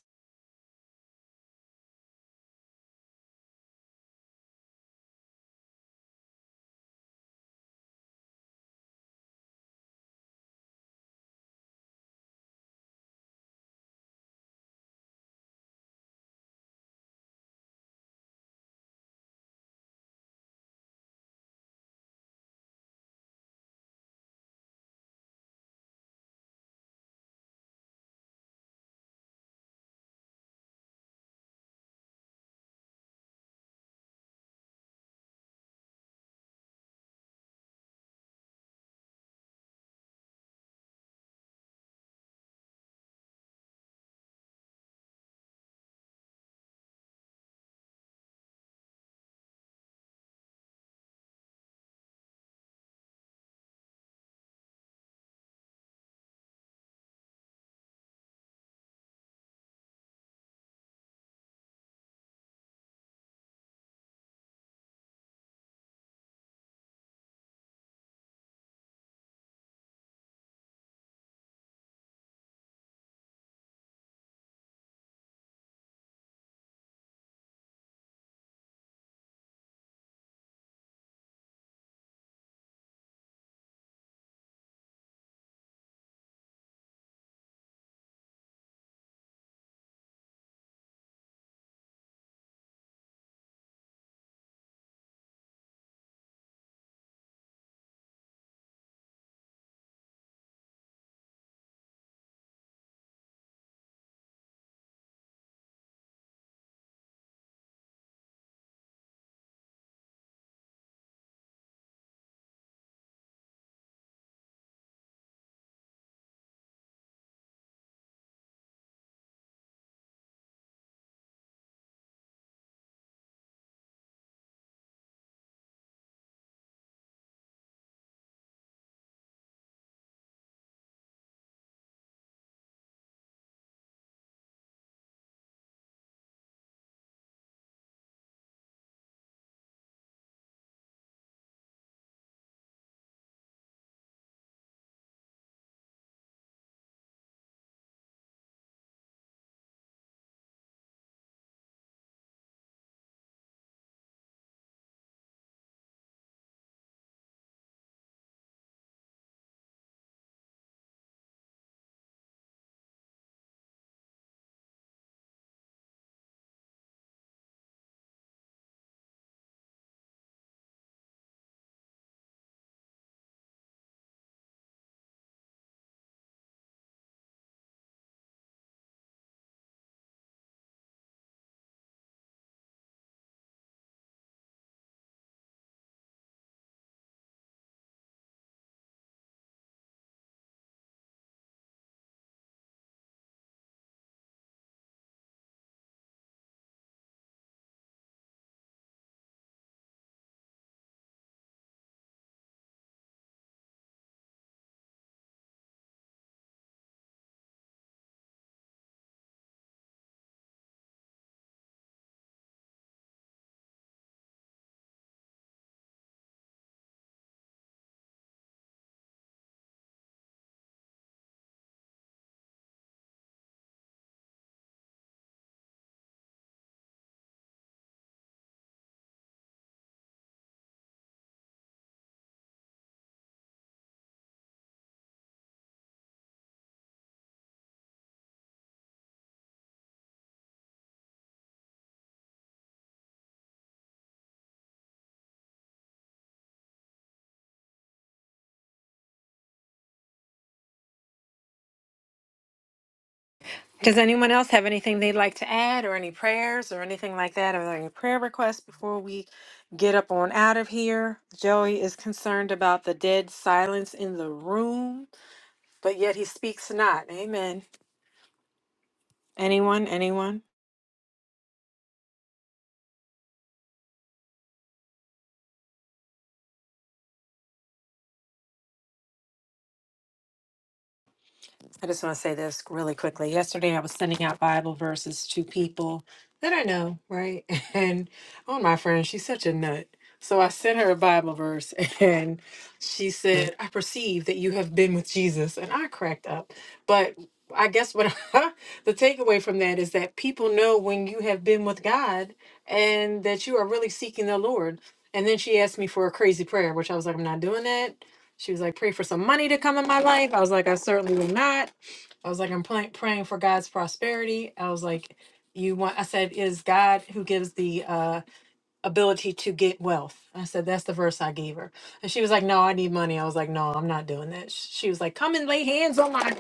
Speaker 7: Does anyone else have anything they'd like to add or any prayers or anything like that? Are there any prayer requests before we get up on out of here? Joey is concerned about the dead silence in the room. but yet he speaks not. Amen. Anyone? Anyone? I just want to say this really quickly. Yesterday, I was sending out Bible verses to people that I know, right? And oh, my friend, she's such a nut. So I sent her a Bible verse, and she said, "I perceive that you have been with Jesus," and I cracked up. But I guess what the takeaway from that is that people know when you have been with God and that you are really seeking the Lord. And then she asked me for a crazy prayer, which I was like, "I'm not doing that." She was like, "Pray for some money to come in my life." I was like, "I certainly will not." I was like, I'm playing, praying for God's prosperity. I was like, you want, I said, is God who gives the, uh, ability to get wealth. I said, that's the verse I gave her. And she was like, no, I need money. I was like, no, I'm not doing that. Sh- She was like, come and lay hands on my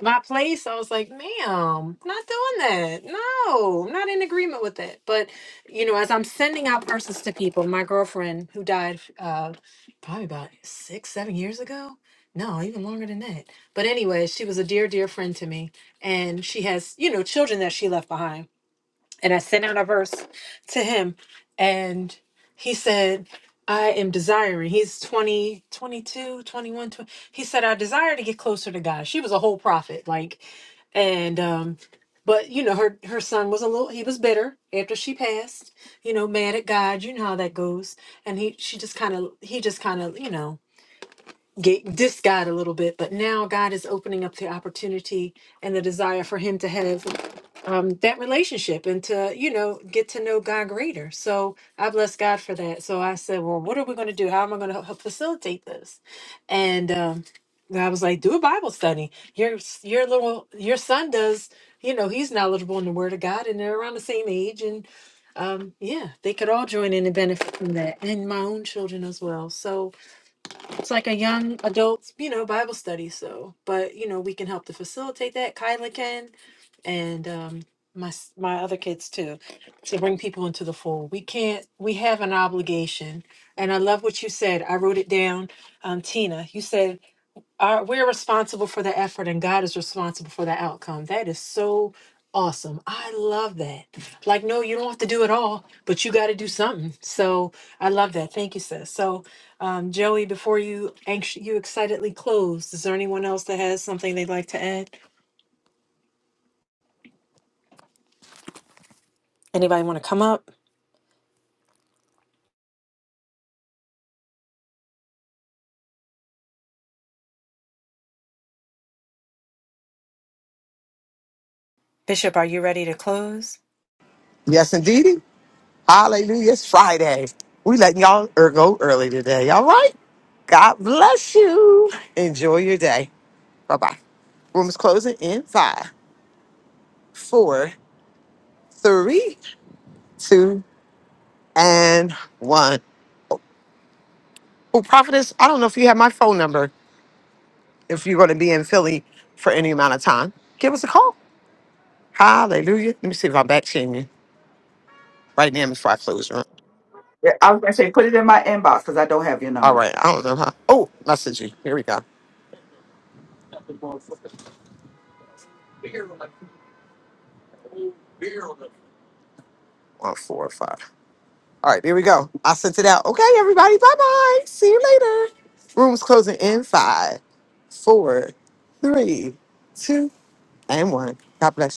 Speaker 7: my place. I was like, ma'am, not doing that. No, I'm not in agreement with that. But, you know, as I'm sending out verses to people, my girlfriend who died uh, probably about six, seven years ago. No, even longer than that. But anyway, she was a dear, dear friend to me. And she has, you know, children that she left behind and I sent out a verse to him, and he said, I am desiring. He's 20, 22, 21, 20. He said, I desire to get closer to God. She was a whole prophet, like, and, um, but you know, her her son was a little. He was bitter after she passed. You know, mad at God. You know how that goes. And he, she just kind of, he just kind of, you know, get dissed God a little bit. But now God is opening up the opportunity and the desire for him to have um, that relationship and to you know get to know God greater. So I bless God for that. So I said, well, what are we going to do? How am I going to help facilitate this? And um, I was like, do a Bible study. Your your little your son does. You know, he's knowledgeable in the Word of God, and they're around the same age. And um, yeah, they could all join in and benefit from that, and my own children as well. So it's like a young adult, you know, Bible study. So, but you know, we can help to facilitate that. Kyla can and um, my s- my other kids too, to bring people into the fold. We can't. We have an obligation, and I love what you said. I wrote it down, um, Tina. You said our, we're responsible for the effort, and God is responsible for the outcome. That is so awesome. I love that. Like, no, you don't have to do it all, but you got to do something. So I love that. Thank you, sis. So, um, Joey, before you anx- you excitedly close, is there anyone else that has something they'd like to add? Anybody want to come up? Bishop, are you ready to close?
Speaker 2: Yes, indeedy. Hallelujah. It's Friday. We letting y'all er- go early today. All right. God bless you. Enjoy your day. Bye bye. Room is closing in five, four, three, two, and one. Oh, Prophetess, I don't know if you have my phone number. If you're going to be in Philly for any amount of time, give us a call. Hallelujah. Let me see if I'm back seeing you right now before I close the room.
Speaker 10: Yeah, I was going to say, put it in my inbox because I don't have your
Speaker 2: All
Speaker 10: number.
Speaker 2: right. I don't know how. Oh, message you. Here we go. One, four, five. All right. Here we go. I sent it out. Okay, everybody. Bye bye. See you later. Room's closing in five, four, three, two, and one. God bless.